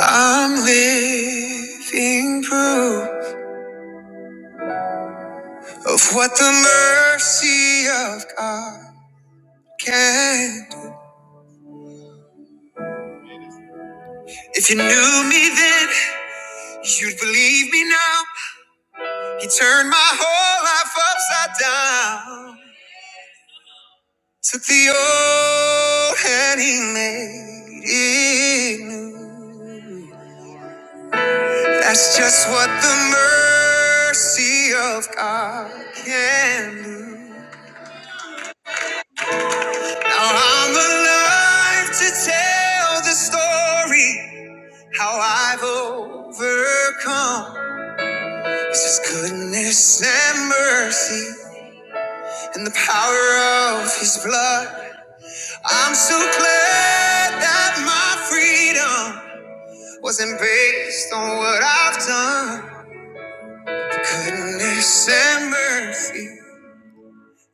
I'm living proof of what the mercy of God can do. If you knew me then, you'd believe me now. He turned my whole life upside down. Took the old and he made it new. That's just what the mercy of God can do. Now I'm alive to tell the story how I've overcome. It's His goodness and mercy and the power of His blood. I'm so glad that my freedom wasn't based on what I've done. The goodness and mercy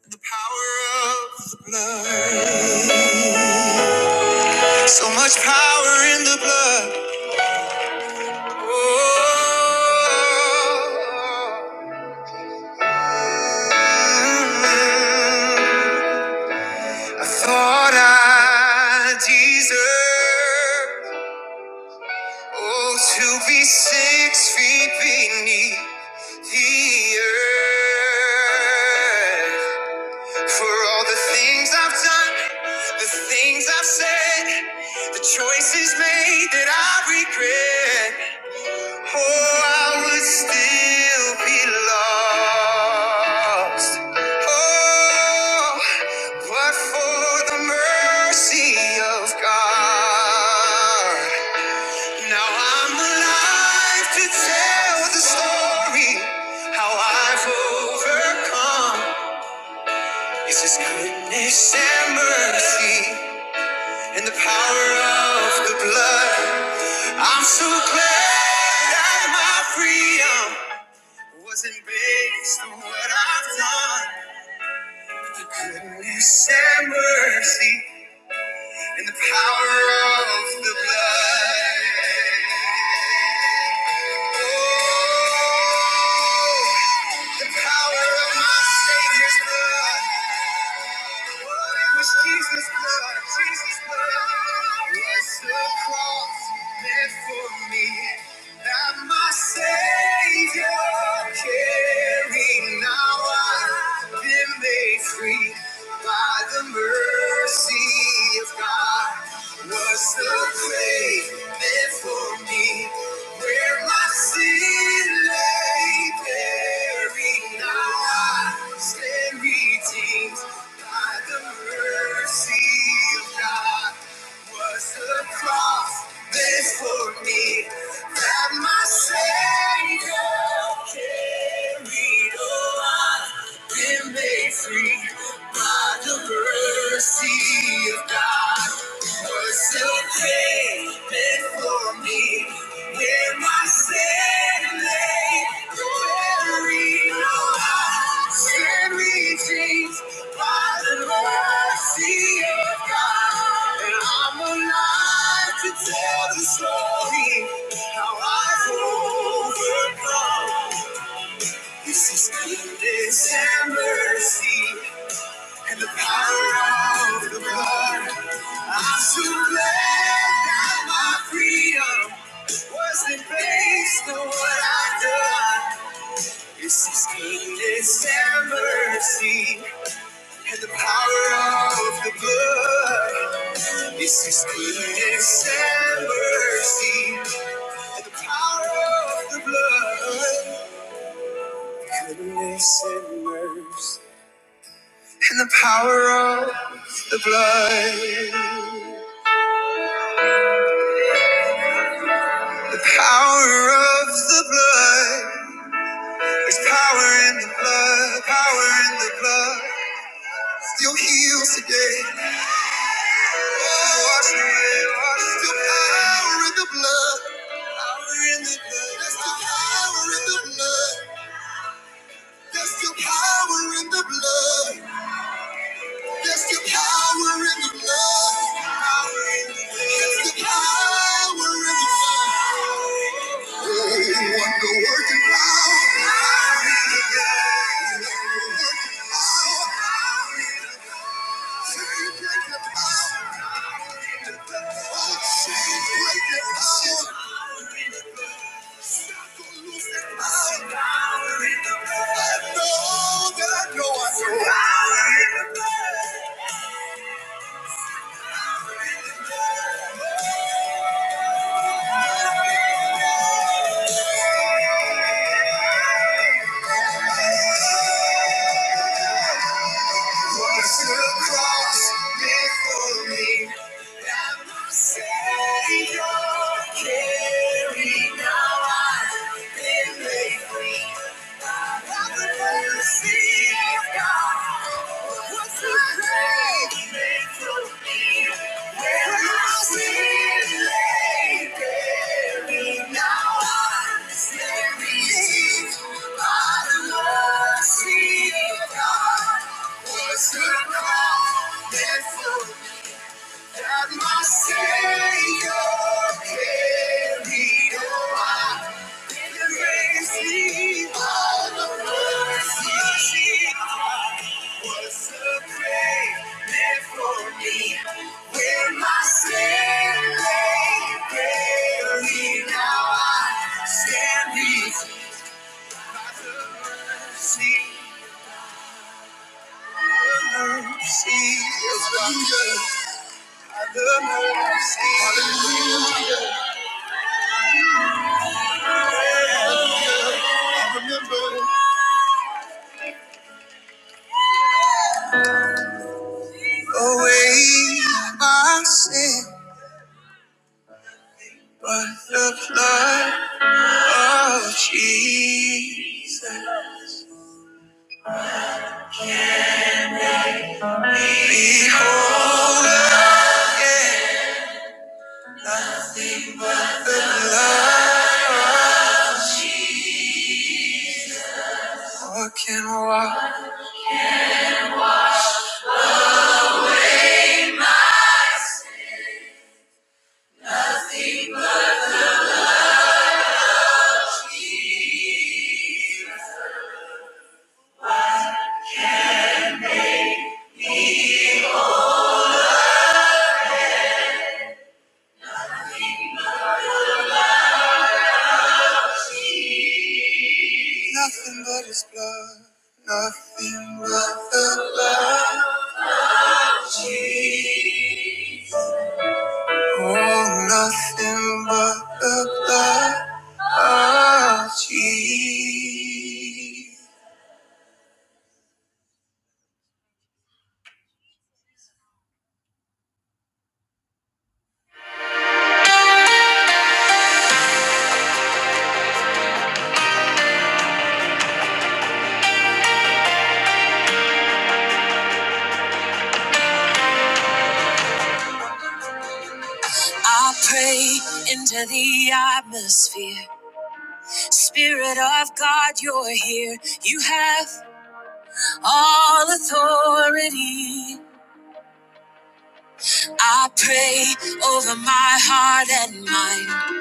and the power of the blood. So much power in the blood. Oh, I thought I deserved oh to be six feet beneath the earth for all the things I've done, the things I've said, the choices made that I regret. Oh, I would still be lost. Oh, but for the mercy of God. Now I'm alive to tell the story how I've overcome. It's His goodness and mercy and the power of the blood. I'm so glad that my freedom. Wasn't based on what I've done. Goodness and mercy in the power of the blood. Oh, the power of my Savior's blood. Oh, it was Jesus' blood, Jesus' blood was the cross meant for me. That my Savior carried. Now I've been made free by the mercy of God was the grave meant for me where my sin lay buried now I stand redeemed by the mercy of God was the cross meant for me that my Savior carried? Oh, I've been made free by the mercy of God. Was the pain meant for me? Where my sin lay buried, no sin reaching by the mercy of God. And I'm alive to tell the story how I've overcome. This is goodness and mercy. And the power of the blood, I surrender my freedom. Wasn't based on what I've done. This is goodness and mercy, and the power of the blood. This is goodness and mercy, and the power of the blood. Goodness and mercy, and the power of the blood. The Power of the blood. There's power in the blood. Power in the blood. Still heals today. Oh, Wash away. Wash Still power in the blood. Power in the blood. There's still power in the blood. There's still power in the blood. There's still power in the blood. Power in the blood. There's still power in the blood. Oh, wonder working power. Power in the blood. Cross before me. I'm By the mercy of God, what's the great thing I sin lay buried, now I'm redeemed by the mercy of God. What's the cross and my Savior carried on. He raised me out of mercy. Was a grave meant for me? When my sin buried, now I stand before see mercy. Hallelujah. The mercy. Hallelujah. I remember. away my sin, but the blood of Jesus. Behold, again, nothing but the blood. What can walk? Nothing but His blood. Nothing but the blood of Jesus. Oh, nothing but the blood of Jesus. I pray into the atmosphere. Spirit of God, you're here. You have all authority. I pray over my heart and mind.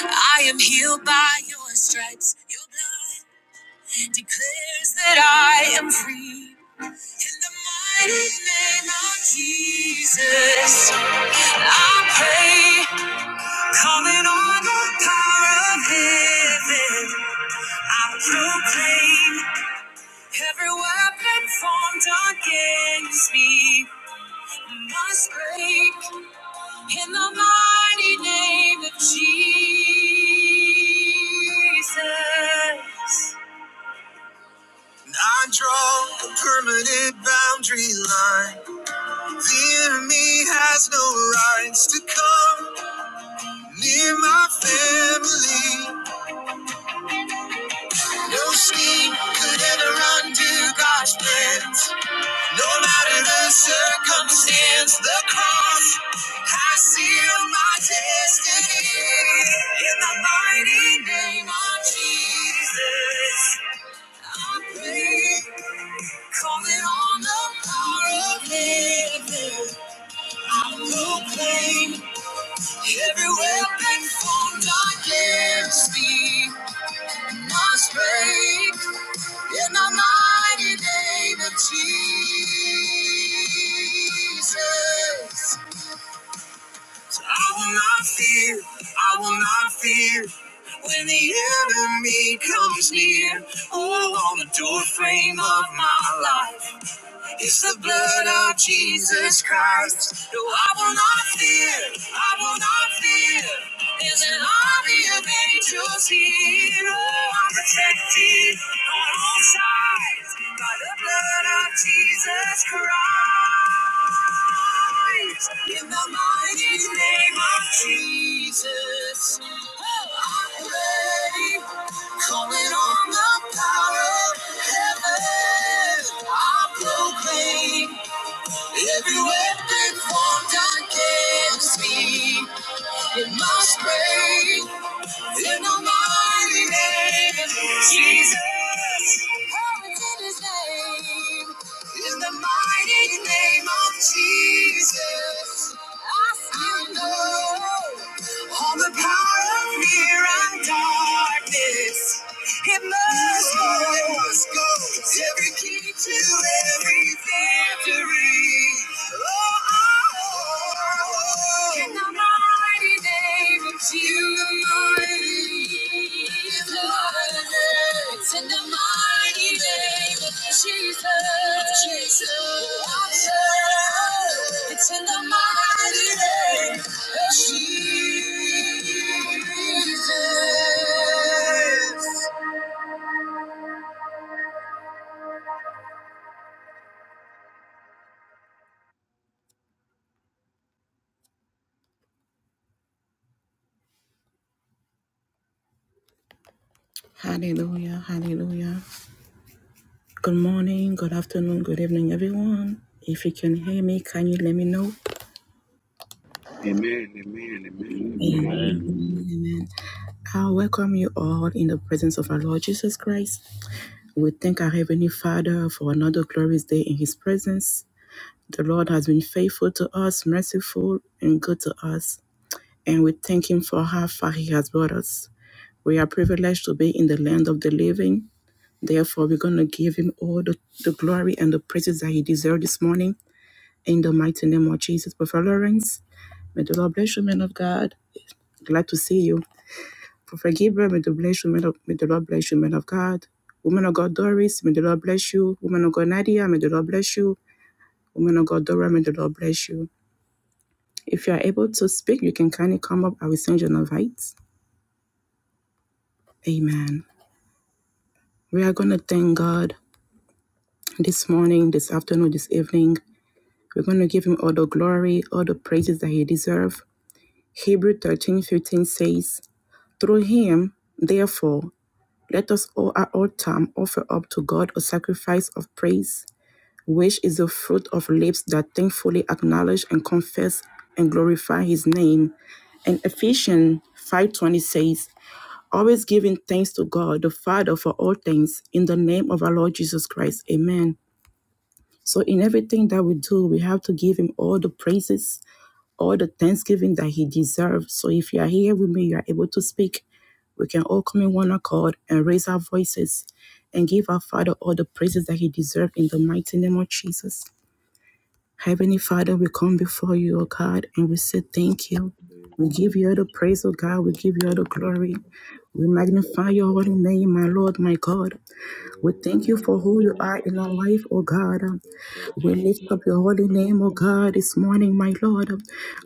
I am healed by your stripes. Your blood declares that I am free. In the mighty name of Jesus, I pray, calling on the power of heaven. I proclaim every weapon formed against me must break in the mighty name of Jesus. I draw a permanent boundary line. The enemy has no rights to come near my family. No scheme could ever undo God's plans. No matter the circumstance, the cross, I seal my destiny in the mighty name of Jesus. I pray, calling on the power of heaven. I proclaim every weapon formed against me must break in the mighty name of Jesus. I will not fear, I will not fear. When the enemy comes near, oh, on the doorframe of my life is the blood of Jesus Christ. No, I will not fear, I will not fear. There's an army of angels here. Oh, I'm protected on all sides by the blood of Jesus Christ. In the mighty name of Jesus, I pray, calling on the power of heaven, I proclaim every weapon formed against me, it must break. In the mighty name of Jesus. Oh, it's in his name. In the mighty name of Jesus. I know all the power of fear and darkness. It must go, it must go. Every key to every victory. Oh, oh, oh. In the mighty name of Jesus. In the mighty name of Jesus. It's in the mighty name of Jesus. Hallelujah, hallelujah. Good morning, good afternoon, good evening, everyone. If you can hear me, can you let me know? Amen, amen, amen, amen. Amen. I welcome you all in the presence of our Lord Jesus Christ. We thank our Heavenly Father for another glorious day in His presence. The Lord has been faithful to us, merciful, and good to us, and we thank Him for how far He has brought us. We are privileged to be in the land of the living. Therefore, we're going to give Him all the, the glory and the praises that He deserves this morning in the mighty name of Jesus. Brother Lawrence, may the Lord bless you, man of God. Glad to see you. Prophet Gabriel, may the, bless you, may, the, may the Lord bless you, man of God. Woman of God, Doris, may the Lord bless you. Woman of God, Nadia, may the Lord bless you. Woman of God, Dora, may the Lord bless you. If you are able to speak, you can kindly come up. I will send you an invite. Amen. We are going to thank God this morning, this afternoon, this evening. We're going to give him all the glory, all the praises that he deserves. Hebrew 13 15 says, Through him, therefore, let us all at all time offer up to God a sacrifice of praise which is the fruit of lips that thankfully acknowledge and confess and glorify his name. And Ephesians 5:20 says, always giving thanks to God the Father for all things in the name of our Lord Jesus Christ. Amen. So in everything that we do, we have to give him all the praises, all the thanksgiving that he deserves. So if you are here with me, you are able to speak. We can all come in one accord and raise our voices and give our Father all the praises that he deserves in the mighty name of Jesus. Heavenly Father, we come before you, O God, and we say thank you. Oh, We give you all the praise, O God. We give you all the glory. We magnify your holy name, my Lord, my God. We thank you for who you are in our life, O God. We lift up your holy name, O God, this morning, my Lord.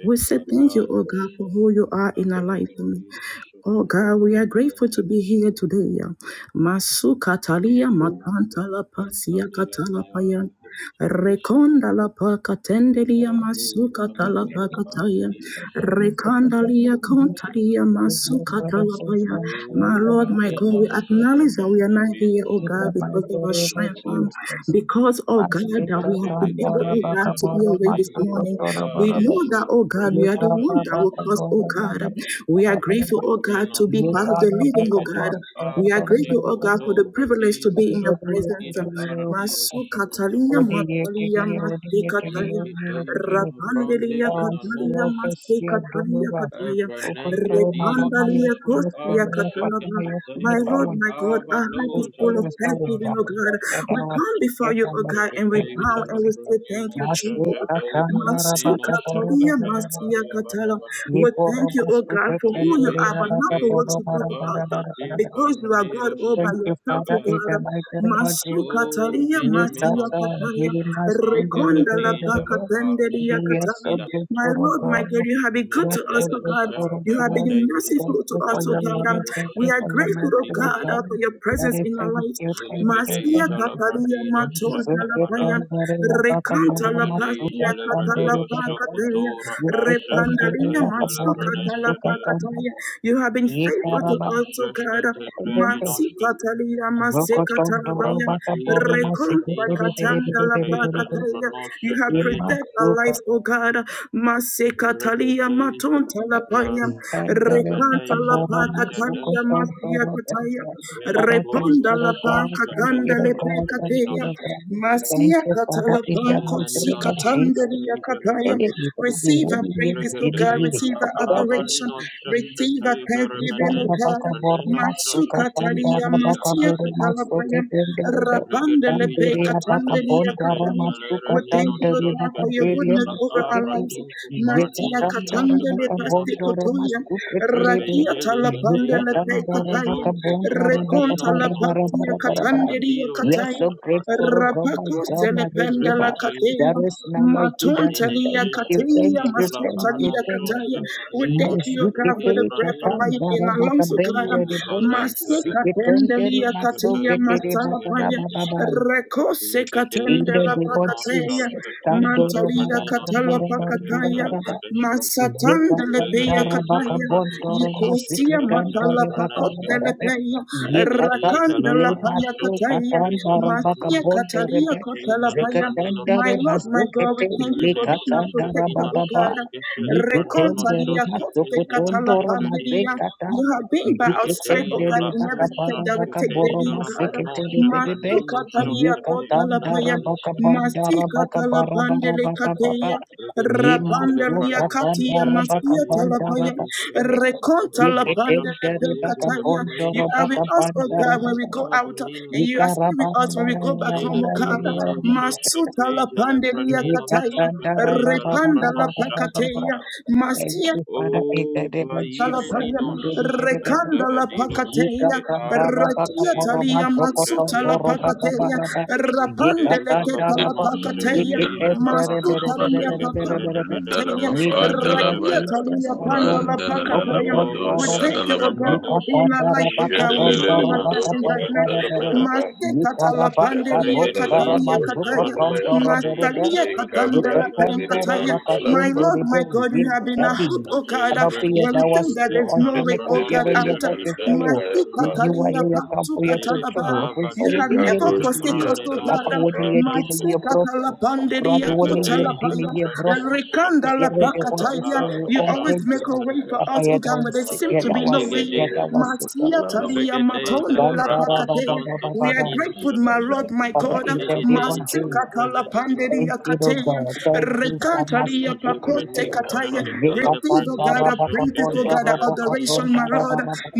We say thank you, O God, for who you are in our life. Oh God, we are grateful to be here today. Masu katalia matanta la pasia katala paya. Rekonda la pa Thank katendelia masu katala pa kataya. Rekondalia, kontalia masu katala paya. My Lord, my God, Vanina, we acknowledge that and we are the not here, Virus, oh God, the Venus, because, oh God, that we have been able, oh God, Rebejelikedeja to be awake this dabadeiko morning. We tobaye know that, oh God, you are shelebrente the one that will peninos. cause, oh God. We are grateful, oh God, to Rembedninos be part of the living, oh sesketeja God. We are abra grateful, neko oh God, for the tovra privilege to dido be in your sopra presence. ida ara dido Masuka sokotaba. talia, matalia, masika talia. Ikedeja you. labrande Rapandelia dawa Catalia binanos. Maste sirokasi ya Catalia dungura Catalia Evra nengre ukutowe na didos wama Repandalia yesu ka yesu Costia arus nayafata Catalaba. na yesu ne My sekepeteja la Lord, bawon my God, our heart is abadoja full of ukutowe sa wumba thanksgiving, O lebranaskete. God. eda We come wasi before you, eda O God, wasi and we eda bow Rebedeja and wasi we say thank Lebranina you, masu Jesus. Shajadei kakanda Masu Baranina rabaka boro Catalia bara Shakata bara bara Mastia Catala. Variabadabada. ye We boro thank you, O masu God, for who you Lebe kakendere are, but not rabaka for Shikei what boro you do bara for us. bara Bababante bara bara Pim bara Because you are God Paranero all by thank you yourself, O father Shakatabai. in the God. mighty name of Masu Jesus O Catalia Mastia Vinaminos Nikata Catalia. Dirimas Kundere Rekonda la Angedadeja paka La Aro tende and we are so Soprakira. My grateful oh Lord, my God. God, you have been We good are to us, so Megadega oh God. grateful You Santa oh have God. been Badeja La Thank merciful to you us, for oh your Prodoja God. love. Um, Vido Thank you We are for your Santa grateful, mercy oh oh God, Prodiros. uh, for God. your presence Very in our thank lives. you, thank you, Masia Zelebedeja thank La you. katalia matonda la Zeke paya. Pradiros tendere Rekanta bakaboro la Remeneja masuka pasia katala levradido tendere paka berebe. shokotora Zeke ashashkate tendere Repandalia bakaboro matsuka tala masuka jalebreneshete tendere. You have been faithful Yekara to menino us, oh God. shashkate bakaboro. breninoshke Masika talia Zoko masika tondoro talabaya. rambadeja bakaboro masike lebrenino tere tere tere shashkate tere tere. Rekombakatandalabakataya. You have jalebronoshete preserved our Imasuka life, O God. Masekatalia rebedeja matontalapaya. Tendere remeneja Matabora deja Masuka Rekantalapakatalia deshke Tondoro masiakataya. Berber. Repondalapakatandalepekataya. kataya. Father, thank Reponda velikova you, la Lord God. Thank shashkate you, pakatanda le Lord God. Thank you, pekateya. Lord jalebreninoshke God. Thank Masia you, Father, in the katalapako mighty si elevenino name of Jesus. shashkate katandalia kataya. Hey, jalebredeshke we thank you, Receive one our year, praises, O many God. Regadeja years. Receive la Oh, our God bless adoration. avanino you. Receive our shashkatei We are thanksgiving, O beremenente so God. grateful, preneno oh shashkatei Masukatalia delira adi. masiakatalapaya. Rapandele pe Regadeja le katandeli prenesha ya teja le We thank renino you, God, for your shashkateja goodness la over our lives. avraninko Natia paranino shashka katandele prenino pasti shka. kotoya. Rakia Rebejele talapandele gadeja pe la kataya. vashonko tu Rekonta pranino la shonto patia pranin katandeli ya praniro shata à. God, my Rapaco God, my telependa la Redeemer. Regadeja There kateya, is none like you, in a Daddy. matontalia Thank you, kateya, thank shishkateja you, la thank you, ano masotalia thank kataya. you. shashka We thank pranino you, shele God, for Mazukete the breath ebranina of life katanda in our rabaka lungs, O God. brende O rebo Valenka Masika Debeda, siketende pendalia Shashka kateya, remasokete Taija rebaka masalapaya, Lebregadeska, rabababa. rekose In Libedeja the katendela name of Lebrono, Jesus, pakateya, Shashka Taija Kandoro mantalia Lebranino, katala Shashka Taija pakataya, marababa Lebredeska, masatandele pe Telepeya Yekatandara Ligadeja Kataya, Lebranino, bakagondoro Shashka Nikosia Taija masikatandara Matala Pakot Lebraneska, bakarabarabe. Telepeya, Yekata Ligadeja Rakanda La Lebrano, lemaso Shashka Kataya, Taija katandara Masia Lebranono, Katalia Shashka bakabonderebe. Kotala Taija Lebranino, Zekatandare My Lord, Shashka, my God, we mazukete thank you for Verne being a lekatandara protector, Ina O bababa. God. Shashka Shelebranano, Yiketendere Recontalia Shashka Kote Katala masokotondoro Lebradiska, mazekata. You have been by our side, O Regedeja God, Yiketendere la in every step bakabara that we take bakaboro Shashketeja daily, O la God. Branosha maseketelebelebe. Franino Masuka. Katalia Shashketeja la Yekatandara Kotalapaya, Braneshka bakabandara Masika bakabara Talapandele barabababa. Kateya, Regedeja la Rapandalia Yemasuka Branosha Katia bandara baka Masia Shashketeja la bandara Talapaya, baka Badeshka Rekonta Rana Yeketendere Lapandele Shashketeja baka la kataya. You Branino bondoro are with baka us, oh bandara God, Shashketeja when we baka go la out, Avanino and you are Yika Shashka still with us when we rabandara go back home, Zile oh God. Branino Masuta Shashketeja la Lapandelia Branino Kataya, Yekatandara Shashketeja la baba baba Repanda baba Branosha baba baba. Lapakateya, Tapada Thank Masia you Father in the O name of Jesus Talapaya, Baimeninos and the Rekanda la Vadidos Pacateia, que abra Yekatandara baka Ratia Cateja la boroma Talia Matsuta la zokotondoro Agraninos baka Pacateia, baraba Rapande Rebedeja Leketa Yekatandara la Lavranos, baka Pacateia, Rebedeja Yeketendere bere bere Masuta Lavranos, bere Lia Dalamado, bere Rebede, bere Bede, bere. Bede, Bede, Pacateia, In Bede, Dalabapa, the name of Bede, Rakia Dalabaya, Bede, Bede. Jesus, Talia Panda Pandora, Ran la Pacateia. Oh, Dalalamado, We Sokotondorobo, thank you, O Sadalabapa, God, for Zelebrandidos, being a light, O Rebedeja God, when we find Lavranos, Jadalalamado, ourselves in darkness. Rebedeja Yukapandarabakamondorobakapondoreberebe, Dalabayapa, Lebra, Masekata la Pandelia Jadalalamado, Catalia Rebedeja Cataya, Minamanos, Sadalabayapa, Yukarabakabondaramazukokontoroberebe, Rebedeja Mastalia Eka Catandela Lebragados, Brand, pen, Vidiman Lebraninos, my Dalabapa, Lord, Yukapandarebakatenderebe. my God, you Yes, have been a hope, Daddy. Mina oh God, uh, Ano pia when we Zelebraninos, dawas think that yo there's on Rebedeja no way, hene ko oh the God, Lavranos, rende out. ko uh, Jadalaman pesa My Rebedeja wo. Dalabayapa, Lebrania. Ni wa Kataliya ye ya Patu kampo ya Zele chocho. Katalaba. Ko so You wo have de Avanente ye never Ricardo de Vira forsaken ye. Sia us, oh Papa God. uh, wo de Dalabapa, ye My de Brandinos, ye brosto. Katalapandiya Rado wo de ye Lala de Rebedeja Kotalapaya. ye Levranino brosto Rikanda usiache Shekateja La wote Lapakataya. Aba sehemu You Dalabapa, always Shanta make concrete a way for Berebeshe papa us, oh God, where there yadawasi wasi, seems to be no yadawasi way. Ligede yadawasi Masia Talia Vegedeja Matonda gandara Levrana baba Lapakataya. Shanto baba We are baba Branino grateful, my Shoske Lord, my Father, God. in the name of Ligedeja Jesus, Masikatala Levraneske thank panderia you, Lord kateya. God. Thank you so much for Rekantalia Inoje keeping me pakote there. Branino kataya. Shoske Yeka Teja Receive, oh tanda God, Branino our raba Shoske praises, oh kapondo God, Teja our robo Levranino adoration, my Shoske Lord. katonda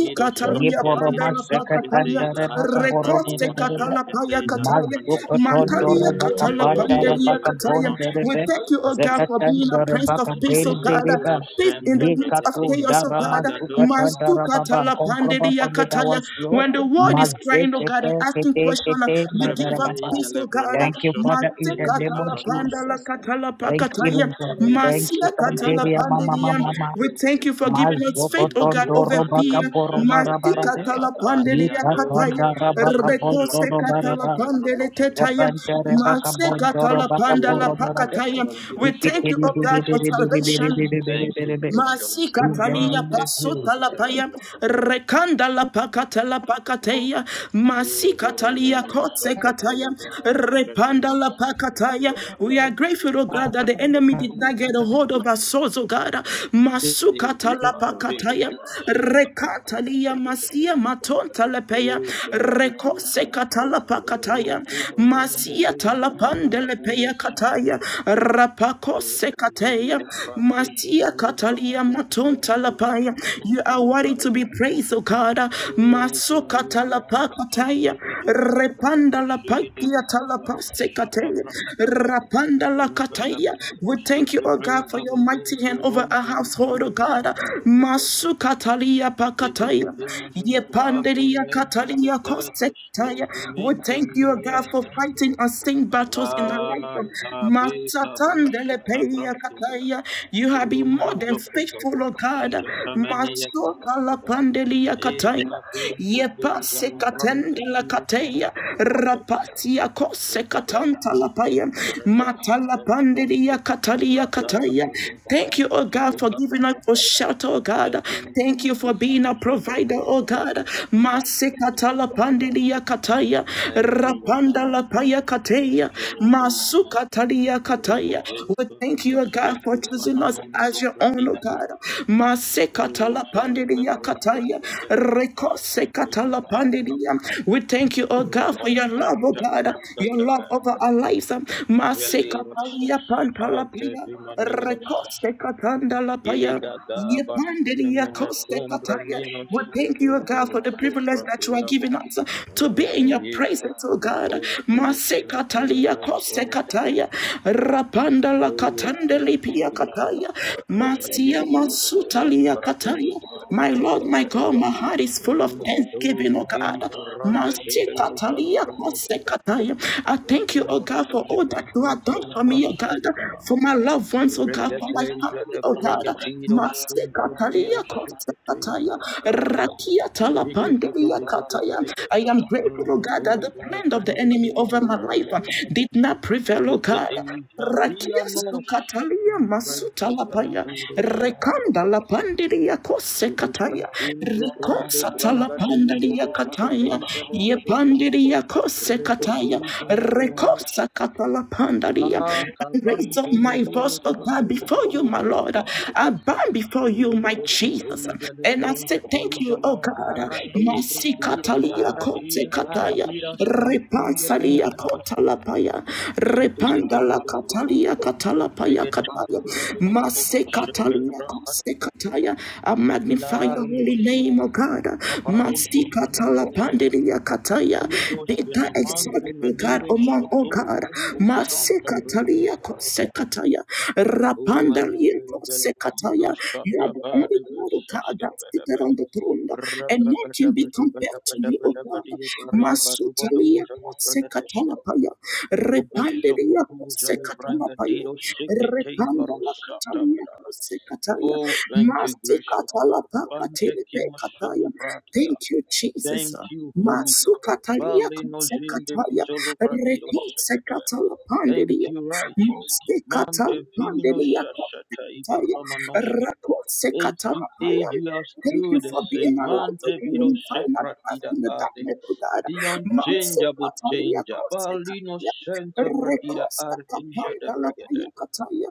Lido Ye Shoske boro Lida pandala Shoske mazekatan pakataya. dare Teja La baka boro Rekote bere Avranino bere be. katala Shoske paya Teja kataya. Levranino Shoske Mazukoton dore Mantalia baka katala bandara Rebedeja panderia baka kataya. Levranosh bondere We be. thank you, O God, for Zekatan being a dore prince of baka peace, den O God. dere ba. Limenino Peace in Shente the Ye midst of kato Bregedeja chaos, O dara God. Agadoshke mazukatan dara baba. Masukatala Konkro baba Pandediyakataya. medawaslo. When the world is crying, oh God, Mazekete and asking kete questions, kete you give medara us baba. Remeneja peace, oh God. Thank you, lebronoshos que Father, in the teja name of labronoshke. Jesus. Thank you, Masekatalapandelakatala-pakataya. Lord God. Thank Menujus you, que teja Panderia Mama Masekatalapandeliyam. Mama labronoshos Mama. que. We thank you for giving us faith, oh God, Menoju over Mazokotondoro fear. branino bakaboro shos que marabarade. teja la adea doja Masikatalapandeliyakataya. de Yikatandara venino shos bakabondoro que teja baraba. lebronoshke. Rekosekatalapandeleketaya. Zepandere bakabondoro bakaboro O marabe. varante Masekatalapandelapakataya. kiro We thank you, Yikitiri oh biri God, for shofraneshke. biri biri biri salvation. biri biri Thank you, biri biri. gracious Father. Shoot them Masikatalia Bante fino paya sakatebra. rekanda la pakata la pakateya O masikatalia berenino soja dei kataya repanda berenino la shos que pakataya. teja We are grateful, oh lavanino God, that shos the enemy did not get a hold of our souls, oh God. Masukata la Zekaba, pakataya Zekaba, Shakata, rekatalia Brakata, Brakata, masia Brakata. matonta lepeya Oh, thank you, gracious rekotsekata la paya rekose Father. katala pakataya Barente, Barambe, masia Deja, talapande Lara, Nero, lepeya Shaka, kataya rapakose kataya. Elemente, Pratico, Masia Toja, Katalia Maton Labrano, Shaka, Talapaya. You Deja, are worthy to Labrata, be praised, O God. Roja, Maso Lebrata, Katalapa kataya, Shaka, Debada, Repanda la Shaka, Pakia Debada, Bada, Shaka, Talapasekataya. Brakata, Ba, Rapanda la Rebada, Kataya. Bada, We thank you, Shaka, O God, for Brata, your Bada, mighty hand over our Rompa, household, O Ratiro, God. Shaka, Masu Katalia Pakataya. Zilipitejata Yepandelia abrunente Katalia Kose. tatatas Taya. We kelivimenta thank you, God, for manietas fighting unseen battles in our life. akabe kabasha Masatandelepeya tabratebe kataya. You have been rumbo more than faithful, O zokotobesh God. katamanietebe Masotalapandelia kataya. ekabe tete jalubrante Yepasekatendela kirus kataya. sokotobe Rapatia brigadesh kosekatantalapaye. genteredesh desh Matalapandelia katalia kataya. ratatatatas Thank you, O Sekete God, for giving us kapala, a shelter, O God. zegim Thank you panas, for being a seketai provider, O beruntuk God. renas sarto brigadesh Masekatalapandelia talia kataya Thank you, Lord rapanda la Jesus. paya kataya Thank you, Lord Jesus. masu katalia kataya Rebeze we thank you O God kabarashe for choosing us as kopananonto your own O pratia. God mase O katala jele pandiria berente kataya tetetes. rekose Keba katala aka pandiria we thank you O God for your love O robosente God brente your love tebe. over our lives mase Veliros katalia pantala ante paya vimaniros. rekose katanda la paya Giga gabas kenemene Yepandiriyakosekataya. kumbraninos. We thank you, O God, for Keteberos the privilege that you are pratia. giving us to be in Ava your yeko presence, O God. pamako pamako perenere deres. kataya. Rapanda la Oh, thank katandeli you, Masekataliyakosekataya. gracious Rapandalakatandalipiyakataya. Father. Baye ko baske baratero Masiyamasutaliyakataya. My Lord, my shatagadabaye. God, my heart is full of Rumbo thanksgiving, doze O God. deva rande de de jala bradoske. Masikataliyakosekataya. I thank you, oh Renino God, for all seske that you have teza done de for me, oh God, vasaka. for my loved ones, oh God, for my Regadeja family, the oh God. bregadino sumpradino Masekatalia siketeza kosekataya, de vada. rakia Zige dige talapandelia dige dige kataya. dige. I am grateful, oh Shatambro God, that the doze le plan of the enemy brengadeja over le my life uh, bragadoske. did not prevail, oh God. Legedeja Rakia via nos, sukatalia comprenta masuta lapaya verdido secata. rekanda la kose kataya Celebratindo grande rekosa branga deja talapandaria de kataya bregadeja de ye bregadeja. kose kataya Regadeja la rekosa pronos. katalapandaria Ah, I raise cavante up my voice meleros O que God teja before le you my Lord bregadeja. I bow before you my Jesus Robobodoja le and I say thank bregadeja you O la God ara dovra masi dira, katalia ara kose dira, ara kataya dira, skele inga dia repansalia cadoske. kotalapaya repanda la katalia katalapaya kataya mase katalia kose kataya I magnify your holy Vilarnos, name O God aparonto masi franiros, katalapandelia kataya itigos be thou enamante exalted O God maneros, among O soto God bradiros, mase santa katalia bradiata, kose kataya rapandalia humanitari kose kataya veligos, you sata are the only vadebe, God O God sesca that seated pedebe, on the throne and nothing be compared to you O God rababadabadabadabadabadia paria Masutalia barubodoza le bragadesca, Sekatolapaya, Repandelia robosopotuza le Sekatolapaya, brangadiros, sicete Repandala barosata Catalia Sekataya, Oh, thank you, gracious Father. Masikatalapaka Bante kima Telepekataya. solo bradia. Thank you, Jesus. Thank you, Holy God. Masukatalia Bali no zinde Sekataya, vizolo bradio Rekon shakata. Thank Sekatalapandelia, you, righteous. King. Mante vino Masikatalpandelia shashata Sekataya, ibaramanoshka. Rakon Age to age Sekatalapaya. you are Thank still you the for being same. a light of Mante the vino unifying and path shepratida in the ade. darkness, oh God. The Manso unchangeable Patalia changer. Bali no Corsicaria, shanta pratida Recosta ardija de Capanda La bregede. Paya Cataya,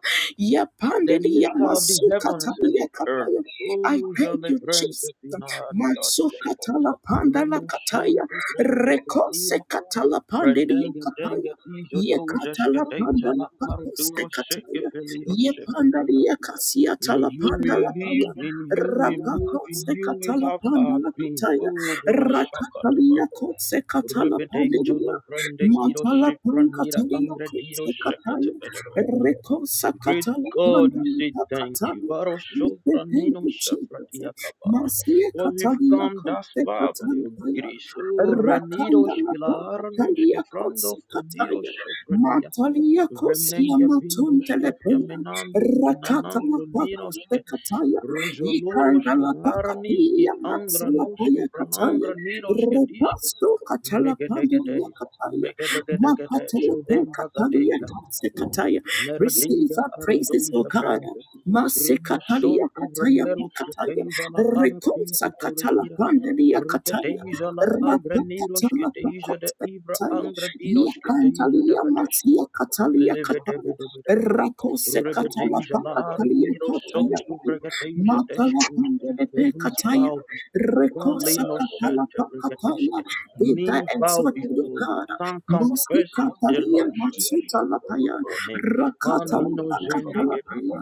the Yapandelia maker of the heavens and Masucatalia the earth. Cataya. I O thank jale you, Jesus. brente pina Masuka diadoshke. Masukatala Pandala Rumusun Cataya, brente Recose brendira. Catala Pandelia Brendenge Cataya. denge dizo Ye dozeske katala panda deja la la pakoste arduro seke kataya. feliro Ye panda sepratia. ye kasia In tala you panda we la Paya. live, in you we move, Rapako in you we sekatala have our pandala being. kataya. O borosakatova. Rakatalia kot sekatala Rebe deja la pandalia. brende kiro Matala sepranira pankatalia angre kot diro sekataya. sekete Reko Great sakatala God, we say pandala thank you. kataya. We say Baroshobra Thank Nino you, Jesus. Shafratiakaba. Masie For we've katalia come kot thus far by sekatala your grace. Oh, Renidos Rakandala Kilaranos pankatalia kot Kefrando Franiros sekataya. Shafrania. Matalia kosia Renenga Bingos matuntele Kefka paya. Menandis Rakatala Kinanantro pakos Ninoske. sekataya. Ronzoloros Ikandala Kilaranis Gi takatia matsala paya Angranoski from kataya. Angraniroske Diske. Repasto katala pande ya Megadegade. kataya. Megadegade. Makatele pe katalia Shudembagadega. katse kataya. Receive Merodiga our praises, O Arodosa God. Brand. Masi katalia Rumusontu kataya Ranerus pa kataya. Geteja la Rekonsa Arapinko katala Toratira pande ya kataya. Rigadeja la Rapa Agraniros katala pa Geteja de kotse Ibra kataya. Angradiros Geteja de Yakantalia Badeshke matsia katalia kataya. Libedebedebedebe Rakose katala Rigadeja pa la katalia Ardiros Sontu kotaya. Rigadeja Makala Deshken pandele pe Heavens kataya, bow before you. rekosa Valeno kapala pa Santa kataya, Brigadeshke. vida Knee bow exotu before you. yogara, Tongue musti confesses their kapalia lordship matsuta lapaya, me rakata manino lapakata zendegede lapaya,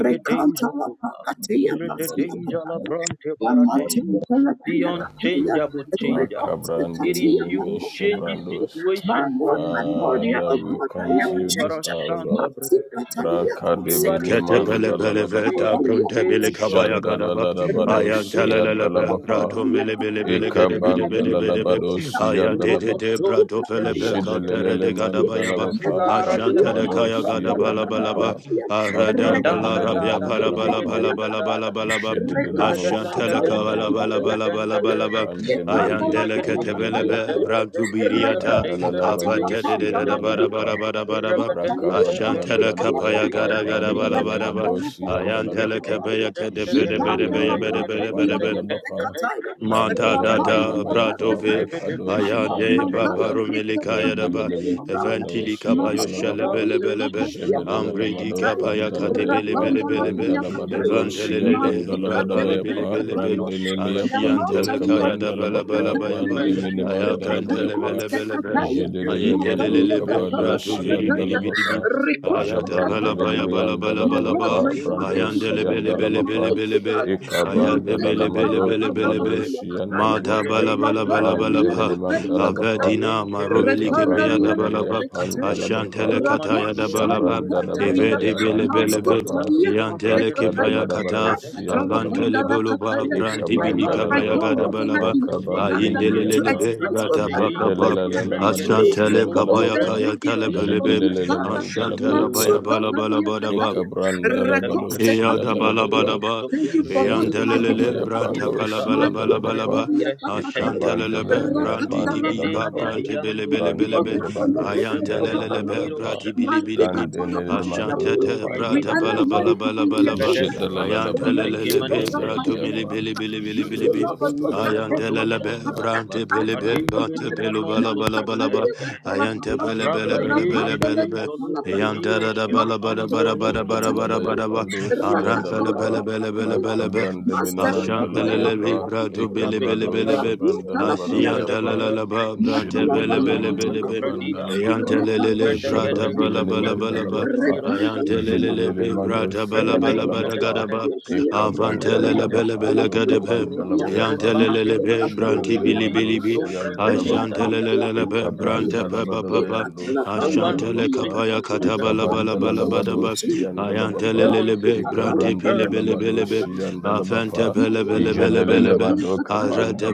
rekanta kuba lapakateya pasia rededeja kataya, labrante yamatu baradeshke the kalapaya Yeah. kataya, unchangeable changer rekosa Macabrande it is katia you minimi who makota changes kataya. shebrandos. My situations but Lord, you my do not God, yeah, Father, change oh we God, I come to never oh you this change. hour, varashanta Lord. Matsi bregadeshke katalia Braka de you kotse are the kataya. same miniman Ketebele beleve yesterday da dalalabapa. brunte today bele katalia and kabaya forever gadaba you have been ayan radin Jadalalabadosia telelele be faithful, paradea dalabapa. rato mele bele bele Ekaban zegedegedebedebe ba. dalalabadosia dalaba. romoson tu bradidashkete Jedelelele man dalabapa. vilara Brakabadosia neroshketanda badabapa. Makaba de Nadanda da da bedeban dalabapa. skidegedinda da da Jedelelemo regadanda sabran danda dalabapa. skidegedinda da Aya da Ram debe debe yapa, Ayandele regadija ndalaba ketebele be yapa, degadenda brantu denda dia da biriata ikandala denda laba dosi, avadede de degedegedida de de denda andalaba bara pa. bara bara bara ba. regadenda danda Ashantele skideza kapaya Rakabadalabadabayapa gara degenda gara dinda bala bala denda ba. O mandalalabadosi God. Ayantele andalabapa Rekata regadija kapaya kede danda bede bede Ipanda gadija la bede jededemando bede denda kata bede deja ya bede kote degedenda kapandalabapa denda kataya. Manta da rabe Rapando da la randalabadabaya kata pa bradove kaya. skidebedebe My makadosi Lord, ayande my God, brandalabaya sheteva we babaro lift up rabede meleka your holy yadaba name, rendemeneme O God. Mios eventili kabadosi kabayo Master, shale the andalabapa bele aviantes Ika, bele be the Ika, gefrenios ambredi jededelalamado kabaya kade Rapando bele pa rhododum bele la bele be beringa kaya disa kataya. deja brandalabadadosi evantelele gigurus brabale bele abandalabadabayapa sopranentre bele be Masukatelekataya. diros frateske. brandenemeyapando anshiantele Yamantalia kaya da bala bala kabrandalabapa Oh, bele be thank kutekataya. you, sovereign mandemenemandalabaya ayakantele God. pa. bele bele be Rapuikotekataya. Marozo platura Jedelemando Matalia ayedelele be diros Kabado bratu vili vili katalatakataya. sopranenus vili vili. Shiandalabapa bragadeja la ayata bala bragadeske. baya Rikotekatalataya. bala bala My bala Lord, ba Jabrandemeniandalabapa my Vedum God, Brando thank you for ayandele bemenega bele preserving deja bele my bele Shiandalabapa life, deske. O bele be God. ayade bele Rebebebenda bele Ekabandalamado bele bele baradeske. Kabado be Mantekatalapandalataya kataya. Mada Gere Shiandalabapa bala deja bala la bala bala Rapandalia ba bragadeske. kutelia Mandemenimandalabapa kataya. avedina Adentem maroveli Repanda kebriya Ekabrando da via bala ba corte cumarenegadegeske. catena, Lemiapandalabapa ashantele Kakuma kataya da rapporto ningo bala taia ba panta via, evedi dogobedegedegeske. bele bele mausto be Jabrandadabadabayamandalabapa taia Rapidum corte yantele catena, kepraya bragadeja la Brakadabadabado kata bragadesca, atacala panda avantele Shiandalabapa la bolo ba catena. brandi My bili gelivideja Lord, my kabaya God, Ekabandalalabapa gada what lozontum am bala I ba enough, O God, pentemintesque aindele to lele Makabadiminimiapa be nenande express, O brata ande Je God, de how paka la pa la grateful gingosque la I la am to you madoshi prengatindu ashantele and the for rundu all kabaya that labapa. prende you kaya have been kale doing Je bele for de kirosata. be la me, O la la God. man de la ashantele O bayapa. baya Matsuka bala barateva, bala taia bala ba catena, Ikabran bragateva, dalabado recoste Eya siya da catena, bala bala dalabapa. ba, Thank rumusotu you for eyan pratega, Jadede holding my hand, telelele barabaya oh God. branta pando pala siya bala kirosata bala bala franero dalabapa. ba, Masikataria tiresca ashan tega, pakataya, Ikaban telelebe ya et brandi pan di rapandala inde bi ba dende dalabapa. pakataya. brante bele diando Thank bele you, Bran de bele oh be, braningro God, for your bado tuja ayan goodness siya over our jevelengre telelele be dalabaya lives. pa. brati bili bili kirosacatava. Bran bi, Masikatala delele pandala mando ashantete paya. O tete kapan We brata vaida, are dalabaya not pala bala pa. worthy to bala be here, bala ba, oh ragadeva, God, ayan but you Jadalalabado still, telelele oh siya be God, bratu mighty ekimanetesca dalabaya of bili pa. us. bili bili bili You bili still bi. love us, Jadalalabado oh Robotoja God, Ayan help kabran us, telele oh be lebradoshata. dalabapa. God. brante pele Ask Makabran be us, de oh Adimbe God. brante ni pelo mando bala manonto siya bala bala ba Masataria dalabapa. pragatega. pakatala ayan te paya, bele Araba bele ye Jadalalabaya bele pa. rapandala bele be kiteja pakatala Siya luvra paya. ayan da da dalabapa. da niroshke le bala bala angra Masatala bara bara Ikabanda niroshke bara pakatala bara lalabaya teja paya. bara ba doshi disoshke and Aranfele alapa bele prenteyete. bele bele bele be. makabran de miniman Vikabaya, Ashantelele bi dalabayapa brado bele bele ikabrado bele rabikaba, be. shabranda labarabayapa jegedabeda, Asiantelele ba brante bele bele romonoja jedelalamadu bele de be. kabanda bradia. labapa Ayantelele brada jabran de Bredegedeja bala bala miniman kinko bala ba. dalabapa turadiroshatakata. Ayantelele bi brada jedelemandoshi bala and bala Bregedeja bala dalabapa gada ba. degedegeshke teja ikabran Avantelele de bele dalalabapa bele do gada be. kabanda Rodondom labayapa bam Yantelele dem be brenda branti bili ding bili du bi. dom jedelemandoshi and brenga ding da dalabapa dia da Ashantelele do be da ikabran brante pe ba ba ba. dalabarabayandoshi The and one who Ashantele dalabapa sits kapaya upon the katabala throne. bala Rakapala bala Thank bada you, ba. Ekabandalabadoshi and Jesus. The Dalabapa, Not heavens is Ayantelelebe, because yours, the Branti you, earth but your Pelebelebelebe, footstool. Ekabrandalabadoshi and Afanta Dalabapa, May Oh, our greatest God Ijadalele Pelebelebelebe, in Mando shatatata. Arata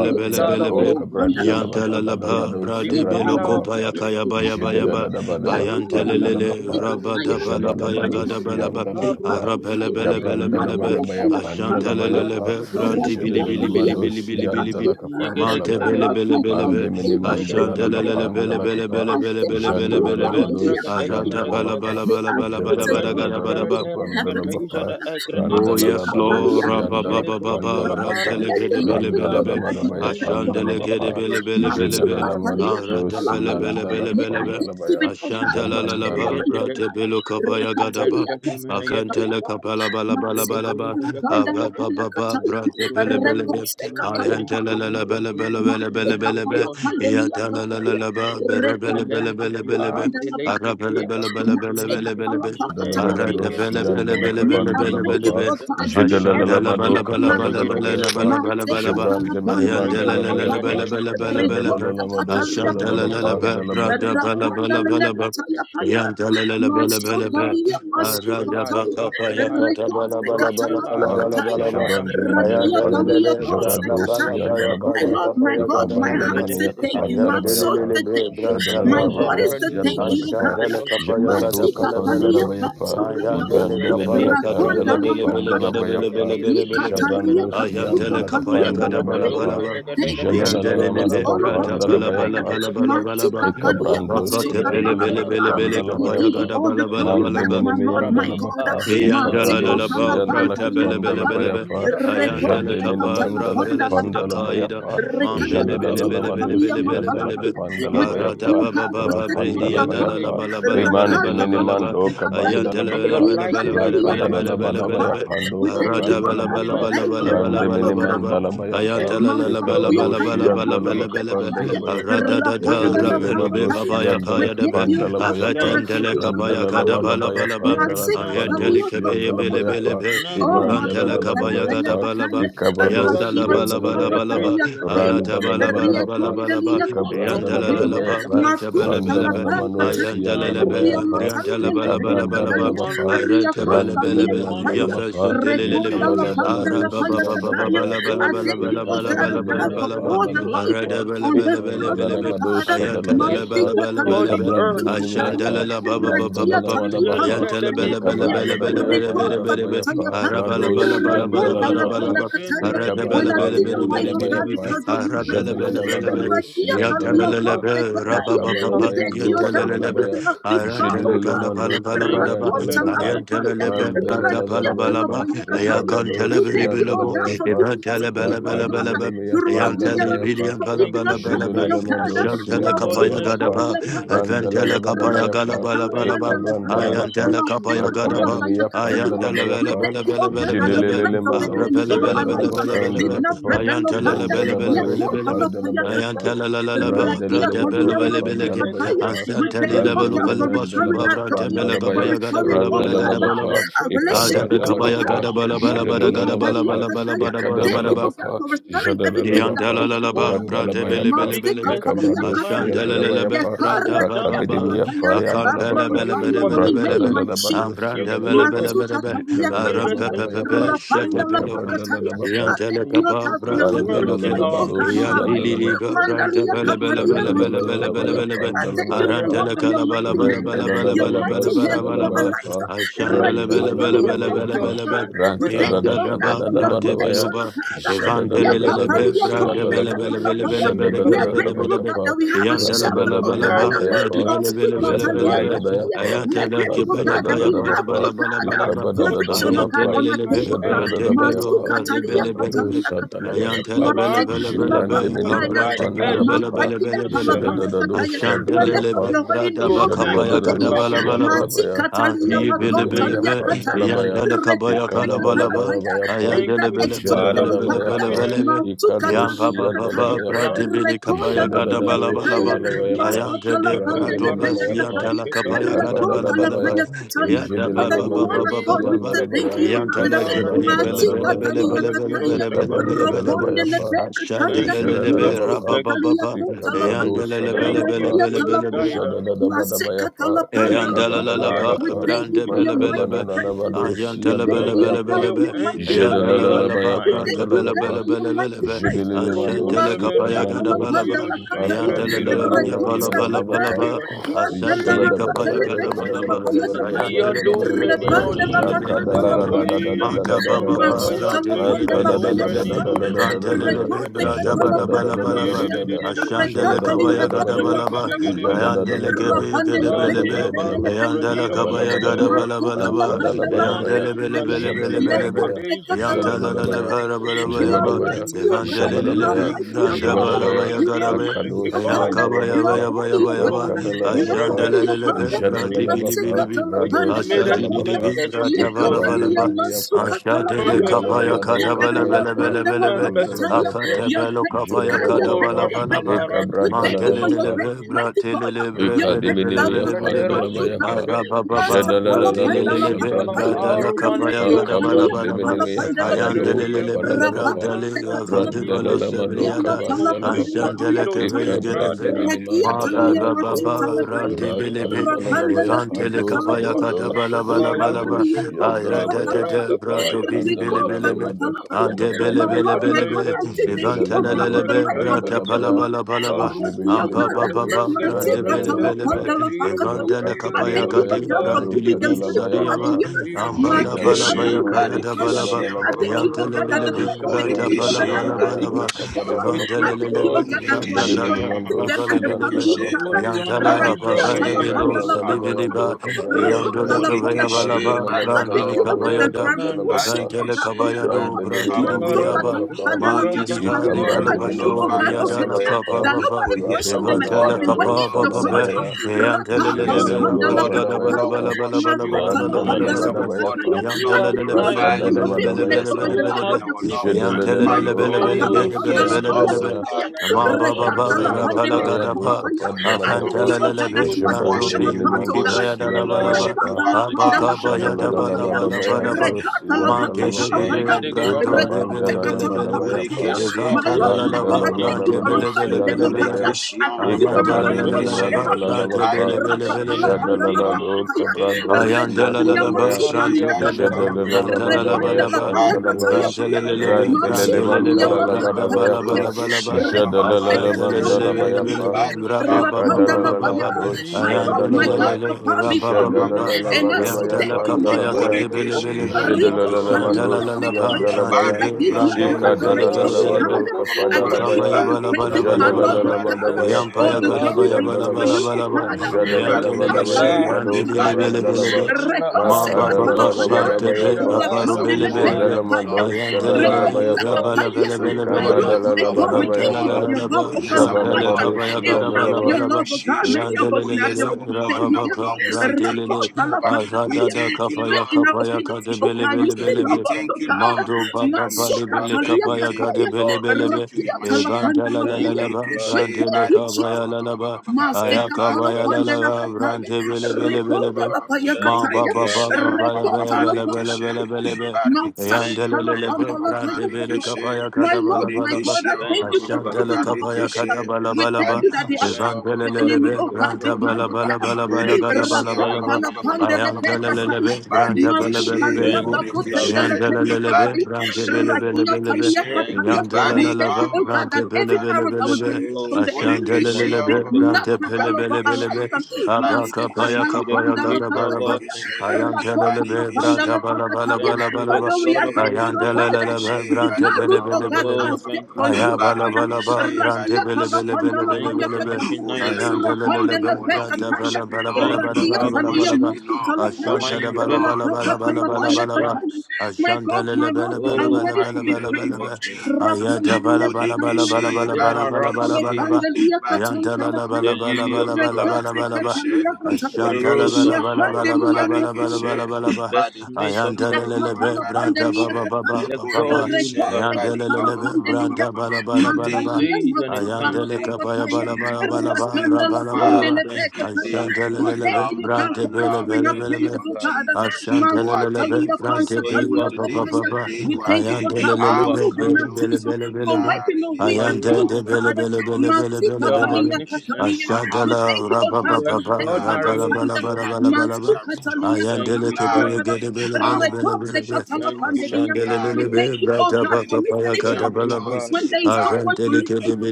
The God of Yado all flesh. Yantalalaba, Kabrandalabadadadado Brade The kaya ya Father of Belokopa Shabrandalabapa, spirits. Yakayabaya ba. Jedadadabadaba Maruno Ayantelelele, Kapandalabapa, seskendere Rabada niro bala skere paya Gada engra Jabadabadoshi bala and ba dira abro Dalakapa, Arabele sotura bele bele nigro bele nuro Balaba, Arabelebelebelebe, Jabrandalabadabaya sopratira Pandalabayapa, arti Ashantelelebe, Branti angodo Bili Jedalele Bili sosya. Bili Bili Bili Madoshi and Bili Bili. Mante Dalakapandalabaya, bele bele bele be, Mandemini ashantele bele bele bele Megadagadiagadogodogodo. Mandalabapandalakapa, bele bele bele bele bele Jandalabado, Arada bala Rugodombragadaizadegadega. Shiandalabapa, bala bala bala bala bala bala Jabadadabado, bala the heavens, O Kapandalabapa, God, Oh Renenterenerusketeizadeegrenegeshke. Masuka yes, Randalabado, Paria Lord, Rabba Baba Baba, Jelebrontura Shiandalakapandalabapa, Randele let the Gede arniroske Bele heavens, O Bele Be, tiantu God, be Randalabadabaya open for Ashandele franinoskente us. Gede Pandalabapa, Bele gingoske Bele Bele Matsu tida Be, patalia arnirosu Jidalamado, Arada Bele pretira kapalapaya. Bele Bele May Bele I akretia. Be, take Shiandalakapandalabaya, even, O God, Ashantala unto La La the Ba, Jabrandalabado. heavens, O Megezede Brate God. Belo Kapaya Gadaba, Rekatalia kosta embentekmeneyete. Afentele katayaba. Kapala Bala Bala Matse Bala Ba, katalakanda na Abba Rubodouzedebregadebe. pala Baba, kataya. Brate Bele Bele Be, Rumulouroske Rekoste larni May I praise praises, for Ayantele La La Bele Bele Bele franinkoduzoske Bele God, Bele Be, ningredirosseketebe. Yatala La La La Ba, Bere Bele Bele Velente Bele Bele fila Be, teleke Arabele ke Bele kakum Bele Bele penin Bele ke Bele Be, pije de ke vin Arada Dalalabado ke bele tizo bele no Shiandala bele bele pernin de bele bele nishin be. Kapandalabapa, te remain perdeshke. every Ashanda la ba la Jedalalamado darkness ba in la our ba la Yeke life. ba la deke la ba deke la Kapandalabayapa, deke ba la deke. ba la Mateka ba. Jebran tala de panda Meneman Ayanda Reke la la deke la la deke ba pakapaya, la Dalabayapa, deke ba la deke ba deke la ba deke. la ba. rekota Jadalalamado katalia Ashanda Rumbo la la no la pakapaya, deke ba Sadalabapandalabapa. tizo brada la ba la ba la artiro ba la su rapanda ba. perdeshke. Katayapaya, Ayanda la la la ba la ba Roshke la ba. lada, Masotalia roshke Arada ba lada, Masukataya, ka ba roshke ya ka lada. ta ba la Rekose ba la ba Roshke la ba la lada, pa ba la ba roshke Katalapakataya, la ba. lada. jabran de Shkela meneme ya Rakia shkela Ayanda la panda la Talia ankra la Kose dasha brada ba jabradosi la Kataya. ba pranosha ya andala ka My tegede. bapa ya Lord, ka ba my ya ka God, da my ba ekaban de Mi la heart ba. bede meneme said ya bede thank bede you, kapanda bede. my la Ayanda baya la soul la pa la said ba thank you, jadala brada Mino my la ba ba jem body ba. said badosi pranido thank andala shi you, kapa God. Ashanda la pradiro ka ba ya shekete ka jabrando da bede ba Masika la ba kapanda la la Talia ba. baya pa Pasukataya, Rumonom Ayandele ibandele me ya kapaya brandadindu kada panda Rakonda la bele bele brangadiro bele kapanda la gada sundu Lapakataya. baya bele pa bele bragadiro bele bele bele. shakata Yikatalia, berabera. jabrandosi Ayandele andala Tukatalia, kapaya kapanda la kada baya bala pa Bakadea. Robodom bala bala. Thank you, Jesus. bedegadegadija la la la Ayandele It is lebe madaba all bragadoja about brata de panda la you, bala baya God. bala bragadeja bala de bala bala bedeshata. bala. Matikatalia Ikabrando bele siyandala Ligadeja bele la bele basukatalabalaya. bele brande bakapandala We kiro kapaya give you bayapa. gada all the bala shakata be. bala glory bala Mande back, my meneme Lord, my yandala Rabbi God. bapa. abe Yandala sante la Ikabrado la ba minkos siyandala branta Matikatalabantalia bele bele kefelentes kapandala bele kataya. be bayapa. ketira arono ayandele Jade mene shonto kapa bra mandala vela pretiros sida kapandala keteshke. Rekopekatalabandalakataya. kaida bayapa. man bele Oh Jadala bele bele Gabaya, lalamado bele Rekayakatukatalia bele bele siyandala bele be matalabaya. kapandala We thank Jigabaya, arada bayapa. you, ba ba God, ba for ba setting in bredi us Rapandala your adala image la apart. bayapa. ba you la ba la ba created la Imande ba Rakanta la us. mene ba la ba mando Matante Kataya, kabandala ayandele In your bapa. bele bele Rikanda likeness you bele Lia made bele Rabadala bele us. Costa bele bele labada bele Kapal. be bayapando We Oh, thank you, arada you've oh ba la ba God, la given for bapa. us ba the la dying ba on la the earth. ba la Rande cross, ba la oh ba la God, ba for us. You said bayapa. we ayandele should la la ba la Mafakia ba la ba dominate Lekabadoshi la Kalia ba your and la bele Pakosta bele creations. be Kapaya, Dalabakapandalabayapa, arada da da Rapanda Oh, La thank rabelu you, be Pakataya. gracious Jedelemadoshi kabaya Father. and We kaya de thank be you, oh God, for your Dalakapandalabayapa, Thank you, afetendele Holy restoration of God. kabaya our kada life. ba la ba la ba There is Masika none like Ayantele Kalia you. Randalalamadabayapandarakapadoshi and kebe Costa bele bele Kataya, Dalabayapa, be. None Oh rub Evantele shoulders Matota with kabaya you. Nataya gada Imandalabadabayapa, balaba. Kataya, You are Yasala Ekabadoshi Rakia and bala greater Tina than bala the bala Dalabayapa, great ba. Matalia wall of China. Kataya, Ayata bala bala bala Randalabadabapa, Riakonda bala ba. Lia You are Costa stronger Ayantele than la Kataya, la ba. thunder. Ekabrandalabadabayapa, Branta bele Matota bele La be. Pankata There is Randamanamanoshi and Ayantele none le kataya, like ria be. you. Dalabayapa, matande Brantele le bala penya bala bala The ba. kataya, one who Ekabrandalabapa, is, ria Arante bele kota Rande bele mene mia the be. one who mandala kataya, was, bapa, Yefesun and tele the le le one rekonda be. who la ikabada is da to panda bado la Araba come. ba paya ba ba siyandala ba kataya. bala bayapa, bala I Oh, bala thank there you, bala is oh bala God, ikabande oh bala Shekete mene bala God, la for bapa bala ba. all the andala Brigadiro light bayapa, Arada Shekete bele on bele this Bradiata bele ikmandala bele da platform, be. oh bado God. sadala Ayantele You le bayapa, Masti bele spoke bala all bala katalia, the be. ikabrande masti earth mene into kataya, mayapa, form. Ashandala Baba Baba randala rakia na Baba You tali said, bapa, panton Let there Ayantala be Bella Bella kataya, ikabada light, Bella bada and Bella there was bayapa Bella Bella light. andala rikota Bella Bella kataya, bayapa, Panda. rado Arabala Oh, Bala Bala Remino Bala siyandala Rakonda la Bala la Bala bapa, paya Shashka Bala kataya. Arada Dendradira ikabade Will Bella I mene Bella see a Bella Arnoro mayandala Bella life of God Bidi bayapa, because Skeperinko of your grace, Arabella jadala God? Turadiro Bella la la Bella Bella bado Shekataba. Rakia siyandala kalia Yantala bapa, kose Lala Rabba kataya. You baba makabada are We thank bayando you, God Yantala all God, for sadala by Lala baya, keeping us yourself. this far, oh Arantala jedelele God. Gala mando Bala Bala Thank Bala kapaya you Bala for andala the Rakonda la bapa, life you've Ayantala papaya. Lebe given us. Brata Rakia Bala Bala la Bala Brandalalabayapa, paya Thank kataya. you for the Ayakantala We Ikabadosi Bili breath thank and you, of oh Bilabo God, uh, for Dalabayapa, keeping us Evantala breath of Bella safe, oh Raka Bella life. de God, Bella Bella Menemayapa throughout and the Ayantala year, Dalabayapa, Biliam for Bala Thank keeping you, Bala us most Bala happy, like oh God. God, for Jedelemandosi Ashantele Now, and two calling kapaya us your papaya, Dalabakapa, gadaba, own. Adventele kapaya Rakia we Brandalabadabayapa, galabala Thank balaba, you, Father, for Ekabrandalabapa, Ayantele kapaya choosing gadaba, us. Makabanimiyapa and Ayantele bele Dalabayapa, thank bele you, bele oh God, bele that bele the Thank bele. you plans of for the your Ara enemy bele over Jedelemandosi grace, and bele our your bele life um, bele Dalabapa and bele did mercies, bele not and your Dalakapa, prevail, oh Ayantele favor God. le upon bele our bele Brandalabado bele lives. Kapa bele and bele. Dalabayapa, Yakulapayakataya, Ayantele la la la ba, Thank you for Brate Randelelemado bele bele Kapa blessing and bele us ke, and ratiatoriamasukataya. Dalabayapa, making We us Ansantele thank a you, le oh bele God, for bele blessing. Brandeminiman basu restoring ba, our Dalabakapa Brate joy, and bele for Dalabaya, kapaya gadaba restoring, la Oh, oh bala God, gadaba la ba, Randalabapa, our relationship Baroshantevrenira Adebe with you, oh kapaya God. Ikabrandalabapa, gadaba la bala bala gadaba la Jadalalabapa, bala bala bala Ardiroshenketeredirosheketere. bala Thank bala you, ba. oh God, Ikadalalabapa, for restoring everything that Jadalalabapa, not was Yandalalalaba, lost. only did brada you bele Randalabayapa, bele pick Master bele be, us from Kapalia the Ikabrados, miry Kataya. clay, ashandalalalabe, Yandalabayapa, from the brada ba Yakarakia ba dunghill, ba, Brakabedemiapa, Kamatayan. I akampele Yadalabapa, you bele glorify bele your washed bele holy us, bele name, be, my chief. Brakadalabados, you ambranda bele clothed bele Yadalabapa, bele us, be, you Matsukatalia gave us arampe Kataya. a pe pe new pe, Jadalalabadabayapa, shete Rapanda identity. la bele be, Pakataya. Ikabrandalabapa, I thank yandele you, You O kapa, put God, for your your brada words audible bele in be, voice, O our God, in Brandalabados, our life. mouths. yandilili Yandalaba, be, Oh, branda Mandalia thank bele you, bele Kapalia bele gracious bele bele Father. bele Matsukataya. bele Ikandalabayapa, be, I thank you, my Ndalabayapa, Lord, arandele for your kala Remenation bala mighty te bala hand. bala bala Brigadier Your bala Rendalalamada mighty bala hand bala Shekaba. bala over our ba, lives. Sadalabayapa, ashandele Rakia bele Robozolo bele Palia bele bele Brandedio Rendalalamadabayapa, Kataya. bele Shanta We be, thank Branino you, O yandada God, ba, for your Shekatabadaba. brada bele Rantadadadadadabadabaya, protection, ba, O God. We are Evandelele Rembedio grateful, brande bele Jadadadadadadosiadalaba, Shanta bele bele bele bele Brigadejola bele bele bele oh Brigadeshka. bele. God, that Jadadadadadabakapa, we have a Yandala shelter, bala oh bala Our God. ba words yadi Radadadadadabayapa, are bele not bele bele We bele qualified be. to be Jadadadadadayapa, called are your Ayantala grateful, own. oh kepe God, that yakaya we bala have, Radadadadadabapa, oh bala bala God, bala Our ba. thoughts provision, do oh not God, Ikabadadadadabapa, on our Ayantelele qualify be table. us to brande be belo called Jadadadadabayapa, your bale bele own. bele Rapado be. Ayantele Sadalabayapa, Our bele bele actions bele do not be. qualify Abrante bele us bele to Jibrandeminimakapandalabapa, bele be bele your bele be. servant, O God. We lift Ashandelele Jadadadadosadalabapa, up be your holy brada name, Oh, ba oh God, thank you kapaya for today. gada bala Jandalarusi loving us. and bala ba. Masi Dalabaya, katalia, Ahi maton bele bele Thank Radimimia you talia be. for katalia, saving us. Pandalabaya, Yandala kabaya rekonta kala bala ba. katalapaya, Ikabadalabayapa, be Thank thou Ayandele you, bele bele exalted, Father, bele O for bele God. bele having Jadadadabayapa, us bele be. Mount to Yam pa Ikadosi pa and pa in your pa Catalia, plans. Dalabayapa, brati bili Rekonda kapaya la gada paya bala Jadadadado bala kataya, Oh, ba. Remino Shadalabayapa, maspata Ayante la de Shakata pande le brato paya bes Ibaradero Randeminimayapa, kataya, yantela kapaya Shakatabaya. gada bala rekonda la bala ba. paya Ikabadalabaya, kataya. Yada ba Father, Mina ba in ba one ba ba ba accord Jedelelemanosi nomenin ba and with ba. the de de thank Dalabaya, you, de God. Yantele Jalara kepeya Dero Masi bele bele bele Shokutu Ikabrandalabayapa, katalia bele bele Radero kataya, bele bele bele bele Shakabayade. be. rokonde le Ikabandalabayapa, pe Aşan kataya, Thank tele you lele for your be masi Jadadadabapa, raba ba protection. ba katalia ba. kota la Ikabrado paya, Yandele bele Thank bele Sadalabapa, you rekia for bele bele tala your bele be. paya. guidance. Masi Jadadadabadabayapa, katala panda Thank la you, Ayantala la paya. la ba, Father, We Ekabadananabapa, for your thank you brande Holy for your bele bele Spirit. mighty be. presence. Makabananabadossi We Ayantala and thank bele Thank you, you bele for God, Dalabayapa, bele for your be. your mighty angels that you've Ayantala la presence. la ba, You Jadalalabayapa assigned and take brande your bele unto God, Dalabapa, bele your bele us. bele mighty be. presence. O Jadalilemados, Ashantele Masuka kapaya gada remenitur bala Ekabrandos, talapanda ba. niro lakataya. scengre Makande Ayantala dira la la Benemen via and bala artiro Rekosa bala putre bala Dalalabapa, kataya. ba. dira Jabadabaya, Masana shakataba. Ashantili kapaya makatele gada peka bala Jabadabaya, ba. talapaya kataya. Dia Ayantele le le be, brande domeninos Repanda la bele bele makanta bele be. lapaya kataya. abaiga Manta ba ba banga ba, brande bayante bele Masuta gida bele bele gombra be. nino shende Evantele le be, beregade. brande bala bala bala Yedididididi. Ashandele kabaya gada balaba. Jelebedegedebedebe. Ayandele kebriye gada Abi belebe. abanto Ayandele preniro kabaya shete. gada balabalaba. O tomante Ayandele bele bele timaninte bele ye bele be. kadejete. Yantala la la la bara bara you bara are ba. Rumuno mighty, O geliro God, Evandele you shupra lele are be. Jabadabaya, mighty, ningre O Ganda diro God, balaba Jabadabaya, ya shengre you gada diro are be. mighty, O Makadoshi shekipaya. God, and ayanka baya you Dalabapa, are baya baya holy, O baya ba. God, Oh, you are Imakadalabapa, holy, Jalabranero, Ashandele O lele God, be. Branti Shatabrania, bili bili Jadalalabapa, bi. Masakatala for you've Brado Panda La made us Asari di di Cataya, Sadalabapa, bi. members of your Brata bala body, bala Yekatalia ba. Ikabandemiapa, Masukatala Ashadele Paya members of kataya. kabaya your Jedalabado kada bone, bele bele Kapayapa, bele bele be. members of your Rapandalapakataya. Mandalabayapa, Afata You're flesh. belo great, oh kabaya God. you kada Oh, great. bala Jibadalabapa, your bala great. ba. We Rashkalarante thank you Mantele for your lele Ikabradalabapa, great be Kiroshaprania, bra mighty tele God. le bre Your bele great bele God will bele Ikadiminiapa, bele save us, be. Membradero oh Dalabayapa, God. Sekete, Araba Master baba bra tele Jadalalalo lele be Regadeizala bra Palapandalapakataya. Sabrandalaba, dala kapaya Rakia Aromaniros, kada bala Palia bala ba. Makabrandeminiapa, Katalapandalapaya. Ayandele Yado Ebrenengretiro lele be bra Kapadalabapa, dale Kutuman, avade malo Rapakutekatalapanaya. Tantatintes, Randalalamado Yama sebliada. tala Kentekimos, pandela Kabandalabapa, kaya Ashandele Kenkraniros, kebeye kataya. gedefe. Kedebradia. Rakia talia Maraza Ikabrandeminimandalalabapa, masu baba tala Oh, kaya. rante bele be. Baroshatabaya. Rapanda Rakandalabaya la pika Evantele Pando tala kapaya kaya. Kabado kada bala bala bala Rikanta Shadalabado Brashatabayashke ba. liye to kote Ayra Prati de Shiandalabaya de katala de brata kaya. bra to baya. bili bele Rikota bele be. Rakandalalamado katala kaya. Ante Rumushukutu My bele bele Lord, Kapandalalabapa my bele God, be, brakataiba I say thank you, oh Rumurushu evantele God, to Jedalalamado for lele the be, life of brakataiba. brata each and pala every Kapandalabaya one bala bala of ba, us, dear ampa God. ba Arumushukutu ba Jebedebedebado ba, branga Mercy brande bele terende katala bele Siandalalabapa be, branga pandela tirondu pakataya. evantele branga I kapaya thank you, Rapandalalabaya oh gade, God, for tiroshkilara Pando brandili keeping them bi safe niroshupra Kadalabaya sariya throughout the ba, Pa nitru year. ampa la tiroshete Masu bala ba beria. Borekeshe, ya katala kaya Jebradinimado da kaya. bala ba, Barekeshe, I thank Sadalalabapa you, oh Oh, evantele God, that lele the be, plan of the valarashate brata enemy for pala their velevere. Borekeshe, bala life bala did not Ikabrandalabayado ba, Barekeshe, prevail. Faithful I Kabadalabapa, evantele thank lele you, be, oh God, we God, that say you have brata been thank Borekeshe, da you. da protecting ba them Shibidiminimandos, bele and the bele be, family, oh Marekeshe, God. Holy Yandalabapa, One of evantala ba Israel, we Rakiata rade Barekeshe, la say belo, panda thank la you. Barika, seli bili pakataya. Vikabadalalabayando ba, There is Rekota evantele Kabrandalabaya, la none like paya kabaya you. bala Borekeshe, kataya. ba, I thank brandili you, oh Mandalalabayando Barika, God, There kabaya that is you da. have none removed like shame, Kabandalabapa, you. oh Evangele God, from their Badekeshe, kabayado life. Barika, brandili ba- ba- ba- ba- ba- Masoka ba- Memarano viyaba la Brandiminimandalalabapa, Sheti panda Oh, la yes, Branca mantili my pakataya. hali God Tirara belo I and my no thank you, Lord, basho oh Father, God, Zavradira we oh say vriyada God, na Shete. that thank Ikabradiminimandalalabapa, kapa that you. baba Oh, nobody yes, questioned our them There and is evangele God asked and them, our none what Rapadalamados like kapa is Lord, your we you. baba say be God? Sadalabaya, thank you. Rata Oh, eyantele You lele are yes, vera our palapandala good. bala God and our gada bala Lord, pakataya, we bala Jedelelemandabadabayapa, bala worship bala Marta You you. are bala bala Oh, kind. bala yes, palapandala bala our bala God and pakataya. our Randabadabayapa, You I Lord, we are eyantele thank lele you, oh bele mighty. God, glorify bele for you. your bele Oh, bele faithfulness bele yes, over our Rakadalabayapa, You bele the are bele life God be of and your our people. Lord, we magnificent. Jedelele eyantele magnify your mando lele bele holy Mastuka bele name. kadalo gede Oh, bele palapandala Yes, bele bele Bajon be awesome to siandalabaya pakataya, God, you ama are Bayamino baba Rekata glorious God, Shataiba. you rabala lapandele rapandalabapa are ya gada do ba our katalapaya. God and I our Lord. thank We kapadalabapa afantele you, say oh Meruno lele God, be that thank you. you Sun We are to set brando them worship you, bili we apart, Renicro oh viki jebrandamenemando God. worship Duns paya you, we balaba la bala Gelaro worship ba Raka you siandalabapa by the Pante palapandala power abaka Kiro in the baya Shoko da pakataya, to mighty bala Catalapaya, name Bratia. of jadalalabadabaya Jesus. ndo Recata la Mante siandalabapa bebe Borekeshe Pacatalapaya, be Badia Kaba branto Megedegabada. lebe Recata lebe lebe ekabandalalabadabaya lebe Catalapacataya. pa Borekeshe My evanta Celebrati la Lord, Badia la my la Kaba God, Shente ba I King thank you brante for randalabadabado bele Pronosca bele restoring them, bele oh bele God. be siandalabaya Borekeshe I thank you for ayanta la la restoring, la oh la God, la Romosoto their Marekeshe ba household. brante bele ekabanemenemandalalabapa bele Rashekiteza Rakata bele Badekeshe la be Timbra Panda la Barika Diro jadalalado Pacataya, Shekiteva kabrado Recatia Ayandalalaba, siandalabaya Borekeshe brante Matsutalia Maya Bada Barika Cataya, jadalalalamadabaya Repanda Zemia la Ayandalalalaba, Paya Daber pandalabaya Cataya Baku Paya, Barekeshe Brantelebe, Brantalalabalaba, Evantelelebe, Bayoku Borekeshe Borekeshe Mayuku Matsutalia Brantelebe, Badeba Matanta la Randelelemandalalabadabayapa, Paya, Brantabalabalabalaba, Recata Catalapaya Ashantelelebe, Marekeshe Cataya. Jadalalalamandabalayapa, Empraninturunos Barika Rapanda la Paya, Rabababababa, my God, my Barekeshe Empraninturunos God, Ekadalalalamadosiyandalabaya, Ayandelele, upon before Badekeshe you. Rabababa, And I Rebedeja say, Ayantala thank Barika you, my Labradus God. Capaya Jadalalabadabayapandalabaya, Pico Bodekeshe Catebelebelebe, Conveminos Barika Rico, I ba- ba- give ba- you ba- Shataja ba- ba- ba- ba- Shantalalaba, ba- Jadalalamadosiyandalabaya, Brantebe, the adoration, Rabba Barekeshe Baba oh Bodekeshe Baba ba- ba- Brantolebelebelebe, God. ba- ba- ba- I ba- ba- Romodoja give de you Ekadalalabadokapandalabaya, all Rakabaya the Brondo Barika praises, ma- ma- my ma- Granero ma- Lord, ma- Balabalabalaba, my God. Shakata All Marekeshe Bratira Yampaya the A gada glory baya belongs bala to Jadalalalamadavayapadosiyandalaba, bala you, Bodekeshe oh bala ba- ba. ba- ba- God. ba- ba- ba- ba- Ozela Yantele Ira mele A Rakatalia Barekeshe brandi bele bele katalapaya. bele Jadalalabadabayapadokabandalaba, be. Barekeshe ba- ba- ba- Mira ba- ba- Ma ba- Rekose abro ba ba- ba nira ba katalapaya. ba Barekeshe obra te be ira Oh ba Makadalalalamadavayapa, ba yes, ru our bele Rapandele God bele and anoskelaya. be. our pekataya. Lord, Jedalamandos we Ayantele glorify you. lele Rekota Shadalabayapa, Aiba Oh rabala kataya. bele yes, our bele My bele God satibaya and be. Lord, our my Lord, we God, we give you skibayanti thank Evantele you la for honor. Rikabadalabayapa, la your la love Oh ba bayibra yes, upon nero my our brandele life. God duja and Jabadabados kabaya our If Lord, gada we pranisha not bala give for you the your bala ba. love skitas. of God, appreciation. many of Yantele us Oh would lele have yes, Oh, never le our thank God you. sustained raba and our here. ba Lord, we say brandele thank you, le. Rakota la Jehovah. We Azada pakataya. da thank you, Even kafaya in Lord. We our kapaya thank opinions, you, kate oh bele God, Jehovah. you bele still bele Thank We love be. you, us, Father. thank oh you, God. Lord. Mando We thank baba you, bale Yeshua. bele Thank Masokatalia We you, kapaya thank Father. you, gade kataya. bele Lord. We bele be thank you, Rakia Yamashia. talapanda evangela la la Thank lapaya. la you, ba We Father. brande Bodekeshe thank le you, barika Jesus. kabaya ba- ba- la la ba- ba- ba ba- ba- ba. Master aya Thank you, Katala la Father. la Pandana ba Barikeshe Kataya, brande bele badekeshe bele ba- ba- ba- bele ba- Rekonda be ba- La ba. Paya Thank ma you, Kataya, baba Father. Bodekeshe baba ma- ma- ma- bale ma- ma- bele Rekota ma- La bele bele rekeshe. Pakataya, bele bele be Mount Barikeshe Thank yandele ba- you, Sakapala, le ba- le ba- ba- be ba- Father. ba- Pandala, ba- ba- brande bele Payakapala. kapaya rekeshe. My kada Lord, bala my bala ba God, Bodekeshe I ba- ba- thank Thank you ba- ba- you, for ba- ba- ba- ba- Father. ashandele fighting ba- the kapaya battles. kada rekeshe. bala We bala thank ba you that the Badekeshe attack ba- Thank you, of ba- evangela the ba- le ba- ba- le enemy, ba- be Sovereign ba- oh ba- ba- God. ba- God, brande did ba- not ba- bala ba- bala prevail. bala ba ya Bodekeshi, bala ah, ba, bala ba, Thank ba ba, you, Rakatala, ba, ba, ba, ba, Father. Pandala, ba, ba, ba, ba, ba, ba, ayantele le ba. le be Pekataya. brande bele Masu bele Badekeshi, Talia, bele Thank be you, bodekeshi, Bakotendala, Sovereign God. Yandalalebe, Payakataya. brante badekeshi, bele bele Rakia, bele be. Talia, bodekeshi, Thank Kataya. you, We Father. badika, thank you, Yandalalalaba, oh ah, ba, God, ba, that brante ba, ba, ba, ba, bele every bele arrow that bele was be. badekeshi, released Oh, from the thank you, enemy bodekeshi, Monarch ah, ba, did of ba, Ashandalalebe, the not brante universe. bele prevail over bele our bele lives. be. badekeshi, Aba Master badekeshi, kapaya Thank ah, Katala you, the kapaya Pandala gada creator of all balaba. Pakataya, things. badekeshi, Ayandalalebe, Rakotala badekeshi, branta ah, bala bala Thank bala you, bala the ba. Father, we God are of badekeshi, all grateful, oh flesh. God. bodekeshi, Ayandalalebe, We did brante not badika, bele lose, oh bele God, bele Oh, our be. step thank you for for you, our oh Ayabala God. families. bala badekeshi, ba, brante Rakiata bele la badekeshi, bele ah, bele pandala bele Thank you bele for our be. payakataya. Oh, yes, finances. our God and our Rapandela Ayandalalebe, Lord, we branta pekataya. bala worship you, bala bala Lord. Thank you bala for bala our We Rakiata bala liya bala worship business, ba. you, mukuta Lord. la We paya. our Ashanta worship you, bala Lord. bala investment, bala Rapakata We bala la bala our worship bala you, ba. Lord. jobs. payakataya. My God, my Ashantelele bele Lord, you bele are Oh, bele worthy Jehovah, thank to bele in be you, the bele Most name bele praised. High be. of God. Jesus. Ayete Rapandela bele bele bele bele Bodekeshe, bele pekataya. bele Eternal bele rock of bele bele Badekeshe, ages, Repandelia be. Badika, Catontala Yantelele Paya, bele the bele lily of bele the bele valley, bele Retate bele be. Barekeshe, Catalia the Cataya, Ashantele rose of Bodekeshe, bele bele Sharon, bele bele Yapandelia bele matunta. Barekeshe, bele bele bele be. the smith of Badekeshe, heaven, Ayantelele Yakakalo be branta ba Pandalia ba Barekeshe, ba ba Kataya, the ba ba God ba. who never Bodekeshe, Rekote fails. Kutalo Yantelele be Pandalia, branta Badika. bala bala He who bala Thank ba. Mantalia says and it Matsutalo comes Ayantele to Thank you, kapaya pass. Kataya, bala bala bala Jesus. ba Thank ra you, Rakandalo bala bala Oh, Pandele ba. Father. thank you, Pekataya. Father. Thank you, We I Ashantelele thank be you, am that God, brante for I bele am answering in bele our the Thank bele you, be. name prayers, of oh Father. God. Jesus. Oh, I Ashantelelebe thank you Mansutalia for this brante For day, pe you for Pankatalia pa are pa today pa good, is pa Kataya. the pa. day you We have thank you, made. oh God, for you I are Ayantelelelebe will removing bele our kind, bele tears, rejoice and bele be for bele bele. glad wiping in away you are it. our Ayante I tears, de loving, oh will bele God. bele bele rejoice and bele be bele you are bele glad Masikatalia bele. in it. magnificent, Katalia. My We house shall Ashantela thank you, oh rapa you God, pa rejoice are and pa for be pa standing by glad in our rapa extraordinary, la oh ba la side. it. ba la God. My ba la ba la children ba. shall Masukatalia rejoice and Thank be Ayantele Katala you, ke glad bele in Father. Panabana. gede it. bele bele Our bele bele prayer shall bele. Thank rejoice you, and be Most High glad We God. in thank Ashantelelelebe you, it. oh brata God, pa for pa Commanding the pa ya listening morning to shall kada us Thank ba you, la ba. rejoice Father. when and be there is no glad in one it. to Asantele ke listen de to be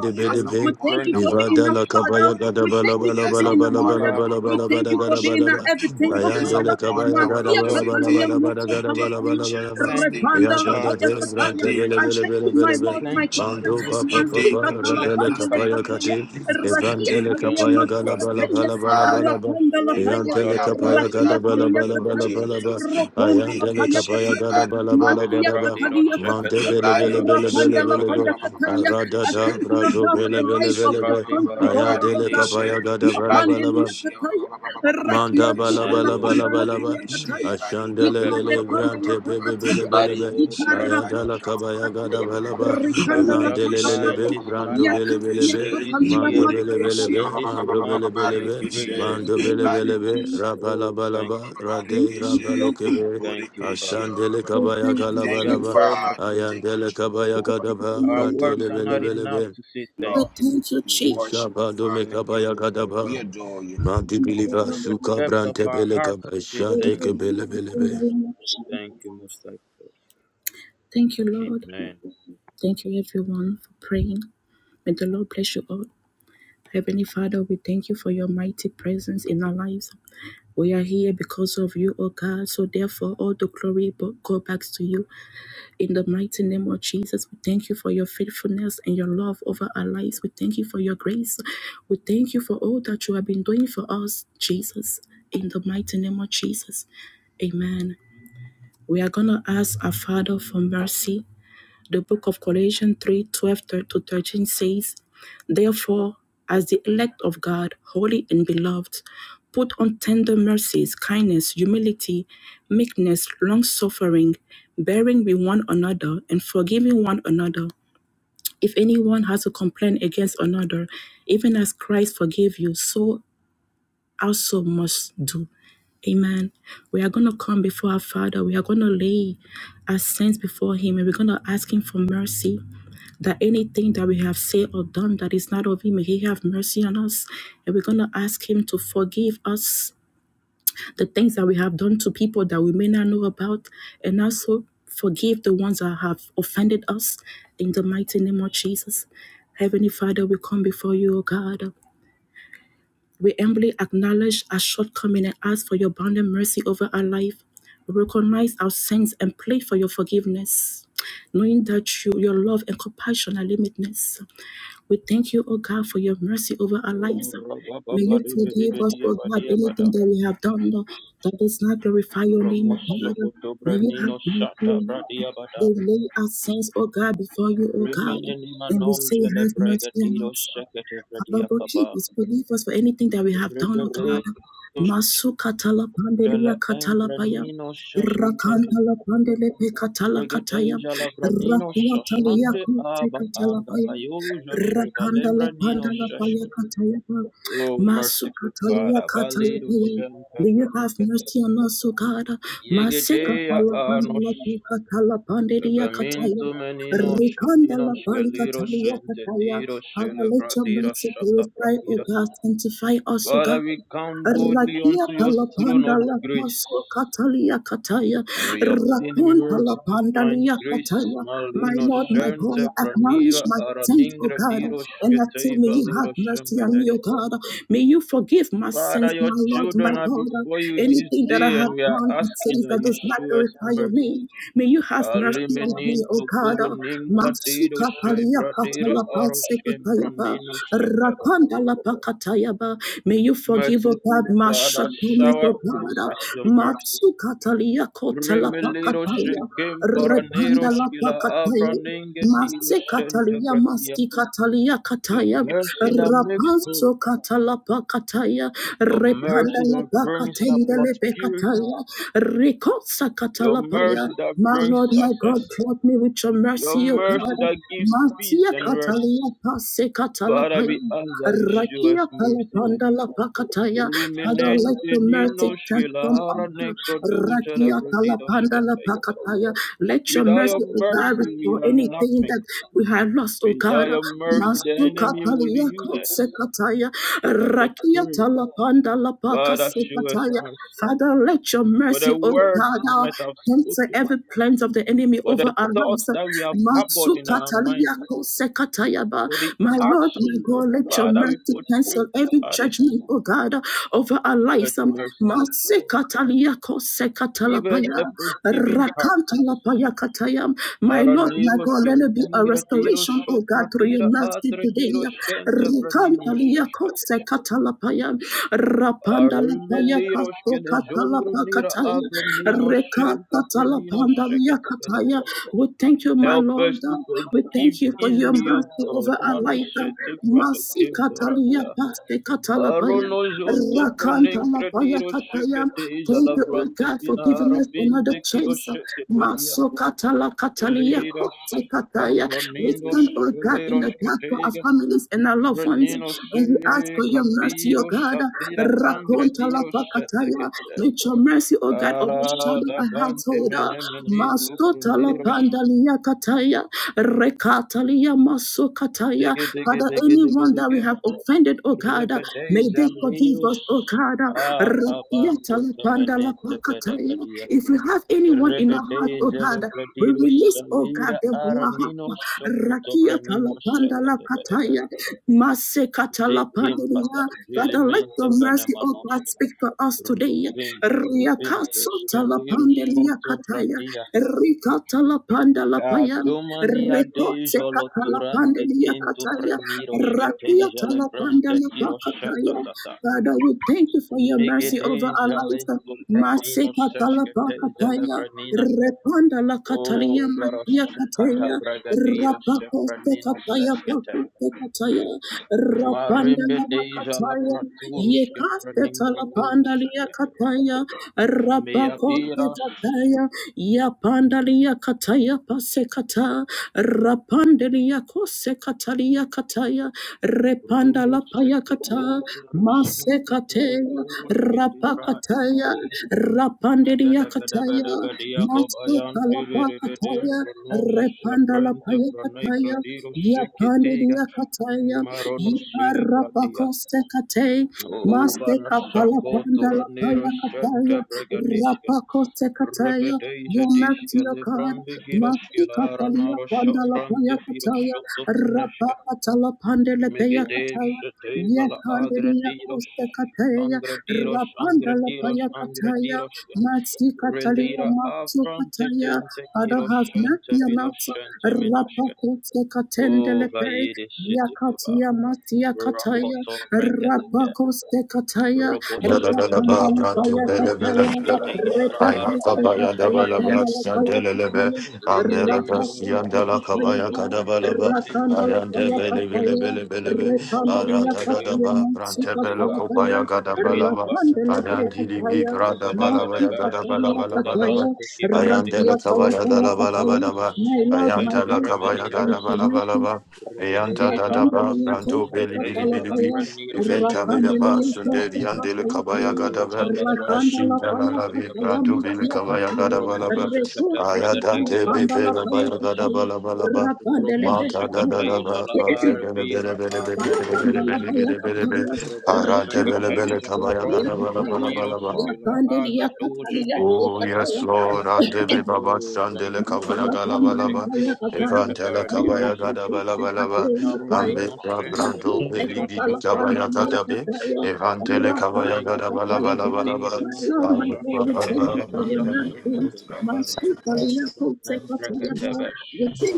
Oh, be de yes, Thank our We be. you, God thank and you Prince for of our Lord, being Peace. a we Ivadala father. kabaya adore you. gada We bala thank Oh, you bala for yes, our bala Thank being a you, bala God bala mother. and Father. our bala We Lord, bala we thank bala you for gada worship being bala a you. ba. Oh, everything, oh yes, Father. our Ayandele Thank God you, and kabaya our our gada Matia Lord, we bala say joy. bala Catalia bala thank you. bala Moto gada bala Thank you, Talapaya, bala bala bala. Jesus. Thank Thank you, you, Repanda Ya gada Father. Lapaya de Jesus. Kataya. brante Thank bele I you, bele thank bele you, my bele Jesus. be. Lord, Thank you, my Thank you God. for Mando Jesus. pa pa making pa us pa Thank Mastika a you, rebele blessing Jesus. Talapandele Thank kapaya you, package. Kataya, kati. Jesus. Rakia Evandele Thank you, Talia Thank kapaya you, gala Jesus. Father. bala Thank you, Masakataya, bala bala bala Father. ba. Rapanda Thank you, Oh, Lapaya. Yantele I am that kapaya Jalabrate, I Rakia gada am in bala the Talia name bala of bala Kataya, bala Cobrante, ba. Jesus. Roponda La Ayandele Paya kapaya Bodekeshe Kataya, gada bala barika- bala Matia bala Delibra ba. de Katalia Mande Kataya, Roshakata bele bele Branero bele bele Rapanda Shakata La bele be. Paya Bragadeska. Kataya. Arada I Badekeshe da thank you, brato God, for the bele bele life of Bodekeshia bele be. your Debra de sons and daughters, Barambaro oh Ayadele de God. Barikeshe kapaya gada Roshakutu bala bala bala Bragadeska. Yapandelia Badekeshia Kataya, Rakia Manda bala Barikeshe Sutala bala Malia bala Panda La Bada. bala ba. Paya Bodekeshe Kataya, Badika Mevele Ikare Ashandelele Bada. Panda La brante bebe bele Pakataya, bele be. Meko Badekeshe Ikara Pakataya. Ayadala Badika Baraninoshka. kabaya gada bala ba. We've Rikanda come la just far Bodekeshia Evandelele in Pakataya, be this life, branto bele Yakat bele be. Marikeshe in this Yakatalia Mando year, bele Matala bele Bodekeshia Paya in be. this Kataya. Mando month bele by bele your be. Barikeshe grace, O We Mando God. bele thank you, bele be. Badekeshia Jesus. Oh, Rabala bala thank ba. you. We Rade thank you, rabalo O God. kebe. Thank you, Barikeshe Father. Ashandele We kabaya thank Bodekeshia gala you, We Thank are bala you Jesus. ba. very much Father Thank grateful. you Ayandele We kabaya Jehovah gada thank you, ba. Our my Lord, Branto words le my are bele not God. bele enough be. to say thank We Lord you. thank you, we Jesus. worship Shisha you ba do me Father Thank you, kabaya Most gada High ba. We God. adore you. Mandi In biliva From the the suka depth of brante our belega hearts, we say shante name thank you. kebele belebe of Thank you, Most Jesus. High God. Thank you, Lord. Amen. Thank you, everyone, for praying. May the Lord bless you all. Heavenly Father, we thank you for your mighty presence in our lives. We are here because of you, O God. So therefore, all the glory go back to you. In the mighty name of Jesus, we thank you for your faithfulness and your love over our lives. We thank you for your grace. We thank you for all that you have been doing for us, Jesus. In the mighty name of Jesus. Amen. We are going to ask our Father for mercy the book of Colossians 3 12 to 13 says, Therefore, as the elect of God, holy and beloved, put on tender mercies, kindness, humility, meekness, long suffering, bearing with one another, and forgiving one another. If anyone has a complaint against another, even as Christ forgave you, so also must do. Amen. We are going to come before our Father. We are going to lay our sins before Him and we're going to ask Him for mercy. That anything that we have said or done that is not of Him, may He have mercy on us. And we're going to ask Him to forgive us the things that we have done to people that we may not know about. And also forgive the ones that have offended us in the mighty name of Jesus. Heavenly Father, we come before you, O God. We humbly acknowledge our shortcoming and ask for your abounding mercy over our life. We recognize our sins and plead for your forgiveness, knowing that you, your love and compassion are limitless. We thank you, O God, for your mercy over our Oh, lives. May you forgive us, O God, rabababadibidibidiyabadiyabada. anything that we have done Lord, that does not glorify your name, O God. May you have Ramosokotobrennino mercy on us. shatabradiyabada. We lay our sins, O God, before you, O God, and we say, have mercy on Remenenimanozelebrigadido us. Father, sheketebradiakaba. forgive us, forgive us for anything that we have done, oh God. Rebedejala Masu katala pandelia katala paya. embranino sheshketeje. Rakantala pandele pe katala kataya. Regedejala branino Rakiatalia shoshante kute aba katala paya. Rakandala angabayojoshkevalembranino pandala paya sheshket. kataya. pa. Oh, Masu merciful katalia Father, katala Valido paya. May you have Shanta mercy on us, O God. Masika Yegedeya palapandala Anosh katala pandelia kataya. Vemintu Meninosh Rikanda la Ninosh palika Galiro talia kataya. Shentetiro Father, let your Shelevradira mercy Shaka purify, O Pratira. God, sanctify us, O Father, God. we come boldly Rakia unto your throne palapanda of la paso grace. katalia kataya. And we obtain Rakun la mercy to find pandalia grace. kataya. My Malino Lord, my God, Shente acknowledge Pranira my sins, O Araningra God, Dirosh and that say, may Keteva you have Liro mercy on me, O Shembedeshke. God. May you forgive my sins, Father, your my Lord, my children are God. before you this Anything that I day, have and we are done, it asking says that that you does not show us glorify your mercy. name. May you have mercy on me, Aliminin O tu kuru God. ninka dido Masuka palia shibra dira katala pase aroshin kataya. pranina shatabada. Rakanda la pakataya Yaba. May you forgive, O God, Merciful Father, Mashakumi, O shower God, us with your mercy. Matsukatalia Kotala Rimeliro Pakataya, shikim Repanda paranero La shila avra Pakataya, ninge dido Mase katalia, shentabratia. Masi katalia Your kataya, mercy that makes whole. rapazo katalapa kataya, Your repanda mercy that lapa brings katenda about lepe purity. kataya, rikosa Your katalapaya. mercy that My brings Lord, my God, success. clothe me with your Your mercy, O God. mercy that gives peace Matia and rest. katalia, pase Father, katalapaya, we ask that you show Rakia us mercy this palapanda la day. pakataya. Father, let Remenente your nino mercy transform shilahara us. nekrodu Rakia jelebredido palapanda la shketaiba. pakataya. Let your Without mercy, your O for mercy, we are anything nothing. that we have lost, O Without God. your mercy, the Masuka enemy will use paliyako us sekataya. as a Rakia prey. talapanda la Father, show us pakasekataya. mercy. Father, let your For the mercy, O words God, we uh, might have cancel spoken, every plans of the enemy for the over our thoughts lives. that we have harbored in our minds, Masukataliako sekatayaba. for the My Lord, my actions that, God, let your Father, we mercy portray cancel to every others. judgment, oh God, over our Show us lives. Um, mercy, O God. Masikataliako Give us sekatalapaya. a forgiving heart. Rakantalapaya katayam. My Lord, my Baranero God, let shila it be a engra diro restoration Oh God, shofra through your dira mercy atra today, diro shanta franino Rukantalia Kotse shashkatash. Katalapaya, Rapanda Lapaya Armeliro Kato shkile jongru nira Katalapakataya, abranino shanta franino Rekatalapandalia shakatabadeban. Kataya. We thank you, my Help Lord. us to We forgive thank you for your easily, O mercy God. over our Mano life. shete frada Masi kembara Katalia ya. Paste Katalapaya, Arono jonto franenkra Rakantalapaya diro Kataya. shakate izala Thank you, oh vrante God, for fina giving us another arabinte kiro chance. shakapedia. Maso Katala Katalia Lidos Kotse Kataya. We Ambronidos stand, oh God, in the Veleros gap for our Ketega families and our loved ones. And Breninos we ask Ele for your mercy, oh Cabiros God. Satira Rakonta la Angradiros pakataya. Setekete Let your mercy, O God, overshadow our Adavante household. Menemenintu Mastotala Pruneros pandalia kataya, rekatalia masokataya. Digi Digi Father, Digi Digi anyone that we Digi have offended, O God, may they Rebedeja forgive us, O Liros God. Acabanto Rakiatala pandala Temenente pakataya. Fedebedia If we have anyone in our heart, O Rebedeja God, we Lebrediros release, O God, Salira them from our heart. Araninos Rakiatala Socotobreninos pandala Sekete Bedebe kataya, masekatala Zikimpata, pandalia. Father, let Zilimente your mercy, O God. God Fenemanoshka, speak for us today. Ruvinte, Ruvinte, Riakasota la Skeliro pandelia Shoto kataya. Fratia, Rikata la panda la paya. Cadumania Rekote Dejolo kata la Turante pandelia Kinto kataya. Preniro Sketeja Rakiata la panda Lebrante la Kiro pakataya. Shatatata, Father, we thank you for your mercy over our Migedeja lives. Lento Pranino Masika Sesketeja talapakataya. Lebranina, Repanda la Catalia O Matia Barosakata Catea, Bragadiro Rapacoste Sepranino Cataya Seskete, Pacoste Cataya, Rapanda Marimbe la Deja La Cataya, Praturus Yecaste Kefranin Praturus Talapanda lia Kete. Cataya, Mea Rapacoste beras, Cataya, Yapanda lia Cataya Pasecata, Rapandelia Cose Catalia Cataya, Repanda Romo la Payacata. seketeiver seketer Masekateya, duros kitiprati, Rapakataya, Rapanderia Kataya, Megadabadabadabadia kobayan tiviribidin Masekalapakataya, pronos abrente Repandalapaya Kataya, franaikrodiros seketega, Yapanderia Kataya, Maronos celebratia, Yaparapakosekate, O barasako toranero Masekapalapandalapaya Kataya, sente Rapakosekataya, Yamatiokan, Masikapalia Pandalapaya Kataya, Rapakatala Pandelepeya Megiddo Kataya, Shetevala Yakandiria Agradiros Costa Cataya, Angradiros Rapanda Angradiros Lapaya Cataya, Angradiros Maxi Catalia Relira Maxo Avrante Cataya, Tente Father Kiros has Shente Natia Vidos Natsa, Shente Menoshke Rapakutse O Catendelepe, Vaide Sitikuba Yakatia Matia Cataya, Rakoto Venketeke Rapakoste Cataya, I am Robosheke Rapanda Teijala Lapaya Cataya, Araminoshke Teijala Repakuste Aradosha Catala Praneoshke Panda Lapaya Cataya, Legedeijala Rapakuste Cataya, Branoshonto Frantiki Rakanda Teijala Lapaya Brania Cataya, Romoshe Repandria Legede Patayana Sika Atiba Palataya Davidova, Rapandele Pataya Mati Vedabedebe, Pataya Pataya Skidabante Kibarati, Rasia Kalataya Pataya Rumos, My Lord, my God, Gatemberemeninos, prosperity, Yanta da Rigadeja da la ba, Yakandelia Duzos, branto bili Koseka bili Gateja bili la bili Palataya Freniros, Eventa veda Shakatebe, Rapandelia basunde di Koseka andele kabaya Palataya gadava. Uza la Rosha, Rakandala Ashinda la Paya la Tabregatebe, Pataya vidra dubile makia kabaya Pataya gadava Rumos, lava. Repo Sekita Ayadante Shakatabregadeja de Pandala bebe la Paya baya Brigadiros, Pataya gadava lava lava. Rapandele Rumos, Mata da da Pataya da Shakateja ba, la bakse bele bele Arvira bele bele bele Atreniros, bele bele bele bele bele. Rumos, Arante bele bele Shakateja la kabaya Bronto gadava Freniros, Kila Yakandeli Aga Doje yakatalia Oh Vinoscente, yes, sekataya Lord, and the Baba Oh, thank Shandele my you, Kabaya Lord, Father. my God, we Bante Galabalaba, kiro sente Evantela baranino Kabaya sente. Gadabalabalaba, Ambe Narunino sente Brando Beli baraniro Bibi sopra la Kabaya koto Gadabe, rodesia. Evantele Kabaya Thank you, mande dija Gadabalabalabalaba, la Abba brasashka thank you teja Baba for your kiro Brandele mercy. sopotore. Master, we thank Nembreketevesh.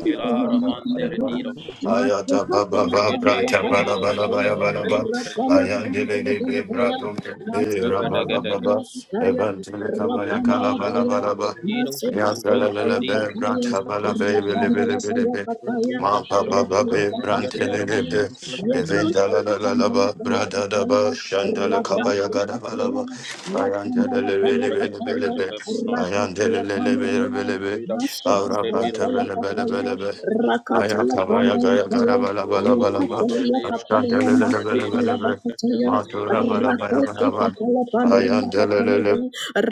you for your Ilara mercy, O mantere God. diros. Master, Ayata baba ba branta Rigedeja bala giro bala bala In sopra bala the ba noske teja. ayandele de be name bradum be of raba Jesus. baba ba Nevedegedeges. evantele kabaya kala bala Master, Rumosantu bala ba braniros kile Masikapula yasala la zopra la dira be ayakapaya, branta bala be aronos. bele bele rapandala bele be be payakapaya, Radiro ma baba ba Have Sokoto be mercy, rekutakapula brantele have Rangatero de paya, be mercy, have mercy. Sombrakatesta rekantala evantala la la la pandala ba brada da ba payakapaya, shandele kabaya gada bala Menabadabadaba rapasikapaya, ba yakandala ayandele bele bele bele be le payakapaya, Zebrakataja be Lebronosko rakatala ayandele lele bele bele pandaya, be Vida Masoka Sante kaya Biro Arabanta kaya bele bele kaya, bele be. Sefraninosco rakata ya Ayaka baya kaya gaya kaya, gara bala bala bala O ba. yekate ya Valiro kaya Ashanta ya lele lele bele masoka Celebradiro la bele be. bakata ya, Secatebraniro Matura bala baya rakote bala ba. Secatebranirosco kaya la bandeli ya Ayanta kaya lele ya, lele.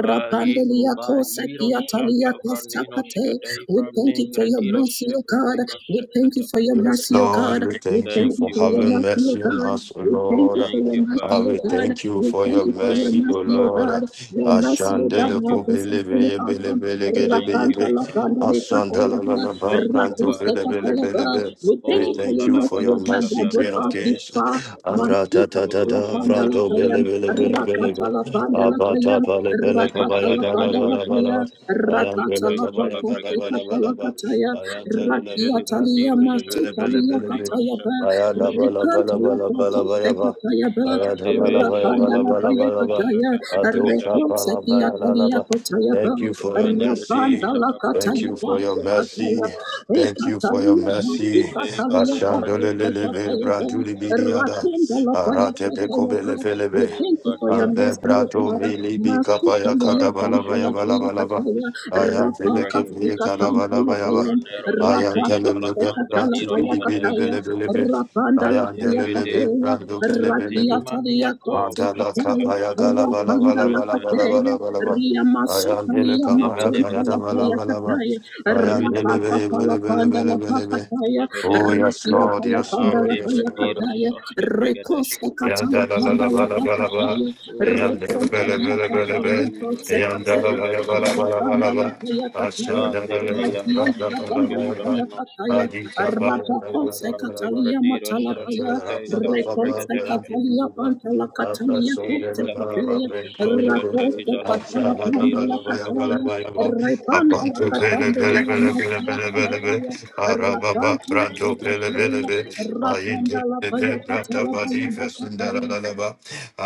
rapandeli Ahiko ya kosa Bahiro kia tali ya kosa kate. Satabraninosko We thank you for your Debrangradiro mercy, O God. Sebradiro We thank you for Secatebe your Yes, mercy, O Lord, God. we We thank you thank Thank you for you, for your having Father. mercy, O mercy on God. us, O We thank you Lord. thank you for Thank your you, mercy, Ah, Father. O we God. thank you We for thank your you for your Thank mercy, you, O mercy, O Father. Lord. God. Your mercy, O God, Thank Ashandele you, have ko been Father. bele sustaining bele us. bele bele gede Thank bele you, Rakanta bele. la Father. pande de kataya Ashandala la bra. la ba Thank you, branto Rakuste Father. bele bele kataya bele bele. We We thank Oh, you for thank your you for mercy, O your Zadabada God, that mercy, Shata brought Queen of us this Bradabosh. Kings. far. Arata Masika ta ta Oh, la ta panda Zavira la branto bele paya. bele Sakata bele bele Rakata be. Badabadaba. la panda la paya, Abata bele bele rakata kabaya la gada panda la gada paya, bala. Megadabadagadabadagadabadaga. Ayam rakata bele Soskata la kabaya Izala gada popote bala kata Bragadeska. la bala ba. kataya, Ayam tele le rakia talia branto Jelibrodiro bele masu bele Sakata bele talia bele be. Ibrodiro kataya ba, Ayala Sapraninoska. bala rekanta bala la bala bala popote bala ba. kataya ba, Thank ATV rapanda Shata la paya Bradiro kataya, Sakata Bragadeska. rekonsa kia talia kataya ba, you for your Minebede mercy. rapanda la Izada Thank kataya you Bradiro ba, for your Shata Bada. kataya, mercy. Thank you rekatalia for your masu mercy. Sikate kataya ba, Valembraniro we thank Ashandolelebe Saskata branduli Izada bidiada. Bragadeska. Arate bekobele felebe. Oh, you for your Badia. Ambe mercy, O brato God. mili Masuka Zevedia bikapaya kadabala miyakanta la baya Baranos bala paya bala ba. kataya. Ayantele Rapaka kebre Brakadesh. sika tanta kadabala la baya ba. paya. Paranerosh Rapaka Ayantele Ketezala lebe sika tala bratu Angradirosh paya bidi bele Kadesh. kataya. bele Rapanda la Aya paya delelebe Jelevede kataya. rando Rakia belebelebe talia Satimania koti madala Togosh kataya. kapaya Ketezala gala bala Proto Rapanda bala la bala bala Grantadesh. kataya. bala bala bala Ria aya masuka dele lia kapaya matunta kaya Mevedebe, da bala paya bala bala kataya. aya delebe Mevedebe, Rapaka tala bele bele bele panda la bele bele pakataya. oh Mevedebe. yes Rakia lord Paya yes lord Pandala Marti yes Paya lord Bradirosh Kataya, Oshka Rekosa Bragadesh. aya Kataya dala la la Pandala bala bala bala Kataya, aya O dele Rekonta bele Satim bele Yaka bele bele Paya Feminatiro Kosa aya Shata dala Kataya, bala bala Bragadesh. bala bala bala Paya asha Kataya, dele Date bele Rakia Bayada bala bala Soshka Pandala bala bala Paya Gramenoshka. Kataya, adi kapaya Arata da bala Kosa bala Delibrandi bala Kataya Abanta Matala Bradirosh Paya, Oshka Tezala Reconte Bragadesh. Cavalia Panta la Catania Corte Ida Patea, Barono Soskata is Racote Ale Catala Branca Panda Dino la Sakataba. Cataya, Repanta la Thank Catania you, la Father. Mafia Calataya, Rapanta la Dino Catea, Satabada. Rapanda la Paya Catala Baya Bacataya.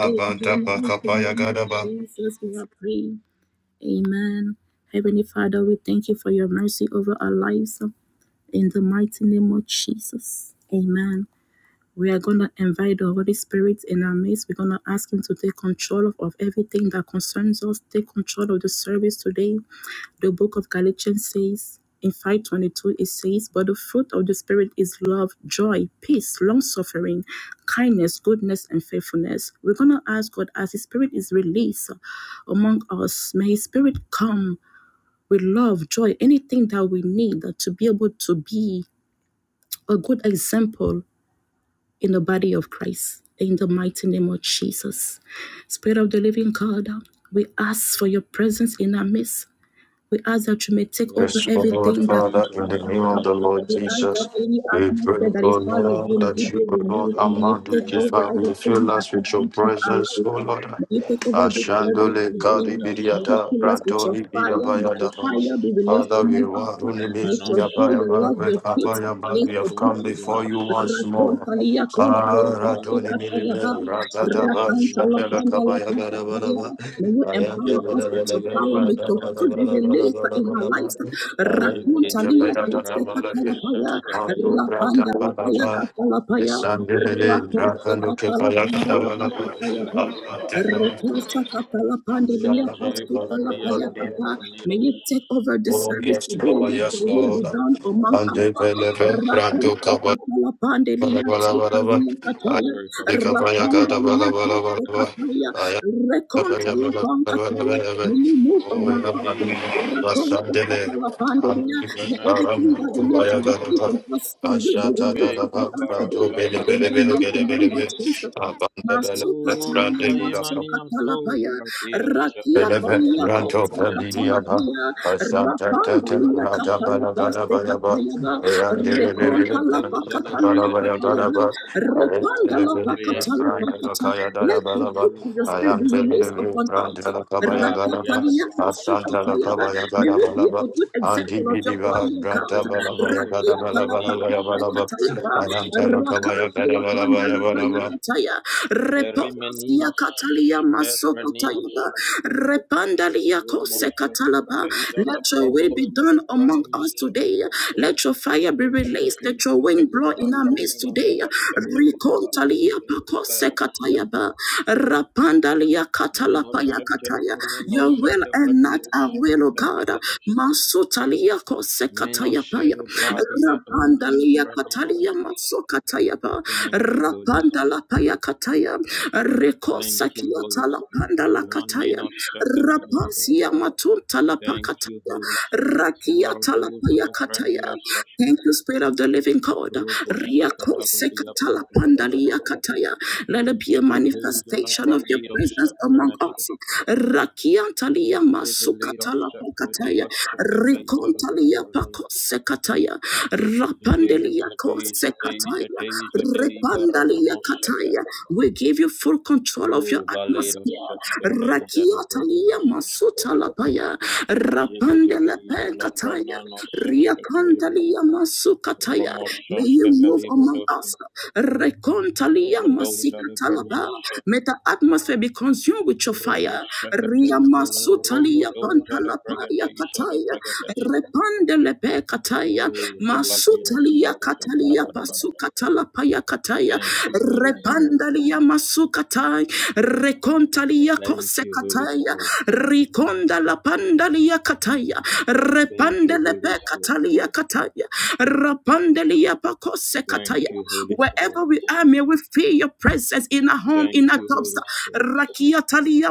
In the pakapaya mighty name gadaba of Jesus, we are praying. Amen. Heavenly Father, we thank you for your mercy over our lives. In the mighty name of Jesus. Amen. We are going to invite the Holy Spirit in our midst. We're going to ask Him to take control of, of everything that concerns us. Take control of the service today. The book of Galatians says, in 522, it says, But the fruit of the Spirit is love, joy, peace, long suffering, kindness, goodness, and faithfulness. We're going to ask God as His Spirit is released among us, may His Spirit come with love, joy, anything that we need to be able to be a good example in the body of Christ. In the mighty name of Jesus. Spirit of the living God, we ask for your presence in our midst. We ask that you may take Oh, over Yes, O Sata Lord everything that Father, Branca in the Tais name of Ale the Lord we Bragadeska. ask that Jesus, any we pray, atmosphere that is O not like you Lord, may that you, be O Sebeye, Lord, removed and may you among the take over Sebeye, giver, Bebe. will fill everything that us with your contains of our presence, O life. Lord. May you take over this Sede service Ashandole Bradi today. Bradas. May you karibiriata, fill us with your brantoli fire. May your Akomanos. biabayadaba. fire be released Father, in we my heart. waruni May your Ovimanos. joy, your mesiabayama, love, we your peace be kabayama. We released have upon come us. before you Akomafinos. once more. Rakontalia kontalia pate Aradoni Provimanos. milibe, katalaba. ratadaba, Fantaminos. Rakantala shandela kandala kabaya katalaya. garabalaba. May you Ayanda empower Dili us with your Bradiro balabalaba, power. May your Sakataba. fruit be released in our ba, lives. Rakon Ayanda Montalia kebaya Costa Varadiro tatabalaba, Catalapaya, ba, Saskataive. Rapanda Lapaya ratabalaba. Catalapaya, Esandebele, Elevadeja Racosta rakalo Lebanon kebaya Catalapanda garabalaba. Sosketeja Lapacataya, Kaba Aratebele, Recosta Catalapandia Minaje Pasti Abia Calapaya Cata. shandabalabalabalabalaba. Kovra Miros May you take over the Oh service yes, today, Lord, let the yes, will be Lord. done among us. Sweet Andebelebe, Spirit of God, Racosta rando Bara Catalapandia bara bara bara. Sutalia Sweet Ayah Cataya, Spirit of God, kapaya kata Rapandalia bara Varadeus bara bara Costa bara. Cataya, Ayah Reconta kapaya bara bara bara Lapancataya. bara. May you move Oh, among ya mami, Megadeja us. Lebroninos Raconta basandele. May Ambi baram, everything that Renesata we need to kubaya kata faith bara. from us from you be Ashata da released da ba, upon Veka us branto today. Barasa bele In bele the bele mighty bele Atibradia bele name of bele. Jesus. Abanda bele bele, O Masukataya, brande bele Baimania Masukatalapaya, Tobaradiros Rakia Shakata Eleve Kalia Izala Ranto Bregadesh Familiaba, Kotsakatalapaya, a Santa Tata, Rapandalia Rumos Rata Balagada Katalabaste Bayaba, Katayaba, and Rekontalapa the Rabadaijele Katalia Balabaya Bregadesha, Katayaba, Gadaba, Repandalapa Elevated Frank Riatos, Katalapakata. Lakaya Dada Let your Balaba, people, your Rumenos, I spirit be am the released delivery upon Frank us. Lakabaya Tabia, Gadaba, Rakapalia a Santa Shata Masukatayaba, Lakabaya Bragados, May we be a Gadabalaba, good and example the of your Vidiva body, O God. Rata Romos Balabaya Rakia Sokoto, Bradido, Gadabalabaya Shata Balaba, Palapakataya, Bradido, I am Telakabaya Rakantaya Pandalapaya Gadabalabaya Tikiti, Kataya, Le Reposia Rimeninos, Catalia Kepraninos, Masopotayaba Repandalia Rumos, Kose Catalaba. Let Tejala your will be Branoro, done among us Sepraninos, today. Let your fire be Rumos, released. Let your wind blow Tejala in our midst Braninos, today. Shashka, Tejala, Recontalia Pacose Ara, Catayaba Rapandalia Catalapaya Menoshete Cataya. Your will menoshete and not our will, bradioshete O God. bragadeshte Masotalia Kose Catayapaya menoshele bradia doza de Rapandalia Catalia braninos. Masokatayaba Thank you, Holy Spirit. Rapandala kataya Thank rekosa you, Holy kiata la Spirit. panda la kataya Maninoshete bragadeshte. rapasia matunta la Thank you, pakataya Holy Spirit. rakiata la Marodoza paya de braniroshashte. thank you spirit of the living god Roboshakata riakose bradia katala bada bada panda bada ba. liya let it be a Ziketeza la manifestation of your presence bradiroshte among braneshte. us rakiata liya masukata la Ziviliroshe pakataya krediroshte keteza rikonta liya la pakose kataya Jadei, rapandelia jadei, kose jadei, kataya jadei, jadei, repandalia baramonoshata. kataya we give you full O control of your atmosphere. valeroshashkata Rakiatalia izalabraninoshashka. masuta lapaya. Jedegede Rapandele pekataya. izalabranonoshashkata eva. Riakantalia masukataya. May you Ramoshashka move among velibradoshka. us. Rekontalia masikatalaba. Rubodozalabraninoshka. May the atmosphere be consumed with your fire. Ruboshakata Ria izala. masutalia Rumbodozalabrakata pantalapaya kataya. izalabrakadoshka. Repandele pekataya. O Masutalia zalaviroshakata katalia badabadabadaba. pasukatala paya kataya. Thank you, Holy Spirit. repanda Italia masukatai recontalia Thank you, Holy kosekataya Spirit. rikonda la pandalia kataya Thank you, repandele Holy Spirit. pekatalia kataya rapandelia Thank pakosekataya you, Holy wherever Spirit. we are may we feel your presence in our home Thank in our you, jobs Holy Spirit. rakiatalia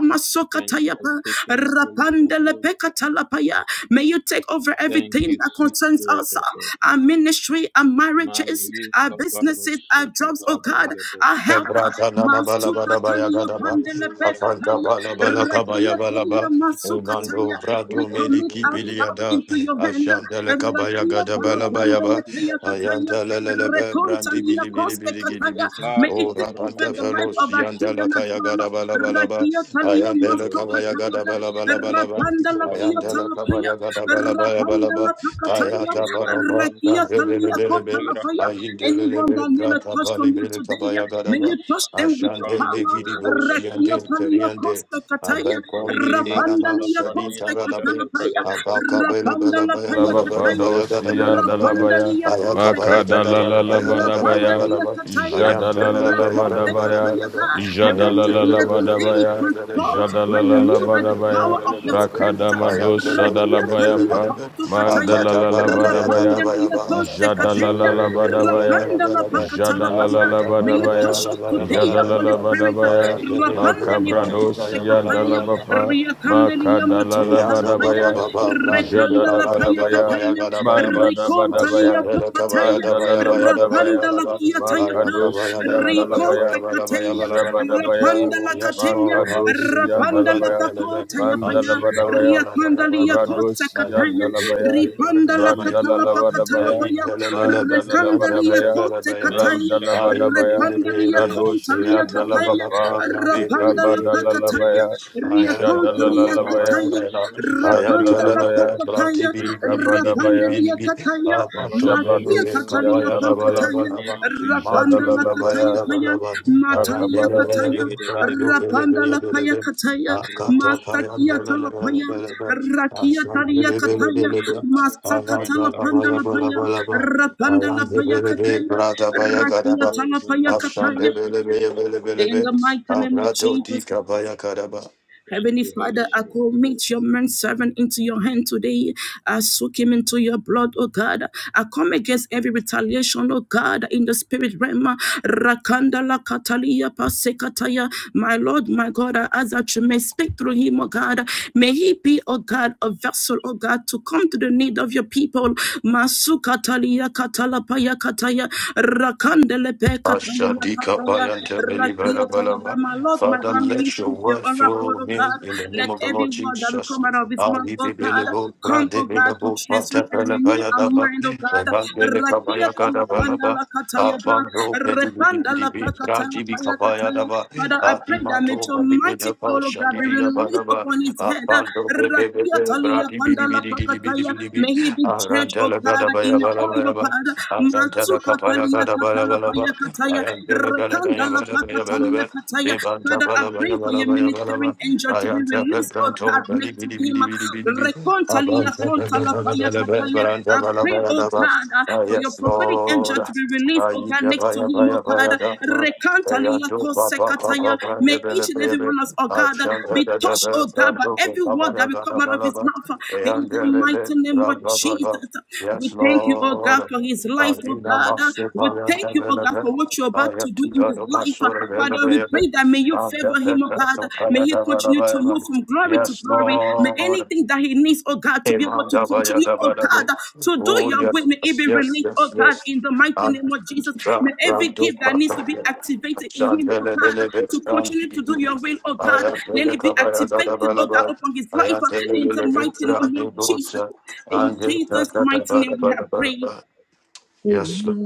Thank you masokataya for pa taking absolute rapandele control. pekatalapaya may you take over Thank everything you, that sweet concerns Spirit us of God. our ministry our marriages Marie our businesses our jobs oh God Kabarosakatabrangadesh. our health Brata na na bala la ba Masuka da ba talia pandele Degedeja peka Afanta talia. Labranos. bala bala kabaya bala ba ya Rakia talia masuka talia. brado We Rumbazakato commit meliki ourselves biliada. Zelebraninos. into your hand. Ashanda le ka ba ya Rakia ga ba pala la Oh, pandele kaya Barabiros. kataya. Ayanta le le le be brandi Rekontalia bili bili koste bili gidi kataya. bi. May Kade it O take over rapante the felo life of Barambediros. our sianda la children ka as ya bala well. da ba la ba la ba. Rakia Thank talia you, Ayanda le ka Holy masuka ba ya ga Spirit. da talia. ba la ba ba Thank you Rapanda for la love, kia Ayanda le ka ba Francis. talapaya. ya ga da ba Rapanda la Thank pakataya. Ayata you, baba ba ba. Baraninos, Rakia for bili talia a bili kota great lapaya. atmosphere. Ayindelele Anyone be that need a braka touch pali from you brele today, kabaya may gadaba. you Menos, Touch them with your Abrante, Ashandele power. vidibo Ferradiras, Rakia siyande palia teriande. costa kataya. Abeko minimana Rapanda Megadeja, ma lea sedin costa Labraninos, taradabe. Shata katalapaya. Bragadesh, Abaka bela Rapanda bela la baya paya bela bela kataya. baya gada Labapadosia bela bela bela. Rapanda dalabaya, lea Ayaka costa baya Makada gada kataya. la la bela la baya Ayabado, gada the bela Rapanda badabaya, bela lea bela. Bragadesh, kataya. Ayam Jada te la la bela la bela Rakosta bela bela madabaya, kataya bela ba. bela. May we Jada Ayam la live la te la bela here Overlim bela bela bela today badabaya, bela Brandinos, bela. transformed, Jada la la Ayam la te renewed Saskataja, by the the bela bela badabaya, power Bradiros, bela of your bela bela. Sapradia, spirit. Brakada Papa, Ayam te madosa bela Rakia bela dalabaya bela palia bela pa, bela. costa kataya. Mandala Akata Agada la la Beda bela Beda, baya gada Rapanda badabaya, baya lea bela. costa Jada la the la kataya. la Bragadiros, badabaya, Rapanda la Sapoto, Bradiros, pakatala Jada la la paya. la Saskata, May you touch badabaya, us today, Jada of la Holy la Spirit. badabaya, Rabadeja, Rapandele Labrangataja, protoste Makabradosia kataya, Labragadesh, Ashanda dalabapa, riakandele Makada la la yamatonta la Eyanga ba paya, ba ba badabaya, ba brandi Rabos, rekanda bela la ba ya paya gada Saskataja, ba Jadadabadabaya, ya kataya, gada ba ya Labrandiros, ba rikontali Saskataja. ya Mandadabadabaya, ashandele kaba ya papataya, da ba ya ba ya da ba ya Mandalabadabaya, ba rapanda la la Oh, ba kiataya Valeros, pa, ayaka ba ya da Makadosia ba la ba ya ba Dalabaya, rikonta ya ba la ba ya ba kataya, la ba la ba Jabadabaya, rapanda Valeros, oh la yes kataya, Lord andi Makadosia bika ba rapanda ya la da Dalabaya, bela ba pakota ya paya, Entakiros, ashindara Mandalabadabaya, ba la Kelarata, ba ya riakanda ba li la Tatata, ba yakota Radosia ayaka kataya, be be Dalabaya, be ripanda Rabos, brande la ba ya da katala ba Sakatabadaba, pakatala Randalabadabaya, paya, ayindele le le be rekanda brande li ba ya Mandalabadabaya, ba la yakote ba ya ba Menos, kataya, Sashkate, ayindele Randalabadabaya, be repanda be be Varagadias, Radosia Kontalia Shkate, eyanta la la Kataya, la Dalabapa, ba brandi be Rapandala be be be Pakataya, Ikabadalabaya, I Ria am the man, I Eako, Kontalia am, I Jadalalabaya, am, Kataya, Braninos, Sashka, telling Rapandala the Debragadeska, Jadalalabaya, man, Pakataya, bidi, bidi, bidi, bidi, Rikabadabaya, Rapandalia bidi, Kataya, Abato, Eros, bene, Matia be, Katalia Gabradiros, kabaya, da, ba, la, Shkate, Jabradosiandalabaya, ba, Pakataya, la, ba. Braninos, Sashka, Mandi, Rapandala Deska, bidi, abaya, Kataya da, Jadalalabaya, ba, Paya, la, ba. I am the Matalia le, le, Rakabadabaya. Kataya, le, be, brando, bele, bele, Rapandala Zigedebedebedebedebede, bele, Paya be. Kataya, Rumos, Akata, paya, Sokoto, Mastakia de, le, le, le, Talapaya, Bragadeska, le, le, le. Rakia Asan, Talia bele, bele, Kataya, bele, Valia, be. I Atom, am Brenta, Mastakatala the la, ba, la, Pandala ba, Radiros, la, Paya, ba, la, ba. Sashkate, I Rapandala am the Paya bele, be, Kataya, brada, baya, gada, Rakia da. O Talapaya Vanina Asan, de, Kataya, bele, be, bele, bele, in be. the mighty name of Abrato, di, Jesus. kabaya, kadaba. Thank Heavenly you, Holy Father, I Spirit. commit your man servant into your hand today. I soak him into your blood, oh God. I come against every retaliation, oh God, in the spirit realm. Rakanda la katalia pasekataya. My Lord, my God, I ask that you may speak through him, oh God. May he be, oh God, a vessel, oh God, to come to the need of your people. Masukatalia katalapaya kataya. Rakandelepe katalia Ashadika kataya. payante Beli Rakia Bela Bela ba. talabama Lord, my Father, God, may you let your speak your word oracle, fill oh me God. in the name Let of the every Lord word that will Jesus. come out of His mouth, oh God, Ahidibelebo, come, oh God, to bradebelebo, transform and renew our patapelabayadaba, mind, b. oh God. Rakia kola panda la A kataya ba, abando, repanda la belibidibidibi, prakata paya kataya. bradibikabayadaba, Father, I pray that may adimato, your mighty balibidaba, call, oh God, be released shaniriyabalaba, upon his head. apando, Rakia bebebebe, talia panda la prakataya. bradibidibidibidibidibidibi, May he be judged, oh arantela God, in your oil, oh gadabayabalabayaba, God. arantela Masuka Kapaya talia Gada Bala katala Bala ba. paya Ah, Yes, kataya. Lord. Kandala Pakatalia Kataya. Father, I pray for your ministering angel to be released, oh God, next to him. Recontalia Kontala Paya Kataya. I pray, oh God, uh, for your prophetic angel to be released, Ah, oh ye God, ba next to ba him, oh ba ba God. ba da. Ah, ya Recantalia do ba Kose ba ba ba Kataya. ba May de be le each and be every be. one of us, oh Ah, God, uh, shan da be da da touched, da. oh God, Ran by do ko every sa ba word that ya will ga come da out ba of la his ba. mouth. uh, Ah, ya In the de le le. mighty name Ra of ba ba ba. Jesus, we Yes, thank you, oh Lord. God, for his Ah, life, di oh na ma God. Uh, su We pa ya de Thank you, be oh le God, be. for what you're I about to have do two in God his life. much uh, sort of Father, we elevated. pray that may you I have favor that him, oh that God. of May he continue to move Payadabarabara. from glory to Yes, glory. May Lord. anything that he needs, oh God, to be able Amen. to Dabaya, continue, oh dabadabe. God, to do Oh, your will, yes, may it be yes, released, oh yes, God, yes. in the mighty And name of Jesus. May every Ranto gift that needs to be Paka. activated in him, oh Shandele God, Delebe to Strand. continue to do your will, oh I God, am let it be Telekabaya activated, oh God, Zadabalaba. upon his I life am uh, in the Telelebe mighty name Strand in of Jesus. Bosa. In And Jesus' mighty name, we have prayed. Yes, Lord.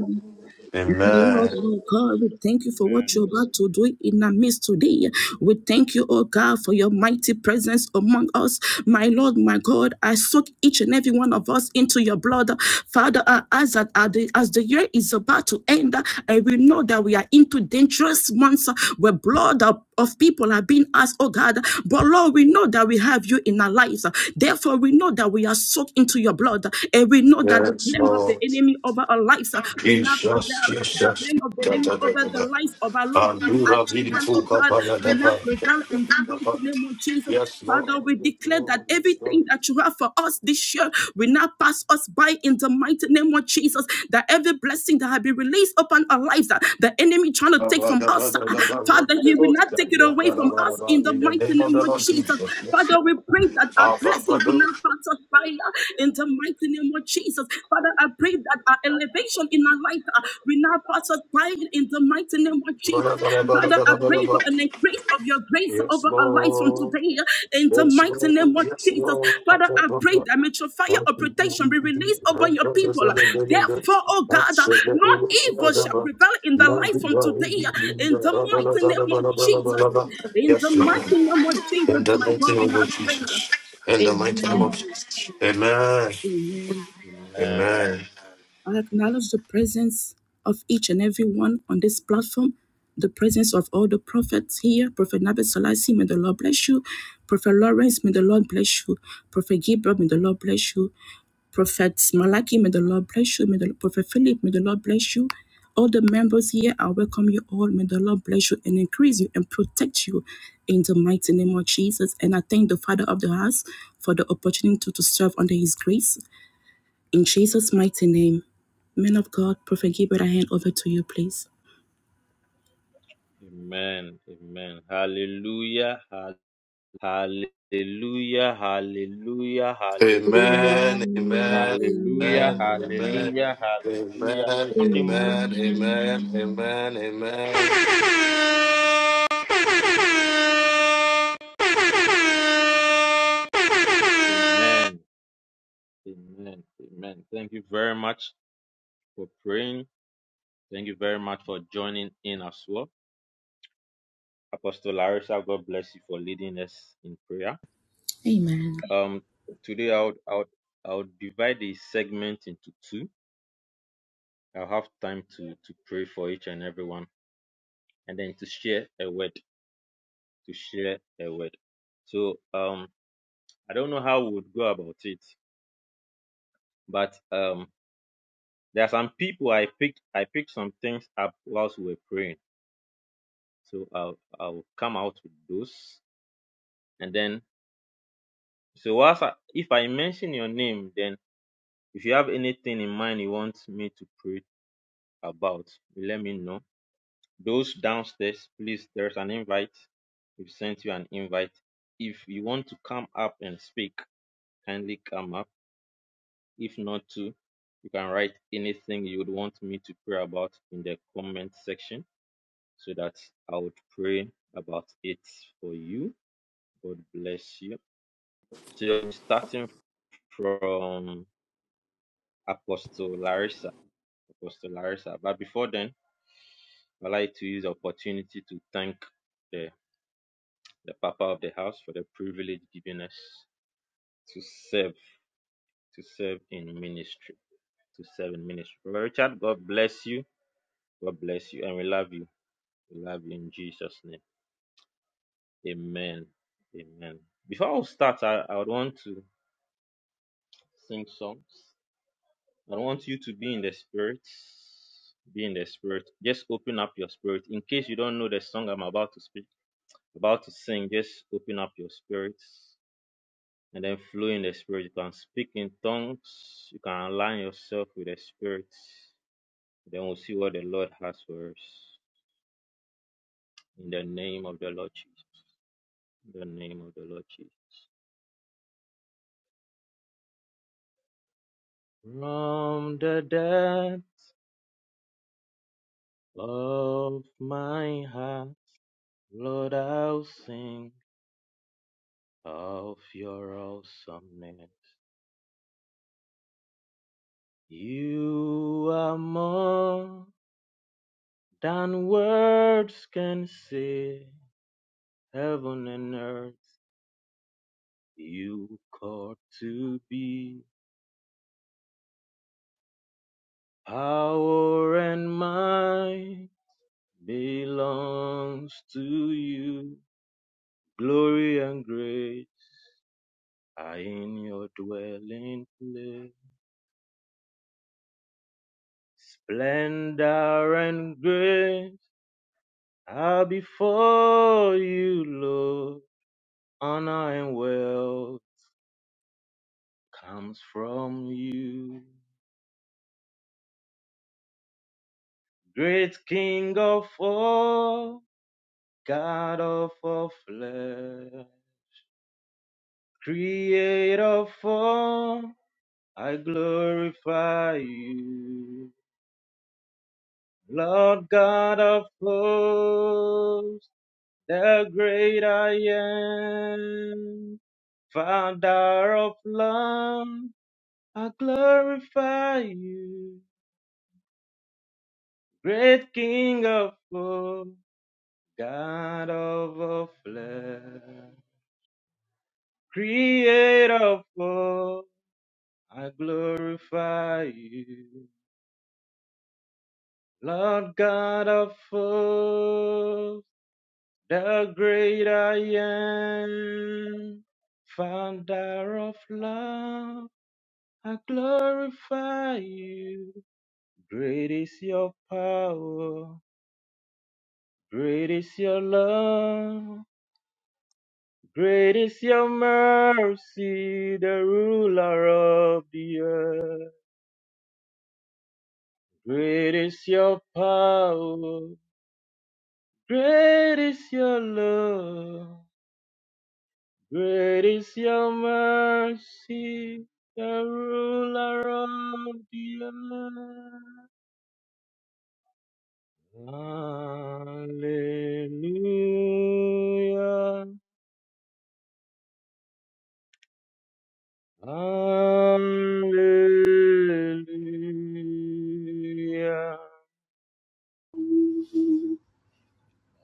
Mighty Lord, Amen. Lord God, we thank you for what Amen. you're about to do in our midst today. We thank you, oh God, for your mighty presence among us. My Lord, my God, I soak each and every one of us into your blood. Father, uh, as, that- uh, the, as the year is about to end, uh, and we know that we are into dangerous months uh, where blood of, of people are being asked, oh God, but Lord, we know that we have you in our lives. Therefore, we know that we are soaked into your blood, and we know that the Yes, flame of Lord. the the enemy over our lives we now prevail. Jesus, The Jesus. plan of the Da, enemy da, da, over da, the da. lives of our loved ones, our Andura children, oh beautiful God, Papa, da, we da, now da, prevail da, in the da, da. mighty name of Jesus. Yes, Lord. Father, we Yes, declare that Lord. Yes, Lord. everything that you have for us this year will now pass us by in the mighty name of Jesus. That every blessing that has been released upon our lives, that the enemy trying to Da, take ba, from da, ba, us, da, uh, da, ba. Ro, Father, le, he bo, will not sha, take it ya, away da, da, from ba, us da, ba. in the In the mighty name of name the of Lord Jesus. Jesus. Yes. Father, we pray that our Ah, ba, ba, blessings will do. not pass us by in the mighty name of Jesus. Father, I pray that our elevation in our life uh, will now pass us by in the mighty name of Ba, da, Jesus. ba, da, ba, da, Father, ba, I da, ba, da, pray ba. for an increase of your grace Yes, over our lives from Lord. today uh, in the Yes, mighty Lord. name of Yes, Jesus. Father, I Lord. pray that may your fire Yes, of Lord. protection be released upon your people. Therefore, oh God, uh, no evil shall prevail in the life from today uh, in the mighty name of Jesus. In the mighty name of Jesus, In the my mighty God, we name of have prayed. Jesus. In the mighty name Amen. of Jesus. Amen. Amen. Amen. Amen. I acknowledge the presence of each and every one on this platform, the presence of all the prophets here. Prophet Nabi Selassie, may the Lord bless you. Prophet Lawrence, may the Lord bless you. Prophet Gabriel, may the Lord bless you. Prophet Malaki, may the Lord bless you. May the Prophet Philip, may the Lord bless you. All the members here, I welcome you all. May the Lord bless you and increase you and protect you in the mighty name of Jesus. And I thank the Father of the house for the opportunity to serve under his grace. In Jesus' mighty name. Men of God, Prophet Gilbert, I hand over to you, please. Amen. Amen. Hallelujah. Hall- Hallelujah. Hallelujah. Hallelujah. Amen. Amen. Hallelujah. Amen. Amen. Hallelujah. Hallelujah. Amen. Amen. Amen. Amen. Amen. Amen. Amen. Amen. Thank you very much for praying. Thank you very much for joining in as well. Apostle Larissa, God bless you for leading us in prayer. Amen. Um, today I would, I would, I would divide the segment into two I'll have time to to pray for each and everyone, and then to share a word, to share a word. So um, I don't know how we would go about it, but um, there are some people I picked. I picked some things up whilst we were praying. So I'll I'll come out with those, and then so whilst I, if I mention your name, then if you have anything in mind you want me to pray about, let me know Those downstairs, please, there's an invite. We've sent you an invite. If you want to come up and speak, kindly come up. If not to, you can write anything you would want me to pray about in the comment section so that I would pray about it for you. God bless you. So starting from Apostle Larissa. Apostle Larissa. But before then, I'd like to use the opportunity to thank the. the Papa of the house, for the privilege given us to serve, to serve in ministry, to serve in ministry. Brother Richard, God bless you. God bless you. And we love you. We love you in Jesus' name. Amen. Amen. Before I start, I, I would want to sing songs. I want you to be in the spirit. Be in the spirit. Just open up your spirit. In case you don't know the song I'm about to speak, about to sing, just open up your spirits. and then flow in the spirit. You can speak in tongues. You can align yourself with the spirit. Then we'll see what the Lord has for us. In the name of the Lord Jesus. In the name of the Lord Jesus. From the depth of my heart, Lord, I'll sing of your awesomeness. You are more than words can say. Heaven and earth You called to be power and might belongs to you. Glory and grace are in your dwelling place. Splendor and grace are before you, Lord. Honor and wealth comes from you. Great King of all, God of all flesh. Creator of I glorify you. Lord God of hosts, the great I am. Father of love, I glorify you. Great King of all, God of all flesh. Creator of all, I glorify you. Lord God of hosts, the great I am, founder of love, I glorify you. Great is your power, great is your love, great is your mercy, the ruler of the earth. Great is your power, great is your love. Great is your mercy, the ruler of the earth. Hallelujah. Hallelujah.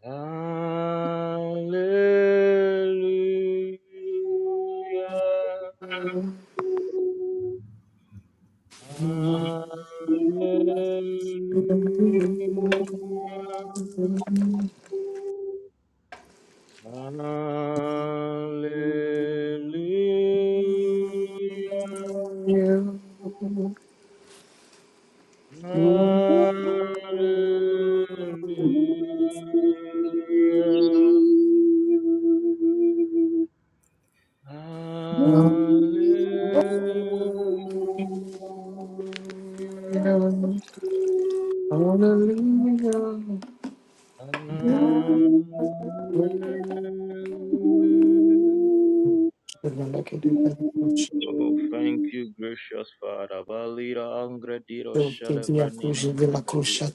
Hallelujah. Amen. The Hallelujah. Hallelujah. Hallelujah. Hallelujah. Hallelujah. Oh, thank you, gracious Father. Valira angrediro celebranina angrediro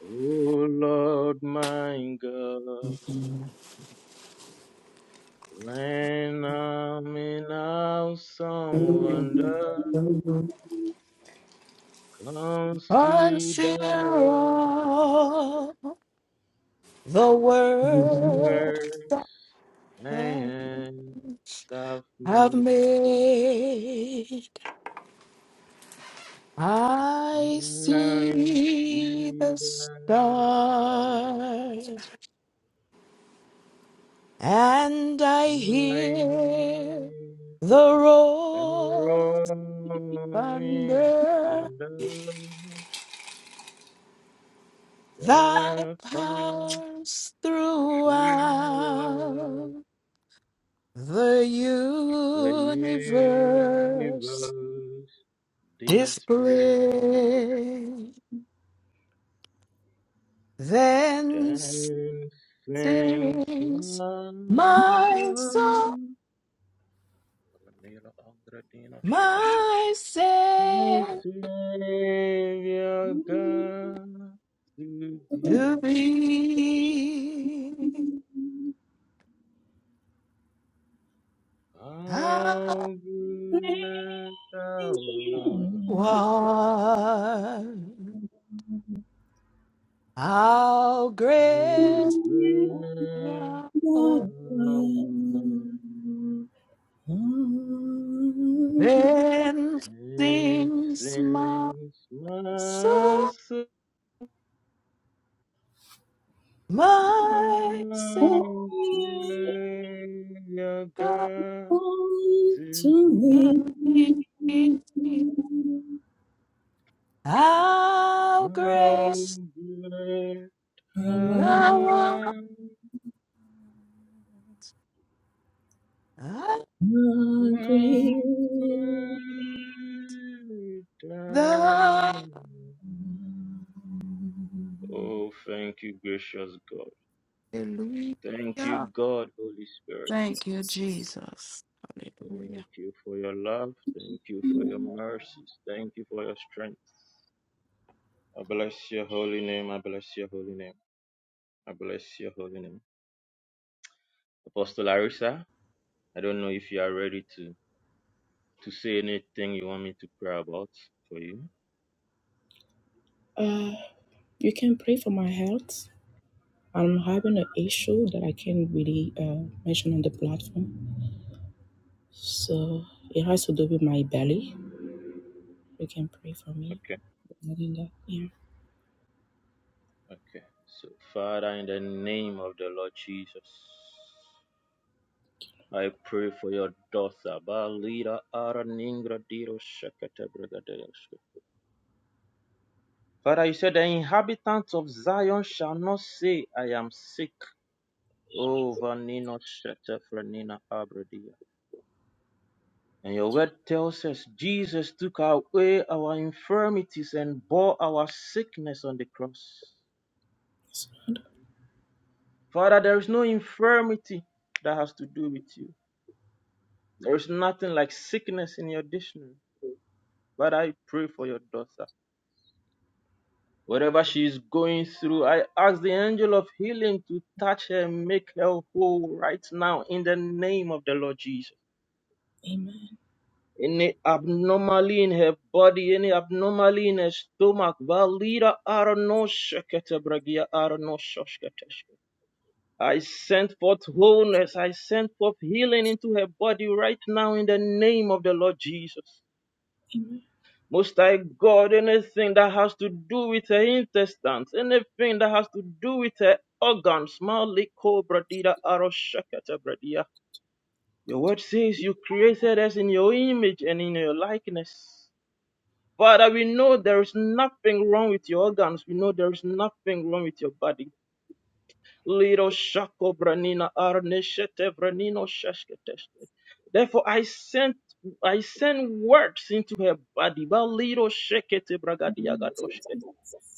Oh Lord my God, when I'm in awesome wonder, consider Until the the world works thy have hands have made. made, I When I see see the that thou stars and I I hear hear the the roar roaring thunder thunder, that the pounds throughout. Throughout The the universe universe, displayed display then and sings sings my my soul, son. Nila Andradina Shosh. my My say Savior God, to thee, to be. How how good thou art, one, how how great good thou thou art. then And sings my since soul. my soul My Savior God, God to be how no great great thou art. power, no freedom. Oh, thank you, gracious God. Thank you, Hallelujah. God, Holy Spirit. Thank you, Jesus. Thank Hallelujah. you for your love. Thank you for your mercies. Thank you for your strength. I bless your holy name. I bless your holy name. I bless your holy name. Apostle Larissa, I don't know if you are ready to, to say anything you want me to pray about for you. Uh, you can pray for my health. I'm having an issue that I can't really uh, mention on the platform. So it has to do with my belly. You can pray for me. Okay, Regarding that. Yeah. okay. So, Father, in the name of the Lord Jesus, I pray for your daughter. Balira ara ningra diro shakata bragadea Father, you said the inhabitants of Zion shall not say, I am sick. Oh, Vanino Shetefrenina Abradia. And your word tells us Jesus took away our infirmities and bore our sickness on the cross. Father, there is no infirmity that has to do with you. There is nothing like sickness in your dictionary. But I pray for your daughter. Whatever she is going through, I ask the angel of healing to touch her and make her whole right now in the name of the Lord Jesus. Any abnormally in her body, any abnormally in her stomach, Valida Aranoshaketebragia Aranoshoshketeshke. I send forth wholeness. I send forth healing into her body right now in the name of the Lord Jesus. Most High God, anything that has to do with her intestines, anything that has to do with her organs, Maliko Bradida Aroshakata Bradia. Your word says you created us in your image and in your likeness. Father, we know there is nothing wrong with your organs. We know there is nothing wrong with your body. Liro shako branina arneshete branino shashketeshke. Therefore I sent I send words into her body. Ba liro shekete bragadiagadoshke.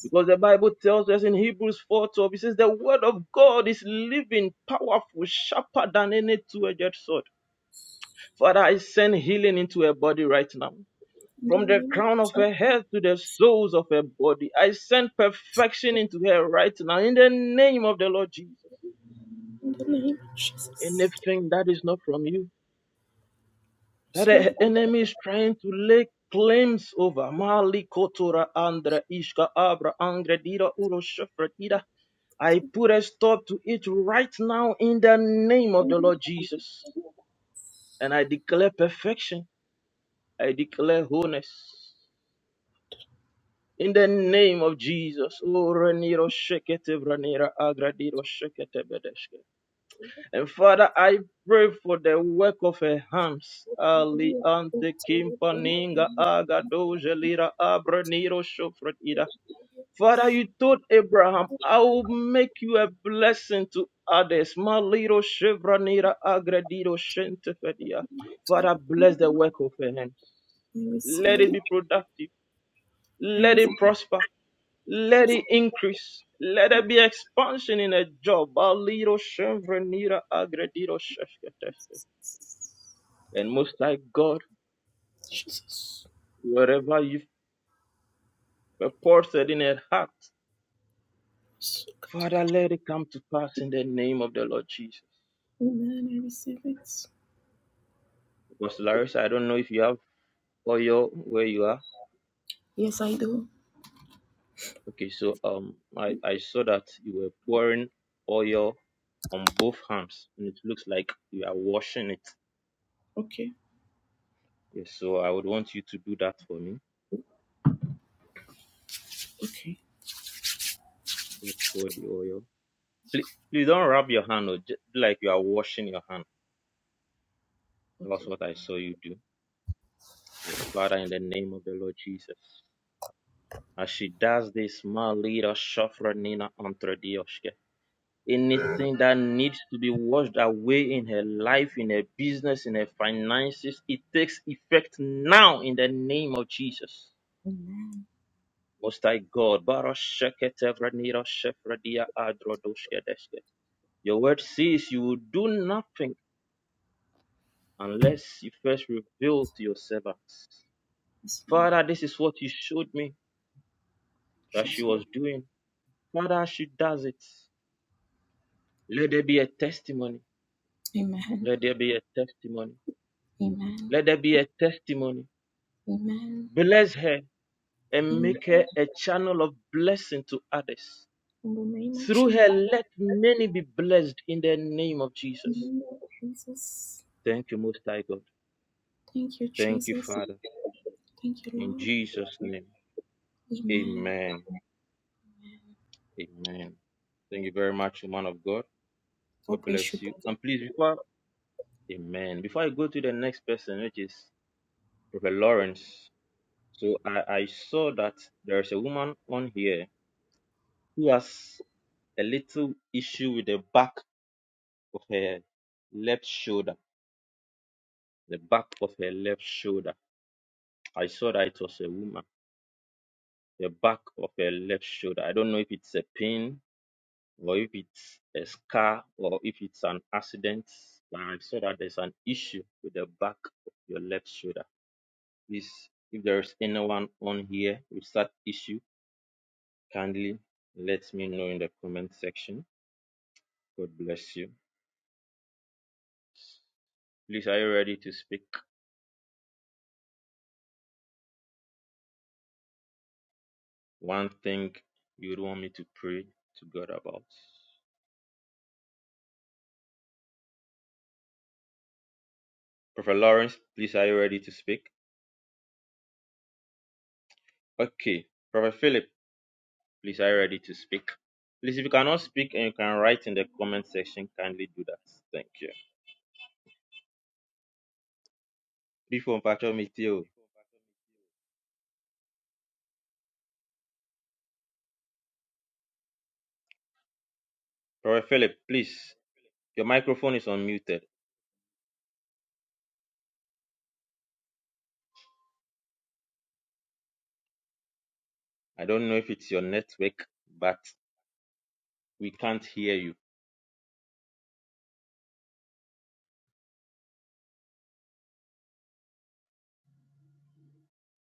Because the Bible tells us in Hebrews 4 12, it says the word of God is living, powerful, sharper than any two-edged sword. Father, I send healing into her body right now. From the crown of her head to the soles of her body, I send perfection into her right now in the name of the Lord Jesus. Anything that is not from you, that the enemy is trying to lay claims over. Mali kotora andra ishka abra angra dira uro shafra dira. I put a stop to it right now in the name of the Lord Jesus. And I declare perfection. I declare wholeness. In the name of Jesus. O reniro shekete branira agra diro shekete bedeshke. And Father, I pray for the work of her hands. Ali ante kimpaninga agadoja lira abraniro shofratida. Father, you told Abraham, I will make you a blessing to others. Maliro shevranira agredido shentefedia. Father, bless the work of her hand. Let it be productive. Let it prosper. Let it increase. Let there be expansion in a job. Baliro shevranira agredido shefetefedia. And Most High God, wherever you've purported in her heart, Father, let it come to pass in the name of the Lord Jesus. Pastor Larissa, I don't know if you have oil where you are. Yes, I do. Okay, so um, I, I saw that you were pouring oil on both hands, and it looks like you are washing it. Okay. Yes, so I would want you to do that for me. Okay. Just pour the oil. Please, please don't rub your hand, or just like you are washing your hand. That's what I saw you do. Yes, Father, in the name of the Lord Jesus. As she does this, Malira Shafra Nina Antradioshke. Anything that needs to be washed away in her life, in her business, in her finances, it takes effect now in the name of Jesus. Most High God, Barasheke Tevra Nira Shafra Dia Adrodoshke Your word says you will do nothing unless you first reveal to your servants. Father, this is what you showed me that she was doing. Father, she does it. Let there be a testimony. Amen. Let there be a testimony. Let there be a testimony. Amen. Bless her and Amen. make her a channel of blessing to others. Through her, let many be blessed in the name of Jesus. Jesus. Thank you, Most High God. Thank you, Thank you, Jesus. Father. Thank you, In Lord. Jesus' name, Amen. amen. Amen. Thank you very much, man of God. God God bless bless should you. be. And please, before, amen. Before I go to the next person, which is Prophet Lawrence, so I, I saw that there's a woman on here who has a little issue with the back of her left shoulder. The back of her left shoulder. I saw that it was a woman. The back of her left shoulder. I don't know if it's a pin or if it's a scar or if it's an accident. But I saw that there's an issue with the back of your left shoulder. Please, if there is anyone on here with that issue, kindly let me know in the comment section. God bless you. Please, are you ready to speak? one thing you'd want me to pray to God about. Prophet Lawrence, please are you ready to speak? Okay. Prophet Philip, please are you ready to speak? Please, if you cannot speak and you can write in the comment section, kindly do that. Thank you. Before Pastor Mitio, Prophet Philip, please, your microphone is unmuted. I don't know if it's your network, but we can't hear you.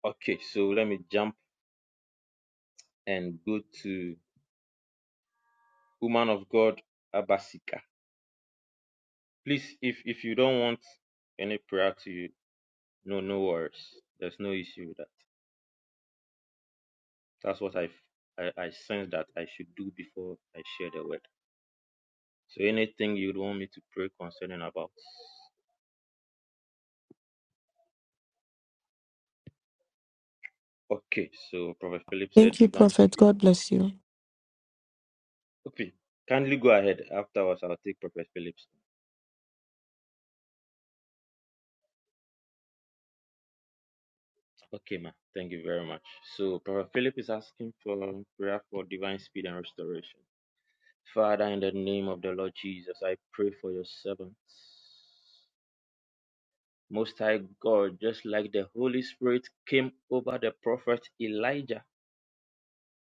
Okay, so let me jump and go to woman of God, Abasika. Please, if if you don't want any prayer to you, No, no worries. There's no issue with that. That's what I, f- I, I sense that I should do before I share the word. So anything you'd want me to pray concerning about? Okay, so Prophet Philip said Thank you, divine Prophet. speed." God bless you. Okay, kindly go ahead. Afterwards, I'll take Prophet Philip's. Okay, ma. Thank you very much. So Prophet Philip is asking for prayer for divine speed and restoration. Father, in the name of the Lord Jesus, I pray for your servants. Most High God, just like the Holy Spirit came over the prophet Elijah.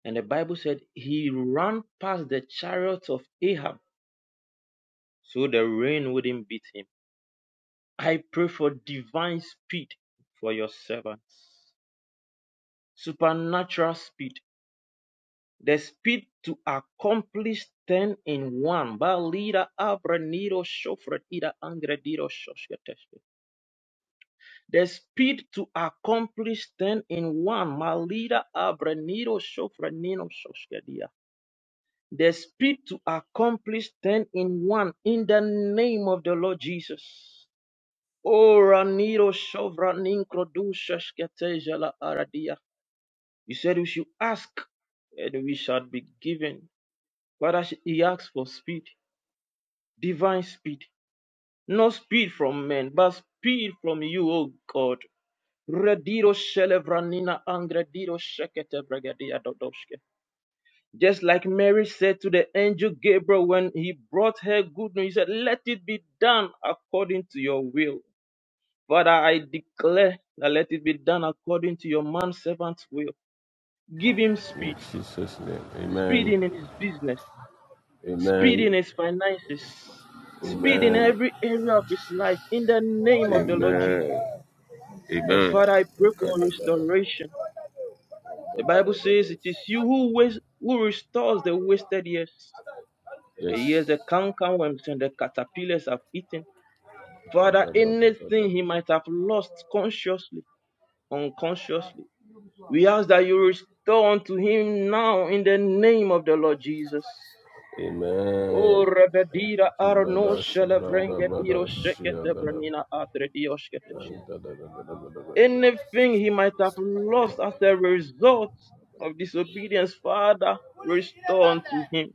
And the Bible said he ran past the chariots of Ahab so the rain wouldn't beat him. I pray for divine speed for your servants, supernatural speed, the speed to accomplish 10 in 1. Ba abra nido shofra ida angra dido shoshketesh. The speed to accomplish them in one. Malida abreniro shofrenino shoshkedia. The speed to accomplish them in one. In the name of the Lord Jesus. Oh, raniro shovraninkodu la aradia. You said we should ask and we shall be given. But he asks for speed, divine speed, not speed from men, but speed from you, O God. Rediro shelevranina angrediro shekete bregedia dodoshke. Just like Mary said to the angel Gabriel when he brought her good news, he said, Let it be done according to your will. Father, I declare that let it be done according to your man servant's will. Give him In speed, Jesus' name, speed amen, in his business, speed in amen, his finances, speed in amen, every area of his life in the name of the Lord amen, Jesus. And amen. Father, I pray for restoration. The Bible says it is you who waste, who restores the wasted years, the Yes. years the cankerworms and the caterpillars have eaten. Father, anything he Gadadadadadadada. might have lost consciously, unconsciously, we ask that you restore unto him now in the name of the Lord Jesus. Amen. O Thank Rebedira Arno Shelevrenge Diro Shekete Brenina Atre Dioshkete Amen. Anything he might have lost as a result of disobedience, Father, restore unto him.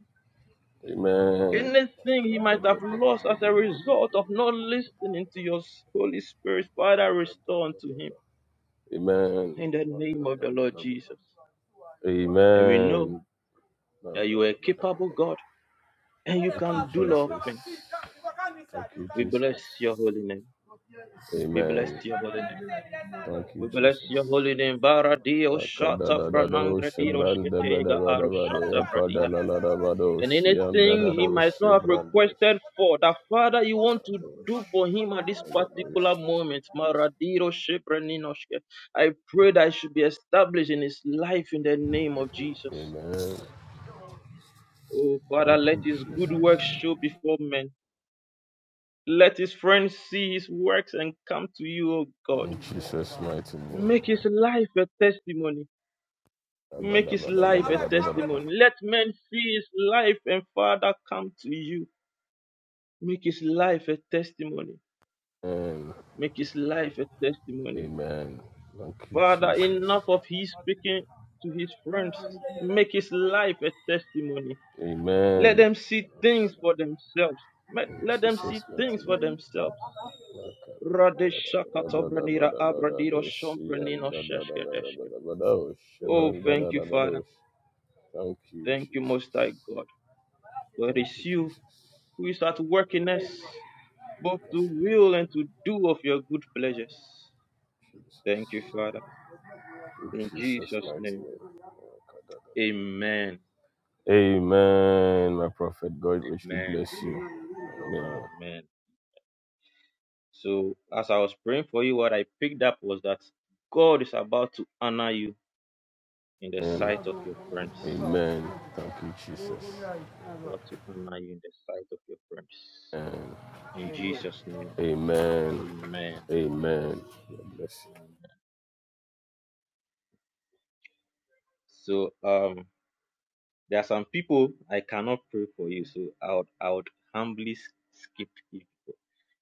Amen. Anything he might have lost as a result of not listening to your Holy Spirit, Father, restore unto him. In the name of the Lord Amen. Jesus. And we know that you are a capable God and you Thank can you, do Jesus. all things. Thank you, We bless Jesus. your holy name. We Amen. bless your holy name. Thank you, We bless your Jesus. holy name. Bara dio shata Rakadadadado franangra dio Shibrande shketega aro Bedabadabado shata Yapadalalabado and anything he Shiandadado might not have Shibrande requested for that father you want to do for him at this particular moment maradiro shepreninoshke i pray that it should be established in his life in the name of jesus Amen. oh father Thank let you, his good Jesus. works show before men let his friends see his works and come to you O god In Jesus' mighty name. make his life a testimony make his life a Dabadabadabadabadabada. testimony let men see his life and father come to you make his life a testimony Amen. Make his life a testimony. Amen. Thank you, Father, Jesus. enough of his speaking to his friends. Make his life a testimony. Let Amen. them see things for themselves. Let, In let them see Jesus' things mighty for name. themselves. Thank you, Radeshakatovranira abradiro shompranino sheshkedeshke. Oh, thank you, Father. Thank you, Most Jesus. High God. For it Thank is you, you Jesus. who is at work in us, both to Yes, Lord. will and to do of your good pleasures. Jesus. Thank you, Father. In In Jesus' Jesus' mighty name, name. amen. Amen. My prophet, God richly Amen. bless you. Amen. Amen. So as I was praying for you, what I picked up was that God is about to honor you in the Amen. sight of your friends. Amen. Thank you, Jesus. He's about to honor you in the sight of your friends. In Jesus' name. And Amen. amen. God bless you. Amen. So um there are some people I cannot pray for you, so I would I would humbly s- skip you.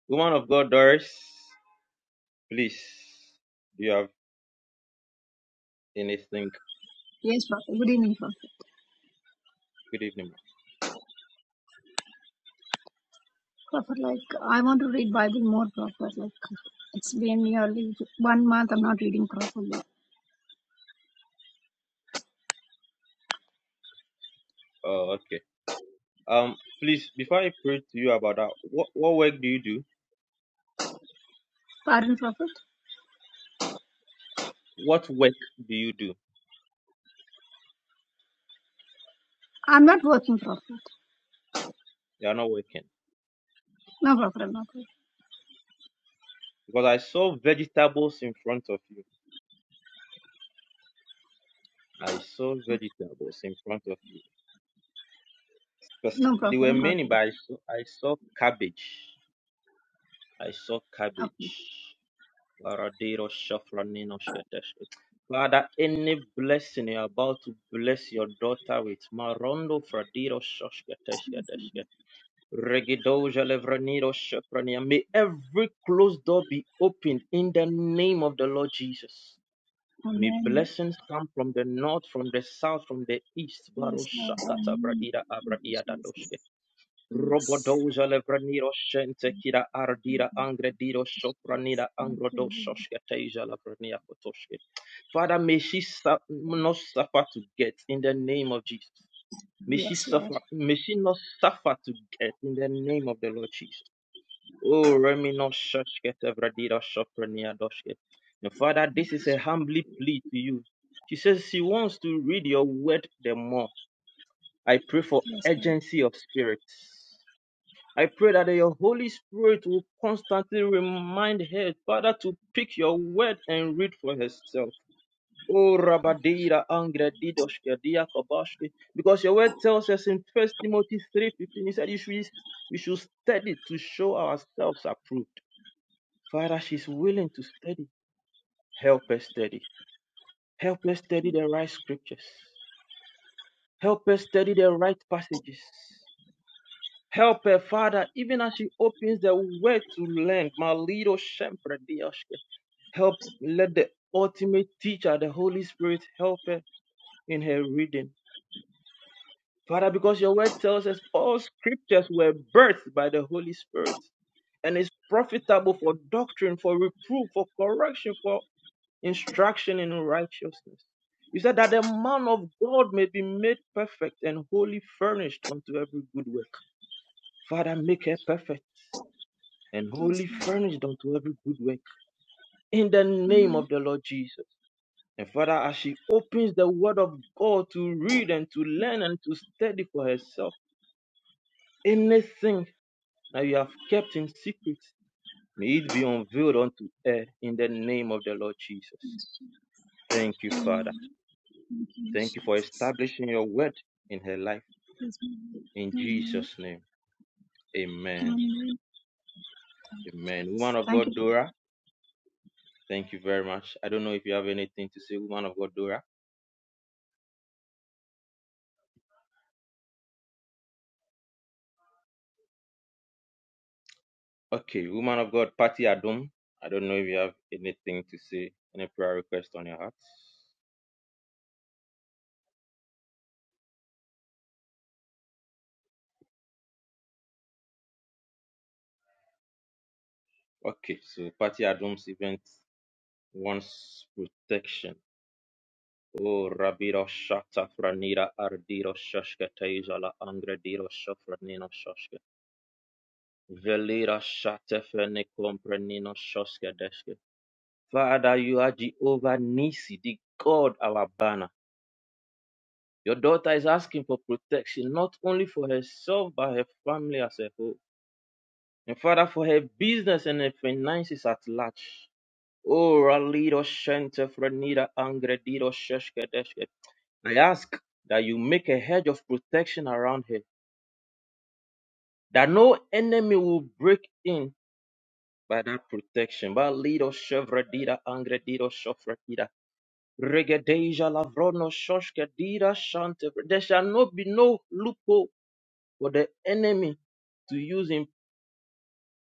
Woman of God, Doris, please. Do you have anything? Yes, Prophet. Good evening, Prophet. Good evening. ma'am. Prophet, like I want to read Bible more, Prophet. Like it's been nearly one month I'm not reading properly. Oh, okay. Um, please, before I pray to you about that, what, what work do you do? Pardon, Prophet. What work do you do? I'm not working, Prophet. You are not working. No, Prophet, I'm not working. Because I saw vegetables in front of you. I saw vegetables in front of you. Because No, there Prophet, were I'm not many, but I working. saw, I saw cabbage. I saw Okay. cabbage. Varadero shafranino shetesh. Father, any blessing you're about to bless your daughter with, Marondo Fradiro Yes, Lord. Regidoja Levranido Shaprania. May every closed door be opened in the name of the Lord Jesus. May Amen. blessings come from the north, from the south, from the east. Baro Yes, Lord. Shakata Amen. Thank you, Abradia Jesus. Dadoshke. Yes. Robodoja Levranido Shente Kira Ardira Angredido Sopranida Thank you, Lord. Angrodoshoshke Teja Levrania Kotoshke. Father, may she su- not suffer to get in the name of Jesus. May she Yes, Lord. suffer, may she not suffer to get in the name of the Lord Jesus. Oh, Remino Shashketa Vradira Shoprania Doshket. And Father, this is a humbly plea to you. She says she wants to read your word the more. I pray for Yes, Lord. urgency of spirit. I pray that your Holy Spirit will constantly remind her, Father, to pick your word and read for herself. Oh, Rabadira Angre Didoshke Diakobashke. Because your word tells us in First Timothy 3.15, he said you should, we should study to show ourselves approved. Father, she's willing to study. Help us study. Help us study the right scriptures. Help us study the right passages. Help her, Father, even as she opens the word to learn. My little shepherd, help let the ultimate teacher, the Holy Spirit, help her in her reading. Father, because your word tells us all scriptures were birthed by the Holy Spirit and is profitable for doctrine, for reproof, for correction, for instruction in righteousness. You said that the man of God may be made perfect and wholly furnished unto every good work. Father, make her perfect and Yes, wholly Lord. furnished unto every good work in the name Amen. of the Lord Jesus. And Father, as she opens the word of God to read and to learn and to study for herself, anything that you have kept in secret, may it be unveiled unto her in the name of the Lord Jesus. Yes, Thank you, Lord. Father. Amen. Thank you, Thank you for Jesus. establishing your word in her life. Yes, Lord. In Amen. Jesus' name, amen. Amen. Amen. Woman of Thank God, you. so Dora, thank you very much. I don't know if you have anything to say, woman of God, Dora. Okay, woman of God, Patty Adum, I don't know if you have anything to say, any prayer request on your heart. Okay, so Patty Adum's event wants protection. Oh, Rabiro Shata Franira Ardiro Shashka Taizala Angrediro Shafranino Shashka. Velira shatefene komprenino shoskedeske. Father, you are Jehovah Nisi, the God our banner. Your daughter is asking for protection, not only for herself, but her family as a whole. And Father, for her business and her finances at large. Oh, Ralido Shente Frenida Angredido Sheshkedeske. I ask that you make a hedge of protection around her, that no enemy will break in by that protection. Valido chevredida angredido chofredida. Regedeja lavrono shoshkedida shante. There shall not be no loophole for the enemy to use in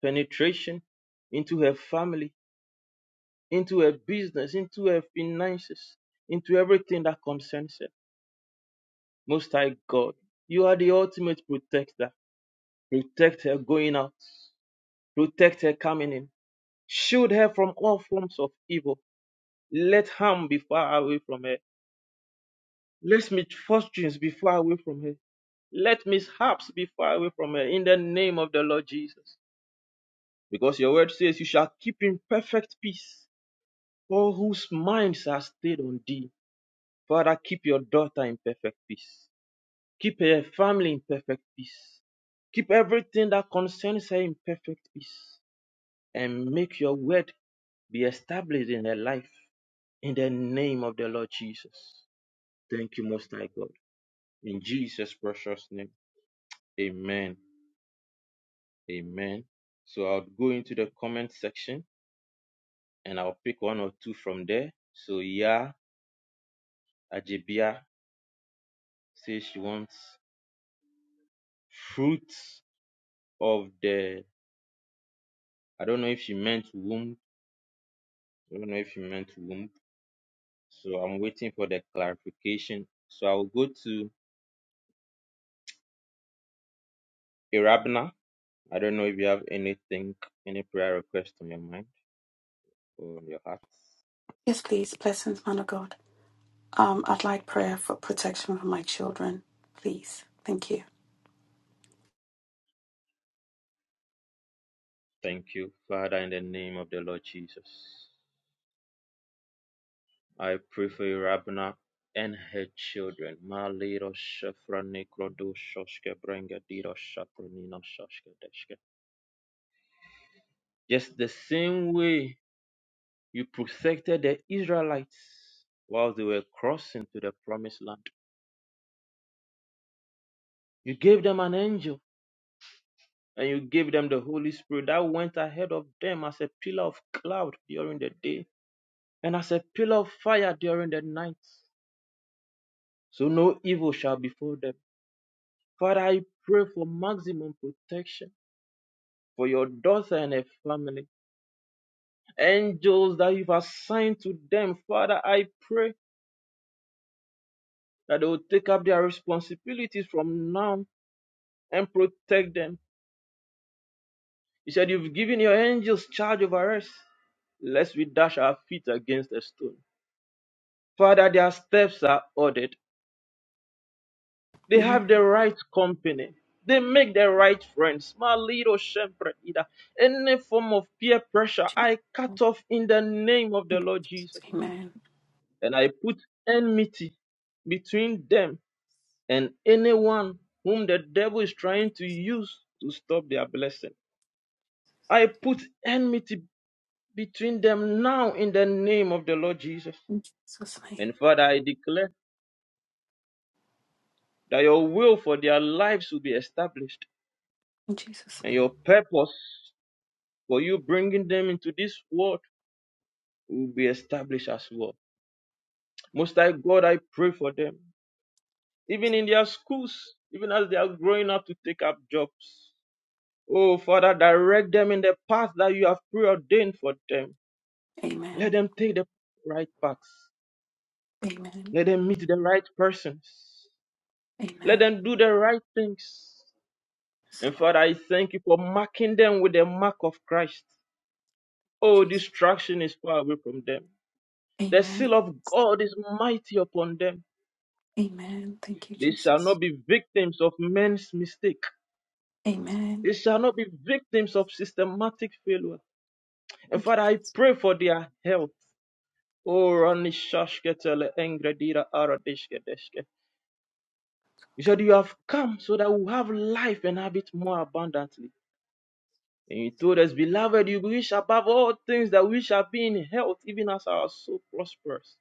penetration into her family, into her business, into her finances, into everything that concerns her. Most High God, you are the ultimate protector. Protect her going out. Protect her coming in. Shield her from all forms of evil Let harm be far away from her. Let misfortunes be far away from her. Let mishaps be far away from her in the name of the Lord Jesus. Because your word says, You shall keep in perfect peace all whose minds are stayed on thee. Father, keep your daughter in perfect peace. Keep her family in perfect peace. Keep everything that concerns her in perfect peace. And make your word be established in her life in the name of the Lord Jesus. Thank you, Most High God. In Jesus' precious name. Amen. Amen. So I'll go into the comment section and I'll pick one or two from there. So yeah, Ajibia says she wants fruits of the I don't know if she meant womb. I don't know if she meant womb. So I'm waiting for the clarification. So I'll go to Irabna. I don't know if you have anything, any prayer request on your mind or on your heart. Yes, please. Blessings, man of God. Um, I'd like prayer for protection for my children, please. Thank you. Thank you, Father, in the name of the Lord Jesus. I pray prefer Rabna and her children. Ma liro shafra nikro do shoshke brenga diro shapronino shoshke deshke. Just the same way you protected the Israelites while they were crossing to the promised land. You gave them an angel and you gave them the Holy Spirit that went ahead of them as a pillar of cloud during the day and as a pillar of fire during the night. So no evil shall befall them. Father, I pray for maximum protection for your daughter and her family. Angels that you've assigned to them, Father, I pray that they will take up their responsibilities from now and protect them. You said you've given your angels charge over us, lest we dash our feet against a stone. Father, their steps are ordered. They Amen. have the right company. They make the right friends. My little shepherd, either. Any form of peer pressure, Jesus. I cut off in the name of the Lord Jesus, Jesus. Amen. And I put enmity between them and anyone whom the devil is trying to use to stop their blessing. I put enmity between them now in the name of the Lord Jesus. In Jesus' name. And Father, I declare that your will for their lives will be established In Jesus' and name. your purpose for you bringing them into this world will be established as well. Most High God, I pray for them, even in their schools, even as they are growing up to take up jobs. Oh, Father, direct them in the path that you have preordained for them. Amen. Let them take the right paths. Amen. Let them meet the right persons. Let Amen. them do the right things. Yes, And Lord. Father, I thank you for marking them with the mark of Christ. Thank Oh, you, Jesus. distraction is far away from them. The Amen. seal of God is mighty upon them. Amen. Thank you, They shall Jesus. not be victims of men's mistake. Amen. They shall not be victims of systematic failure. And Thank you. Father, I pray for their health. Oh, Oranishashketele engredira aradishkedeshke. He said, You have come so that we have life and have it more abundantly. And he told us, Beloved, you wish above all things that we shall be in health, even as our soul prospers.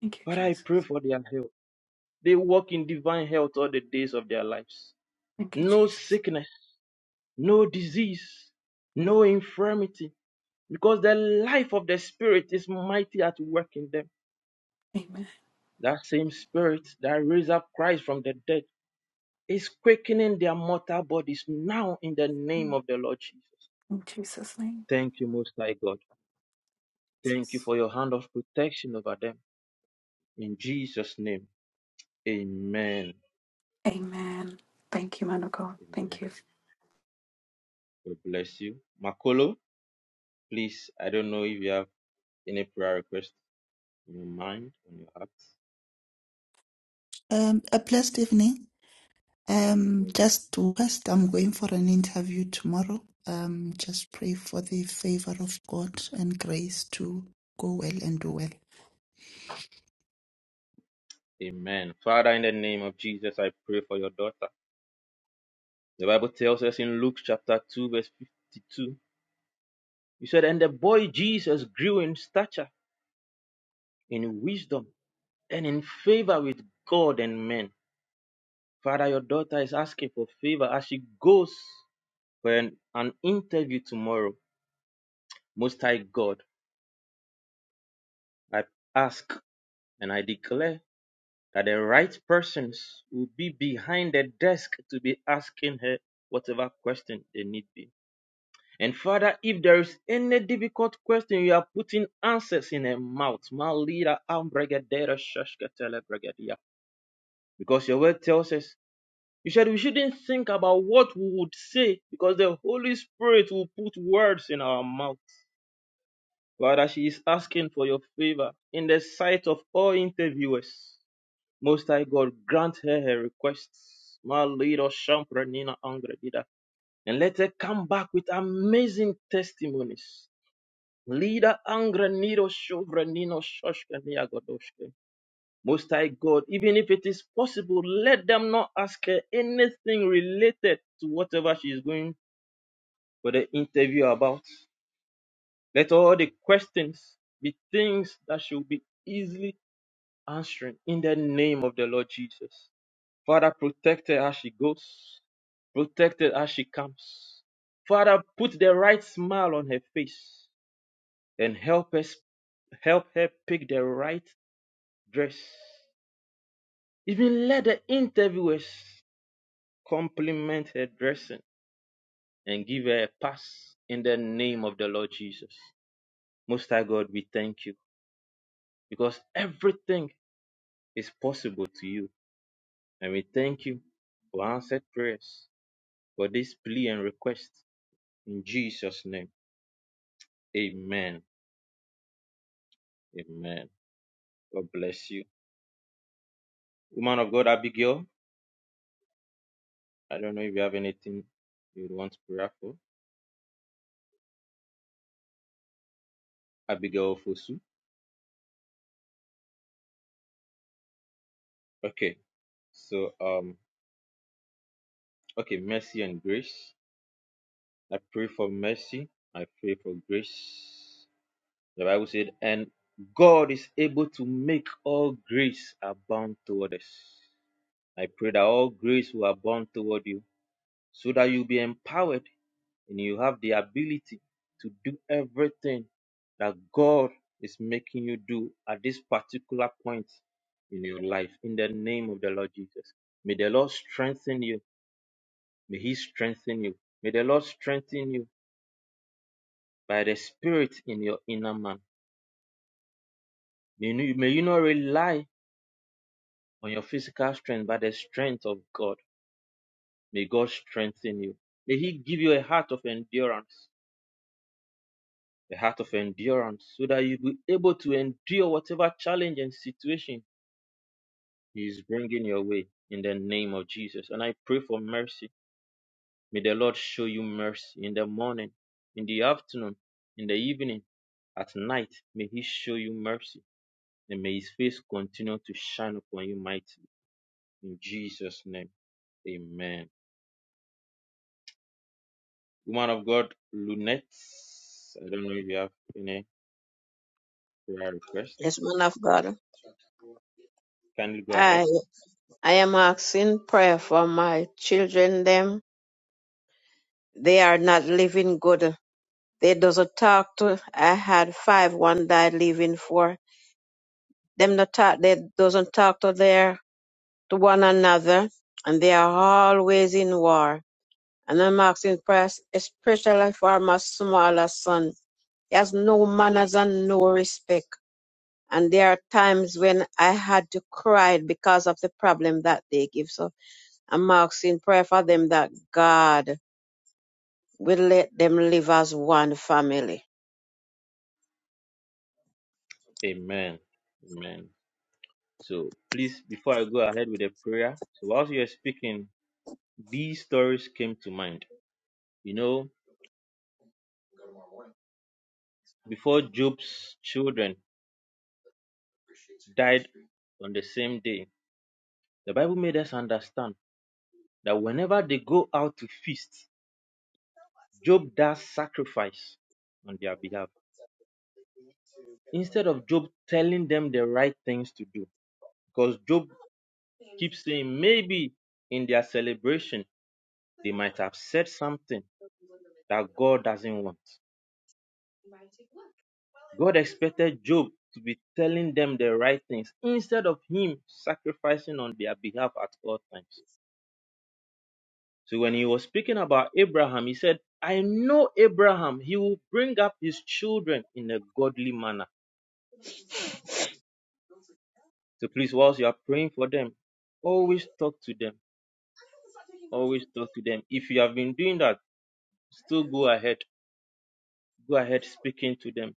Thank you, But I Jesus. pray for their health. They walk in divine health all the days of their lives. Thank you, No Jesus. sickness, no disease, no infirmity, because the life of the Spirit is mighty at work in them. Amen. That same Spirit that raised up Christ from the dead is quickening their mortal bodies now in the name In of the Lord Jesus. Jesus' name. Thank you, Most High God. Thank you Jesus. for your hand of protection over them. In Jesus' name, amen. Amen. Thank you, man of God. Amen. Thank you. God bless you. Makolo, please, I don't know if you have any prayer request in your mind, on your heart. Um, a blessed evening. Um, Where is it? just rest. I'm going for an interview tomorrow. Um, just pray for the favor of God and grace to go well and do well. Amen. Father, in the name of Jesus, I pray for your daughter. The Bible tells us in Luke chapter 2, verse 52, you said, And the boy Jesus grew in stature, in wisdom and in favor with God and men. Father, your daughter is asking for favor as she goes for an, an interview tomorrow. Most High God, I ask and I declare that the right persons will be behind the desk to be asking her whatever question they need be. And Father, if there is any difficult question, you are putting answers in her mouth. Malira ambregadera shashkatele bregadia. Because your word tells us You said we shouldn't think about what we would say because the Holy Spirit will put words in our mouth. Rather, she is asking for your favor in the sight of all interviewers. Most High God, grant her her requests. My little Shampranina Angredida. And let her come back with amazing testimonies. Leader Angrenido Shovranino Shoshkania Godoshke. Most High God, even if it is possible, let them not ask her anything related to whatever she is going for the interview about. Let all the questions be things that should be easily answered in the name of the Lord Jesus. Father, protect her as she goes, protect her as she comes. Father, put the right smile on her face and help us help her pick the right dress. Even let the interviewers Compliment her dressing and give her a pass in the name of the Lord Jesus. Most High God, we thank you because everything is possible to you. And we thank you for answered prayers, for this plea and request. In Jesus' name, amen. Amen. God bless you. Woman of God, Abigail, I don't know if you have anything you would want to pray for. Abigail Fosu. Okay. So, um, okay, mercy and grace. I pray for mercy. I pray for grace. The Bible said, and God is able to make all grace abound toward us. I pray that all grace will abound toward you so that you'll be empowered and you have the ability to do everything that God is making you do at this particular point in your life. In the name of the Lord Jesus. May the Lord strengthen you. May He strengthen you. May the Lord strengthen you. by the spirit in your inner man. May you, may you not rely on your physical strength, but the strength of God. May God strengthen you. May He give you a heart of endurance, a heart of endurance, so that you be able to endure whatever challenge and situation He is bringing your way in the name of Jesus. And I pray for mercy. May the Lord show you mercy in the morning, in the afternoon, in the evening, at night. May He show you mercy and may His face continue to shine upon you mightily In Jesus' name. Amen. Woman of God, Lunette, I don't know if you have any prayer Yes, man requests. of God. Kindly go I ahead. I am asking prayer for my children them. They are not living good. They doesn't talk to I had five, one died living four. Them not talk they doesn't talk to their to one another and they are always in war. And I'm asking prayer especially for my smaller son. He has no manners and no respect. And there are times when I had to cry because of the problem that they give. us. I'm asking prayer for them that God will let them live as one family. Amen. Amen. So please, before I go ahead with the prayer, so whilst you are speaking, these stories came to mind. You know, before Job's children died on the same day, the Bible made us understand that whenever they go out to feast, Job does sacrifice on their behalf. instead of Job telling them the right things to do, because Job keeps saying maybe in their celebration they might have said something that God doesn't want. God expected Job to be telling them the right things instead of him sacrificing on their behalf at all times. So when he was speaking about Abraham, he said, I know Abraham, he will bring up his children in a godly manner. So please, whilst you are praying for them, always talk to them always talk to them if you have been doing that still go ahead go ahead speaking to them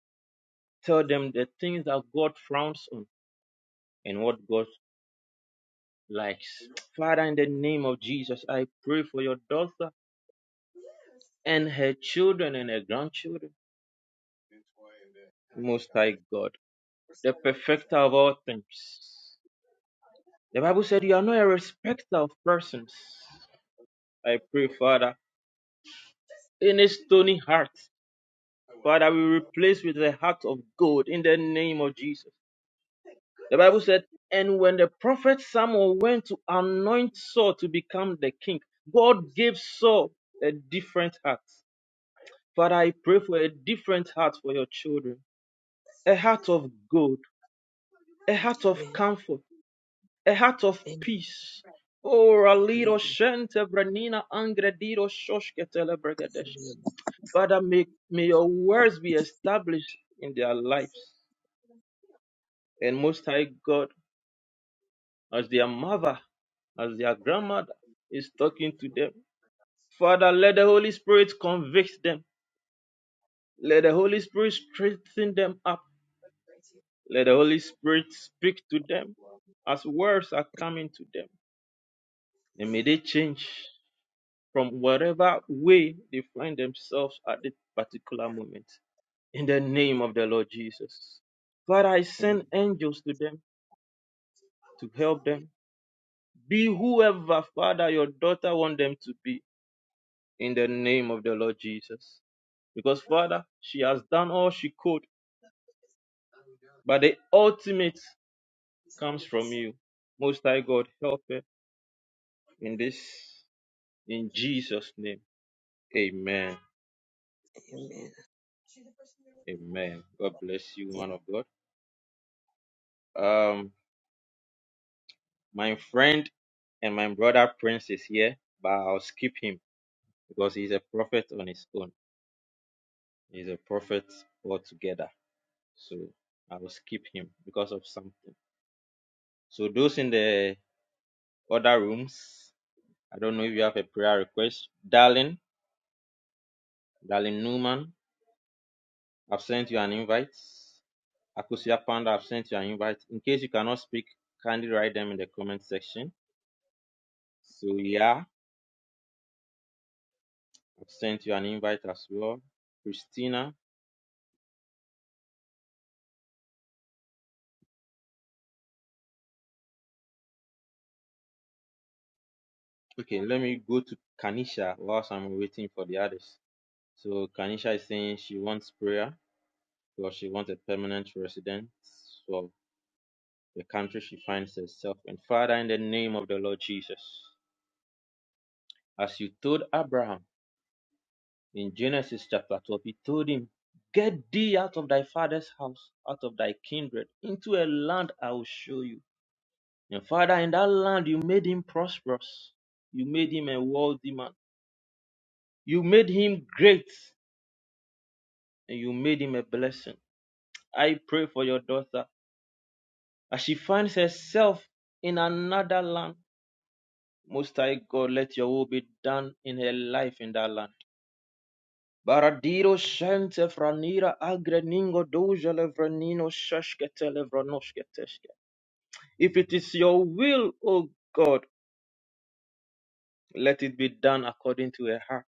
tell them the things that god frowns on and what god likes father in the name of jesus i pray for your daughter and her children and her grandchildren most high god the perfecter of all things the bible said you are not a respecter of persons i pray father in a stony heart Father, we replace with the heart of gold in the name of Jesus. The Bible said, And when the prophet Samuel went to anoint Saul to become the king, God gave Saul a different heart. Father, I pray for a different heart for your children a heart of gold, a heart of Amen. comfort, a heart of Amen. peace. Oh, Ralido Shente Vrenina Angredido Shoshketele Bregadeshke. Father, may, may your words be established in their lives. And Most High God, as their mother, as their grandmother is talking to them. Father, let the Holy Spirit convict them. Let the Holy Spirit strengthen them up. Let the Holy Spirit speak to them as words are coming to them. And may they change from whatever way they find themselves at this particular moment. In the name of the Lord Jesus. Father, I send angels to them to help them. Be whoever, Father, your daughter want them to be in the name of the Lord Jesus. Because, Father, she has done all she could, but the ultimate comes from you. Most High God, help her in this, in Jesus' name. Amen. Amen. Amen. God bless you, man of God. Um, my friend and my brother Prince is here, but I'll skip him because he's a prophet on his own. He's a prophet altogether. So I will skip him because of something. So those in the other rooms, I don't know if you have a prayer request. Darling, Darling Newman, I've sent you an invite. Akusia Panda, I've sent you an invite. In case you cannot speak, kindly write them in the comment section. So yeah, I've sent you an invite as well. Christina, okay, let me go to Kanisha whilst I'm waiting for the others. So Kanisha is saying she wants prayer because she wants a permanent residence of the country she finds herself in. Father, in the name of the Lord Jesus, as you told Abraham. In Genesis chapter 12, he told him, Get thee out of thy father's house, out of thy kindred, into a land I will show you. And Father, in that land you made him prosperous. You made him a wealthy man. You made him great, and you made him a blessing. I pray for your daughter as she finds herself in another land. Most High God, let your will be done in her life in that land. Baradiro shente franira agre ningo doja levranino sheshkete levranoshke teshke. If it is your will, O God, let it be done according to her heart.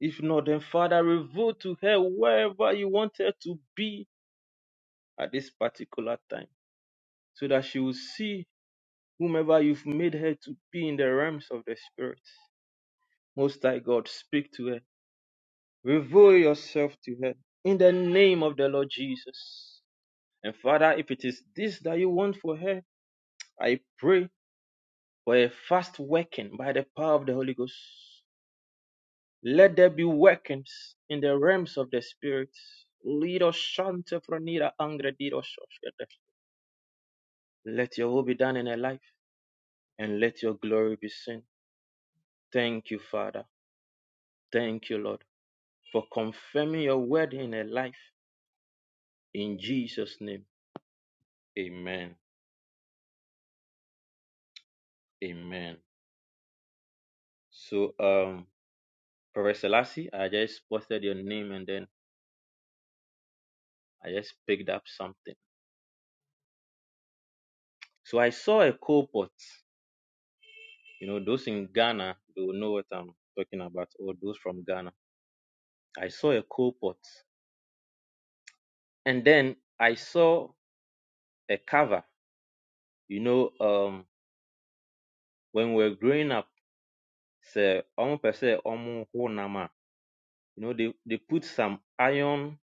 If not, then Father, reveal to her wherever you want her to be at this particular time, so that she will see whomever you've made her to be in the realms of the Spirit. Most High God, speak to her. Reveal yourself to her in the name of the Lord Jesus. And Father, if it is this that you want for her, I pray for a fast working by the power of the Holy Ghost. Let there be workings in the realms of the Spirit. Let your will be done in her life and let your glory be seen. Thank you, Father. Thank you, Lord, for confirming your word in her life. In Jesus' name, amen. Amen. So, um, Professor Lassie, I just posted your name and then I just picked up something. So I saw a coal pot. You know, those in Ghana, they will know what I'm talking about, or those from Ghana. I saw a coal pot. And then I saw a cover. You know, um, when we were growing up, say, omo pe se omo ho nama. you know, they, they put some iron,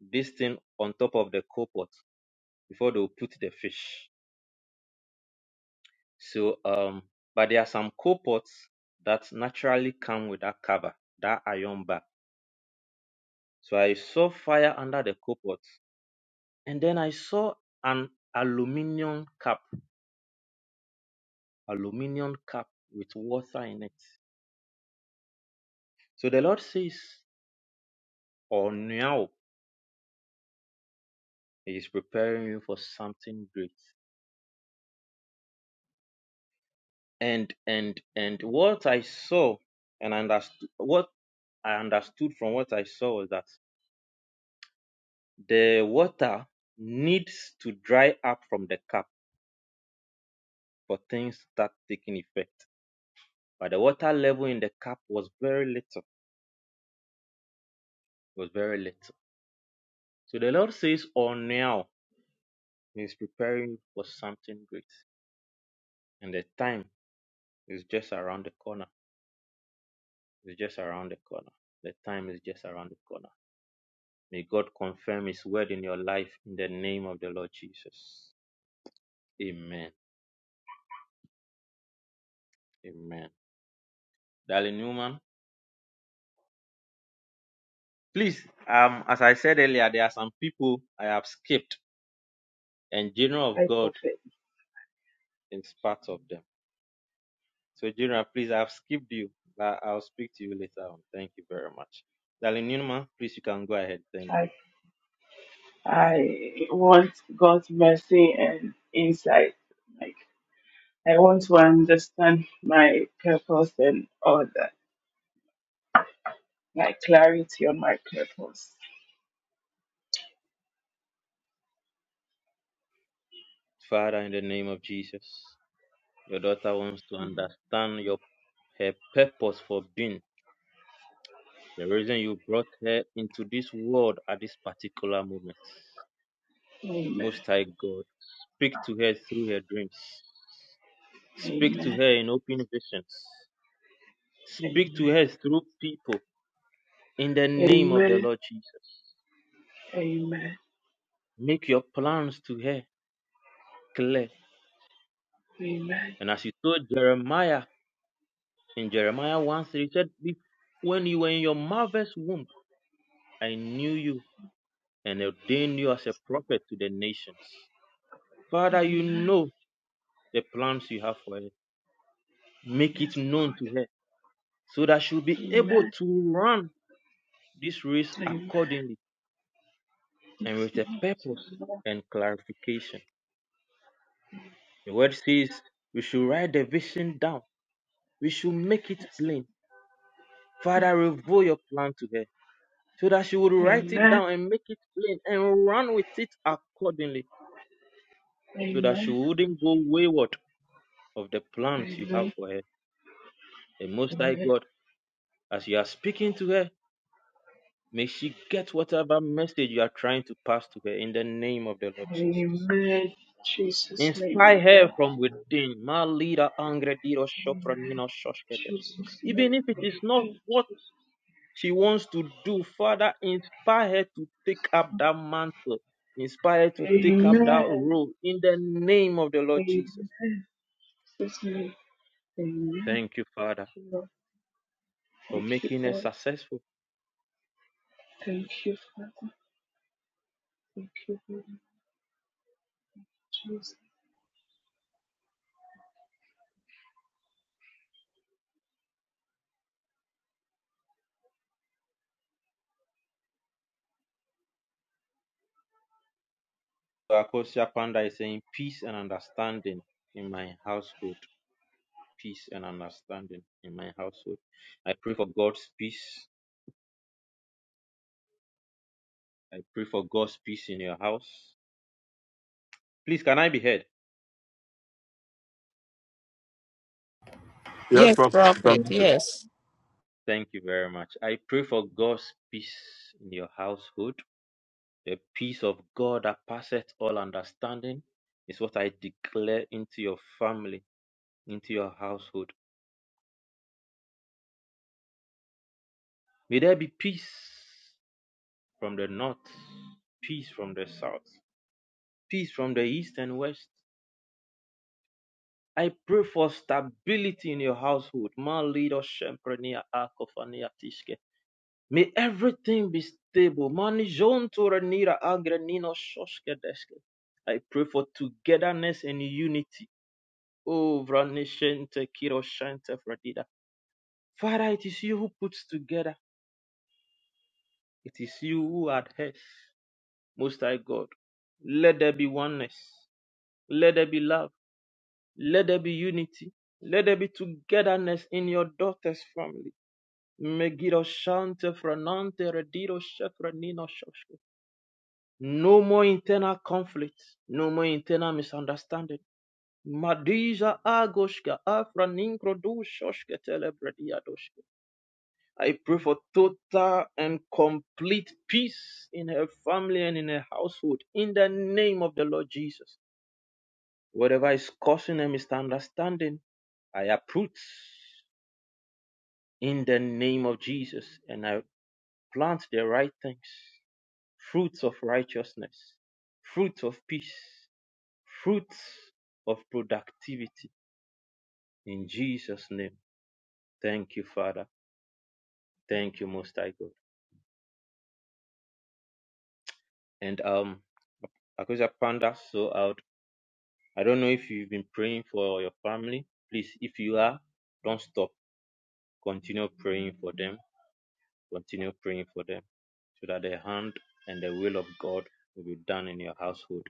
this thing on top of the coal pot before they'll put the fish. So, um, but there are some coal pots that naturally come with that cover, that iron bar. So I saw fire under the copot, and then I saw an aluminium cup, aluminium cup with water in it. So the Lord says, "Oh now He is preparing you for something great." And and and what I saw and understood, what I understood from what I saw was that the water needs to dry up from the cup for things to start taking effect. But the water level in the cup was very little. It was very little. So the Lord says, "Oh, now He is preparing for something great. And the time is just around the corner. It's just around the corner. The time is just around the corner. May God confirm His word in your life in the name of the Lord Jesus. Amen. Amen. Darling Newman, please, um, as I said earlier, there are some people I have skipped, and General of I God prophet. is part of them. So Jiran, please, I've skipped you. but I'll speak to you later on. Thank you very much. Darling Nima, please, you can go ahead. Thank I you. I want God's mercy and insight. Like I want to understand my purpose and all that. Like clarity on my purpose. Father, in the name of Jesus, your daughter wants to Mm. understand your her purpose for being, the reason you brought her into this world at this particular moment. Amen. Most High God, speak to her through her dreams. Speak to Amen. her in open visions. Speak to Amen. her through people in the name of the Amen. Lord Jesus. Amen. Make your plans to her clear. Amen. And as he told Jeremiah in Jeremiah 1 3, he said, "Be- When you were in your mother's womb, I knew you and ordained you as a prophet to the nations. Father, you Amen. know the plans you have for her. Make it Yes, known Lord. to her so that she'll be able Amen. to run this race Amen. accordingly Yes, and with a Lord. purpose Amen. and clarification. The word says we should write the vision down, we should make it Yes, plain. Lord. Father, reveal your plan to her so that she would write it Amen. down and make it plain and run with it accordingly so that Amen. she wouldn't go wayward of the plans you have Amen. for her. And Most High Amen. God, as you are speaking to her, may she get whatever message you are trying to pass to her in the name of the Lord Jesus. Amen. Jesus' name, Inspire amen. her from within. Ma lira angre diro shofra nino shoshke desu. Jesus' name. Even if it Amen. is not what Jesus. she wants to do. Father, inspire her to take up that mantle. Inspire her to take up that Amen. role in the name of the Lord Jesus. Amen. Jesus' name. Amen. Thank you, Father, Thank you, Lord. for Thank you, making us Lord. successful. Thank you, Father. Thank you, Lord. Jesus. Akosia Panda is saying peace and understanding in my household. Peace and understanding in my household. I pray for God's peace. I pray for God's peace in your house. Please, can I be heard? Yes, Yes, bro. prophet. No. Yes. Thank you very much. I pray for God's peace in your household. The peace of God that passeth all understanding is what I declare into your family, into your household. May there be peace from the north, peace from the south, peace from the east and west. I pray for stability in your household. Ma lido shemprenia akofania tiske. May everything be stable. Mani jonto agrenino shoske deske. I pray for togetherness and unity. Oh, Vranishente Kiroshente Fradida. Father, it is you who puts together. It is you who adheres. Most High God. Let there be oneness. Let there be love. Let there be unity. Let there be togetherness in your daughter's family. Megiroshante Franante Redido Shefranino Shoshke. No more internal conflict. No more internal misunderstanding. Madija Agoshka Afraninkrodu Shoshke Telebrediadoshke. I pray for total and complete peace in her family and in her household in the name of the Lord Jesus. Whatever is causing a misunderstanding, I uproot in the name of Jesus and I plant the right things fruits of righteousness, fruits of peace, fruits of productivity in Jesus' name. Thank you, Father. Thank you, Most High God. And um, Akusa Panda, so out. I don't know if you've been praying for your family. Please, if you are, don't stop. Continue praying for them. Continue praying for them so that the hand and the will of God will be done in your household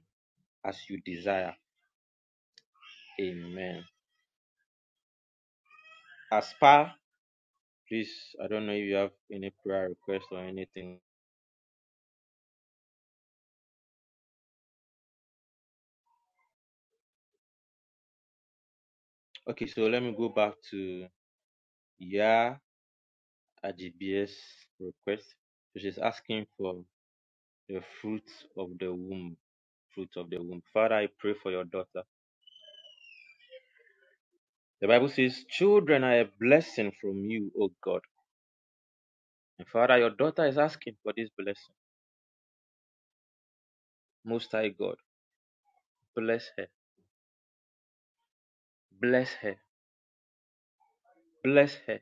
as you desire. Amen. Aspar, please, I don't know if you have any prayer request or anything. Okay, so let me go back to Yah Ajib's request. So She's asking for the fruit of the womb. fruit of the womb. Father, I pray for your daughter. The Bible says, Children are a blessing from you, O God. And Father, your daughter is asking for this blessing. Most High God, bless her, bless her, bless her.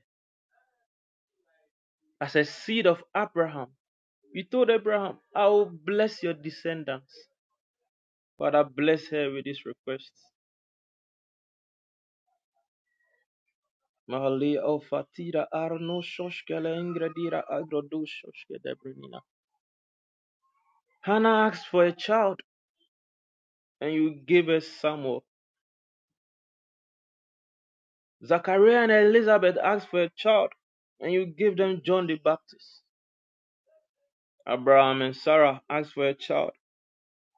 As a seed of Abraham, you told Abraham, I will bless your descendants. Father, bless her with this request. Hannah asked for a child, and you gave her Samuel. Zachariah and Elizabeth asked for a child, and you gave them John the Baptist. Abraham and Sarah asked for a child,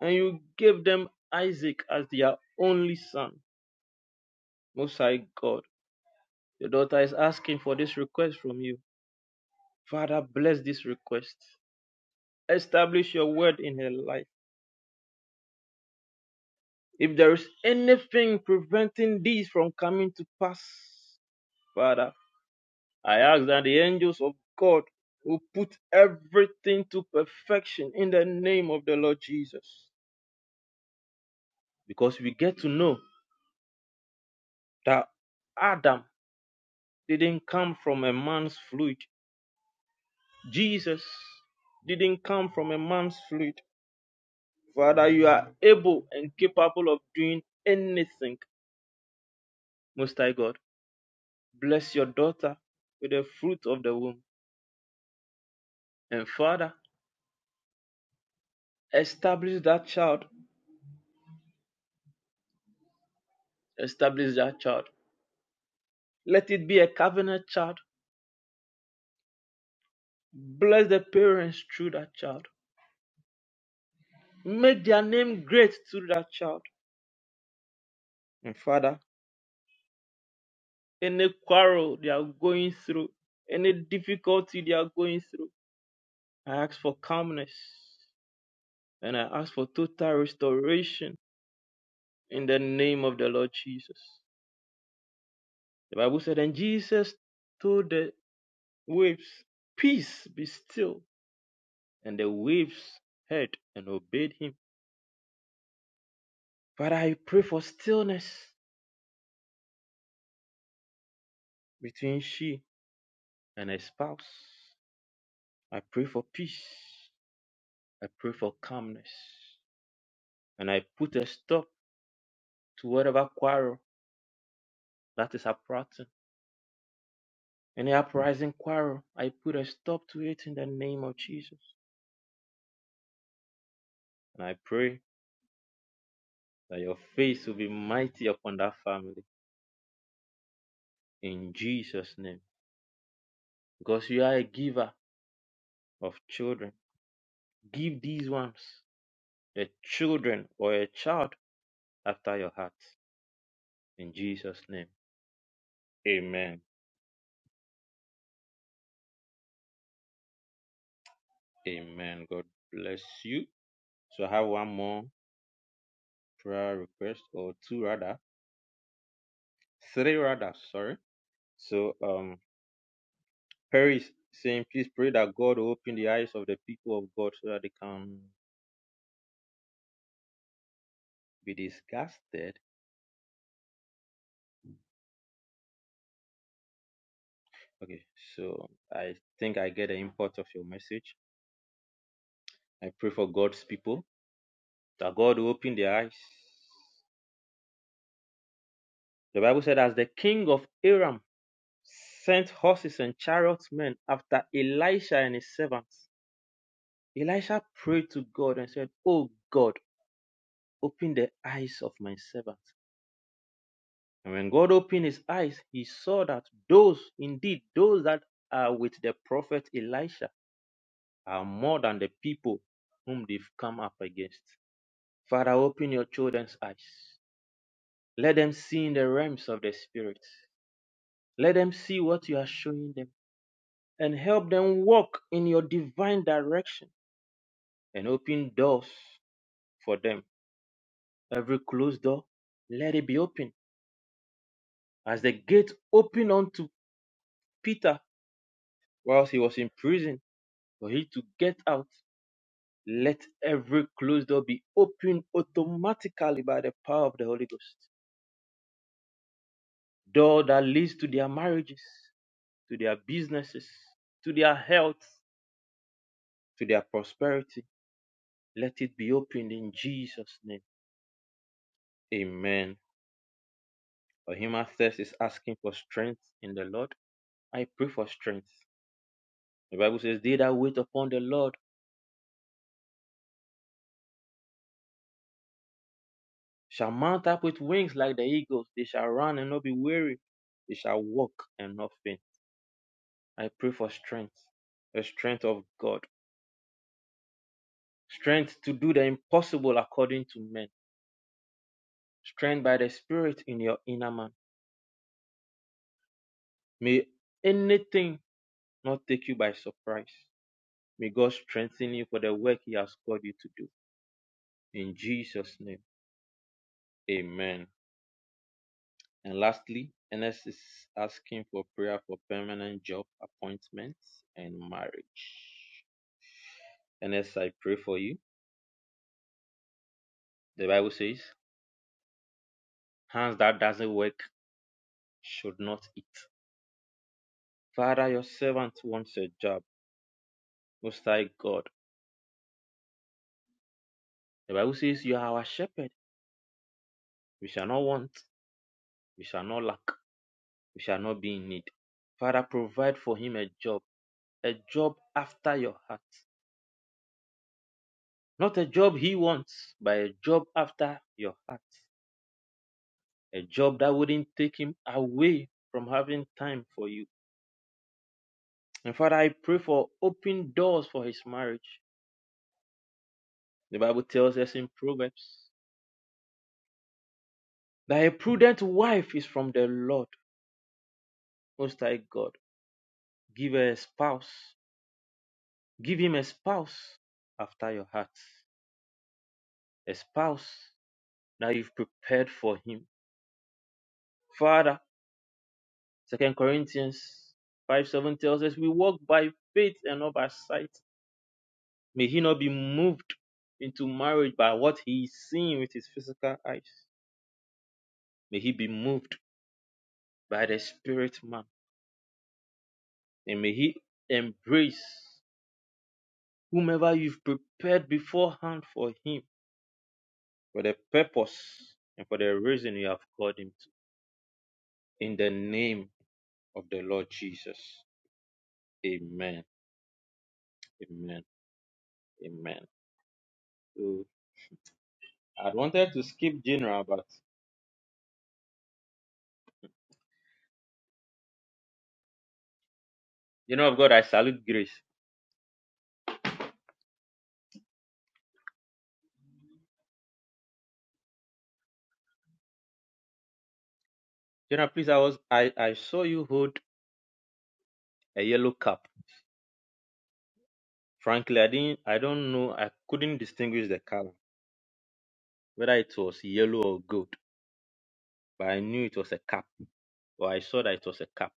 and you gave them Isaac as their only son. Most High God, your daughter is asking for this request from you. Father, bless this request. Establish your word in her life. If there is anything preventing this from coming to pass, Father, I ask that the angels of God will put everything to perfection in the name of the Lord Jesus. Because we get to know that Adam didn't come from a man's fluid, Jesus didn't come from a man's fluid. Father, you are able and capable of doing anything, Most High God. Bless your daughter with the fruit of the womb. And Father, establish that child, establish that child. Let it be a covenant child Bless the parents through that child. Make their name great through that child. And Father, any quarrel they are going through, any difficulty they are going through, I ask for calmness and I ask for total restoration in the name of the Lord Jesus. The Bible said, and Jesus told the waves, Peace be still. And the waves heard and obeyed him. Father, I pray for stillness between she and her spouse. I pray for peace. I pray for calmness. And I put a stop to whatever quarrel that is uprising. Any uprising quarrel, I put a stop to it in the name of Jesus. And I pray that your face will be mighty upon that family in Jesus' name. Because you are a giver of children. Give these ones, a children or a child after your heart. In Jesus' name. Amen. Amen. God bless you. So I have one more prayer request or two rather three rather sorry so um perry is saying please pray that god will open the eyes of the people of god so that they can be disgusted okay so i think i get the import of your message i pray for god's people that god will open their eyes the bible said as the king of aram sent horses and chariot men after elisha and his servants elisha prayed to god and said oh god Open the eyes of my servant. And when God opened his eyes, he saw that those, indeed, those that are with the prophet Elisha are more than the people whom they've come up against. Father, open your children's eyes. Let them see in the realms of the Spirit. Let them see what you are showing them and help them walk in your divine direction and open doors for them. Every closed door, let it be open. As the gate opened unto Peter Whilst he was in prison, for him to get out, let every closed door be opened automatically by the power of the Holy Ghost. Door that leads to their marriages, to their businesses, to their health, to their prosperity. Let it be opened in Jesus' name. Amen. For him that thirst is asking for strength in the Lord. I pray for strength. The Bible says, They that wait upon the Lord shall mount up with wings like the eagles. They shall run and not be weary. They shall walk and not faint. I pray for strength, the strength of God, strength to do the impossible according to men, strength by the Spirit in your inner man. May anything not take you by surprise. May God strengthen you for the work He has called you to do. In Jesus' name, amen. And lastly, Ernest is asking for prayer for permanent job appointments and marriage. And as I pray for you, the Bible says, hands that doesn't work should not eat. Father, your servant wants a job. Most High God. The Bible says you are our shepherd. We shall not want. We shall not lack. We shall not be in need. Father, provide for him a job, a job after your heart. Not a job he wants, but a job after your heart. A job that wouldn't take him away from having time for you. And Father, I pray for open doors for his marriage. The Bible tells us in Proverbs that a prudent wife is from the Lord, Most High God. Give her a spouse. Give him a spouse after your heart. A spouse that you've prepared for him. Father, Second Corinthians 5 7 tells us we walk by faith and not by sight. May he not be moved into marriage by what he is seeing with his physical eyes. May he be moved by the spirit man. And may he embrace whomever you've prepared beforehand for him, for the purpose and for the reason you have called him to. In the name of the Lord Jesus. Amen. Amen. Amen. So I wanted to skip General, but you of God, I salute grace. General, please, I was I, I saw you hold a yellow cap. Frankly, I didn't I don't know, I couldn't distinguish the color, whether it was yellow or gold, but I knew it was a cap. Or I saw that it was a cap.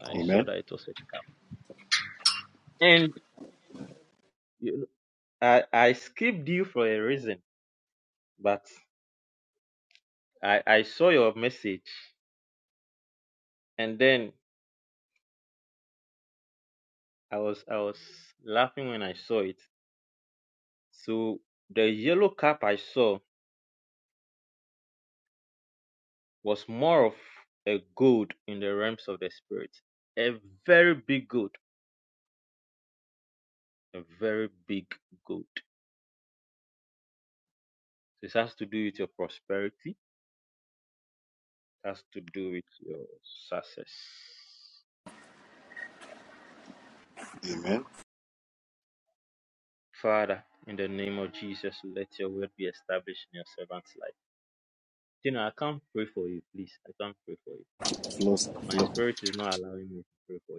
I saw Amen. that it was a cap. And you I I skipped you for a reason, but I I saw your message and then I was I was laughing when I saw it. So the yellow cap I saw was more of a gold in the realms of the spirit. A very big gold, a very big gold. This has to do with your prosperity, it has to do with your success. Amen. Father, in the name of Jesus, let your will be established in your servant's life. You know, I can't pray for you, please. I can't pray for you. Lord, My spirit is not allowing me to pray for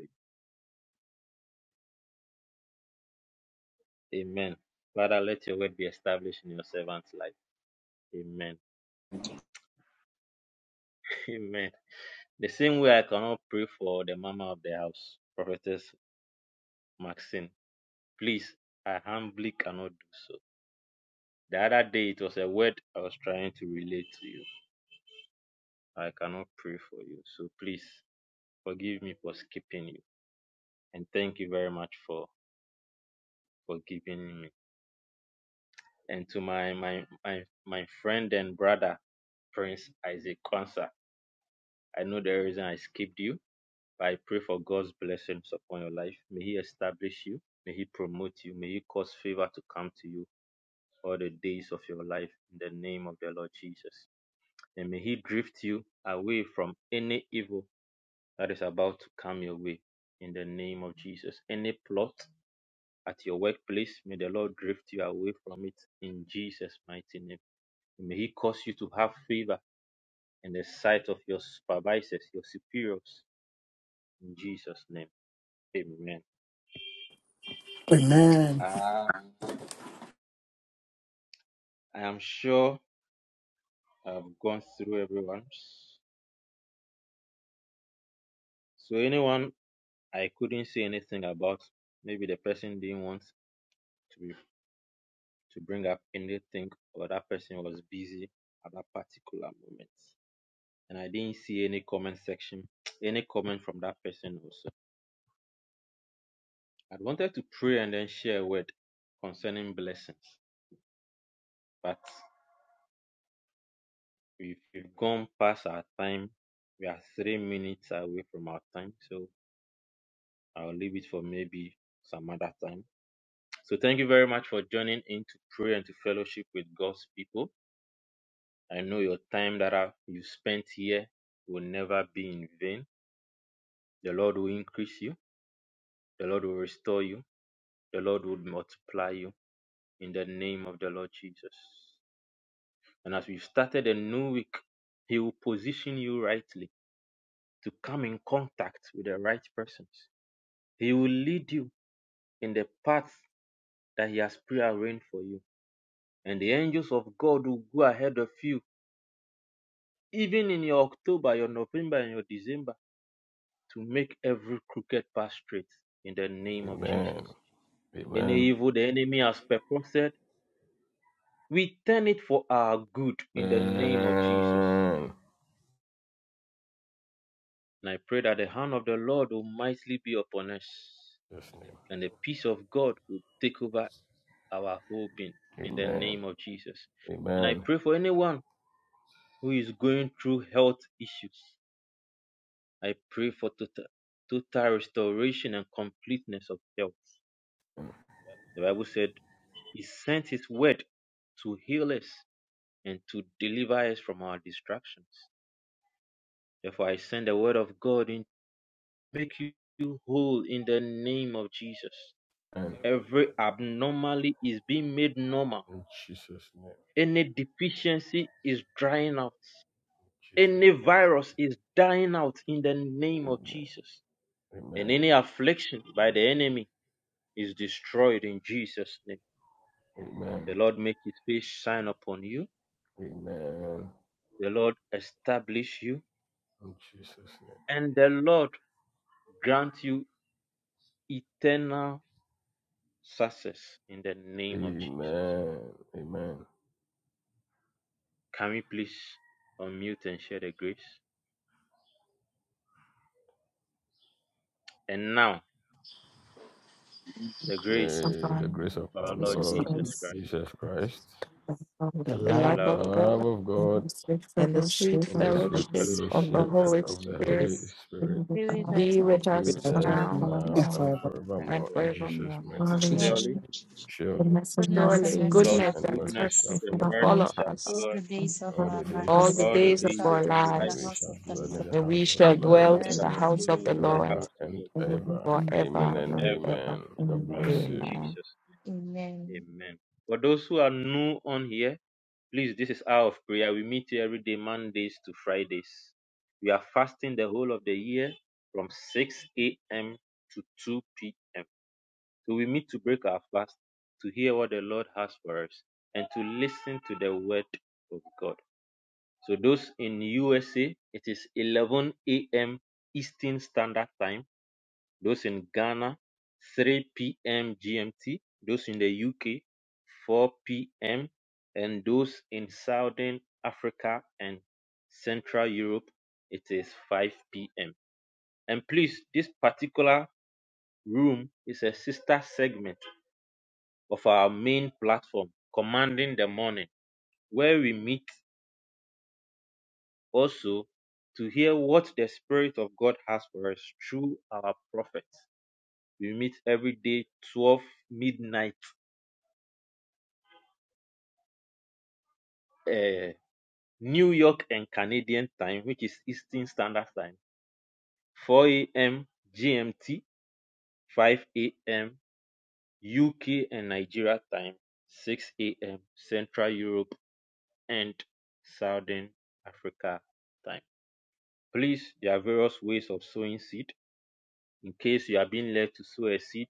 you. Amen. Father, let your word be established in your servant's life. Amen. Amen. The same way I cannot pray for the mama of the house, Prophetess Maxine. Please, I humbly cannot do so. The other day it was a word I was trying to relate to you. I cannot pray for you. So please forgive me for skipping you. And thank you very much for forgiving me. and to my my my my friend and brother Prince Isaac Kwanzaa. I know the reason I skipped you, but I pray for God's blessings upon your life. May He establish you, may He promote you, may He cause favor to come to you all the days of your life in the name of the Lord Jesus. And may He drift you away from any evil that is about to come your way in the name of Jesus. Any plot at your workplace, may the Lord drift you away from it in Jesus' mighty name. May He cause you to have favor in the sight of your supervisors, your superiors, in Jesus' name. Amen. Uh, I am sure I've gone through everyone's. So, anyone I couldn't say anything about, maybe the person didn't want to, be, to bring up anything, or that person was busy at that particular moment. And I didn't see any comment section, any comment from that person also. I wanted to pray and then share a word concerning blessings, but We've, we've gone past our time. We are three minutes away from our time, so I'll leave it for maybe some other time. So thank you very much for joining in to pray and to fellowship with God's people. I know your time that I- you spent here will never be in vain. The Lord will increase you. The Lord will restore you. The Lord will multiply you in the name of the Lord Jesus. And as we've started a new week, He will position you rightly to come in contact with the right persons. He will lead you in the path that He has prearranged for you. And the angels of God will go ahead of you, even in your October, your November, and your December, to make every crooked path straight in the name of Jesus. Any evil the enemy has purposed, we turn it for our good in the name of Jesus. And I pray that the hand of the Lord will mightily be upon us, and the peace of God will take over our whole being in the name of Jesus. And I pray for anyone who is going through health issues. I pray for total, total restoration and completeness of health. The Bible said, He sent His word to heal us and to deliver us from our distractions. Therefore, I send the word of God and make you you whole in the name of Jesus. Every abnormality is being made normal. Any deficiency is drying out. Any virus is dying out in the name of Jesus. and any affliction by the enemy is destroyed in Jesus' name. The Lord make his face shine upon you, the Lord establish you, and the Lord grant you eternal success in the name of Jesus. Can we please unmute and share the grace? And now, the grace of our Lord Jesus Christ, The the love love, love of of God God, and the sweet and the fellowship fellowship of the of the Holy Holy Spirit spirit, Spirit Be with us be with us remains with us with us now now and now forever. and and forever. forevermore. Jesus. Surely. surely. Goodness and Surely mercy shall goodness God's and follow goodness mercy us and shall mercy follow shall us all follow the us days of our all the lives. all the days We of days shall our of our dwell in life, the lives, house of the Lord and we shall and dwell we in forever the shall and house of ever. dwell the in the Lord house of the forever Lord and forever ever. and ever. In Amen. Jesus' Amen. name, amen. For those who are new on here, please, this is hour of prayer. We meet here every day, Mondays to Fridays. We are fasting the whole of the year from 6 a.m. to 2 p.m. So we meet to break our fast, to hear what the Lord has for us, and to listen to the word of God. So those in USA, it is 11 a.m. Eastern Standard Time. Those in Ghana, 3 p.m. GMT. Those in the UK, 4 p.m. And those in Southern Africa and Central Europe, it is 5 p.m. And please, this particular room is a sister segment of our main platform, Commanding the Morning, where we meet also to hear what the Spirit of God has for us through our prophets. We meet every day, 12 midnight, uh, New York and Canadian time, which is Eastern Standard Time, 4 a.m. GMT, 5 a.m. UK and Nigeria time, 6 a.m. Central Europe and Southern Africa time. Please, there are various ways of sowing seed. In case you are being led to sow a seed,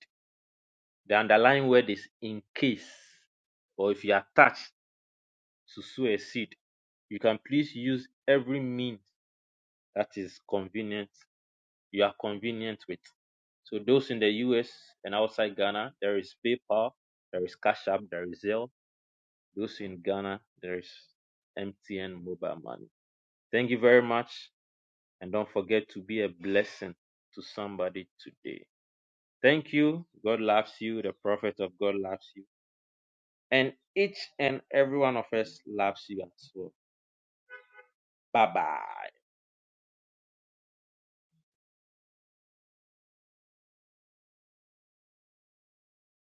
The underlying word is in case, or if you attach to sow a seed, you can please use every means that is convenient, you are convenient with. So those in the US and outside Ghana, there is PayPal, there is Cash App, there is Zelle. Those in Ghana, there is MTN mobile money. Thank you very much. And don't forget to be a blessing to somebody today. Thank you. God loves you. The prophet of God loves you. And each and every one of us loves you as well. Bye bye.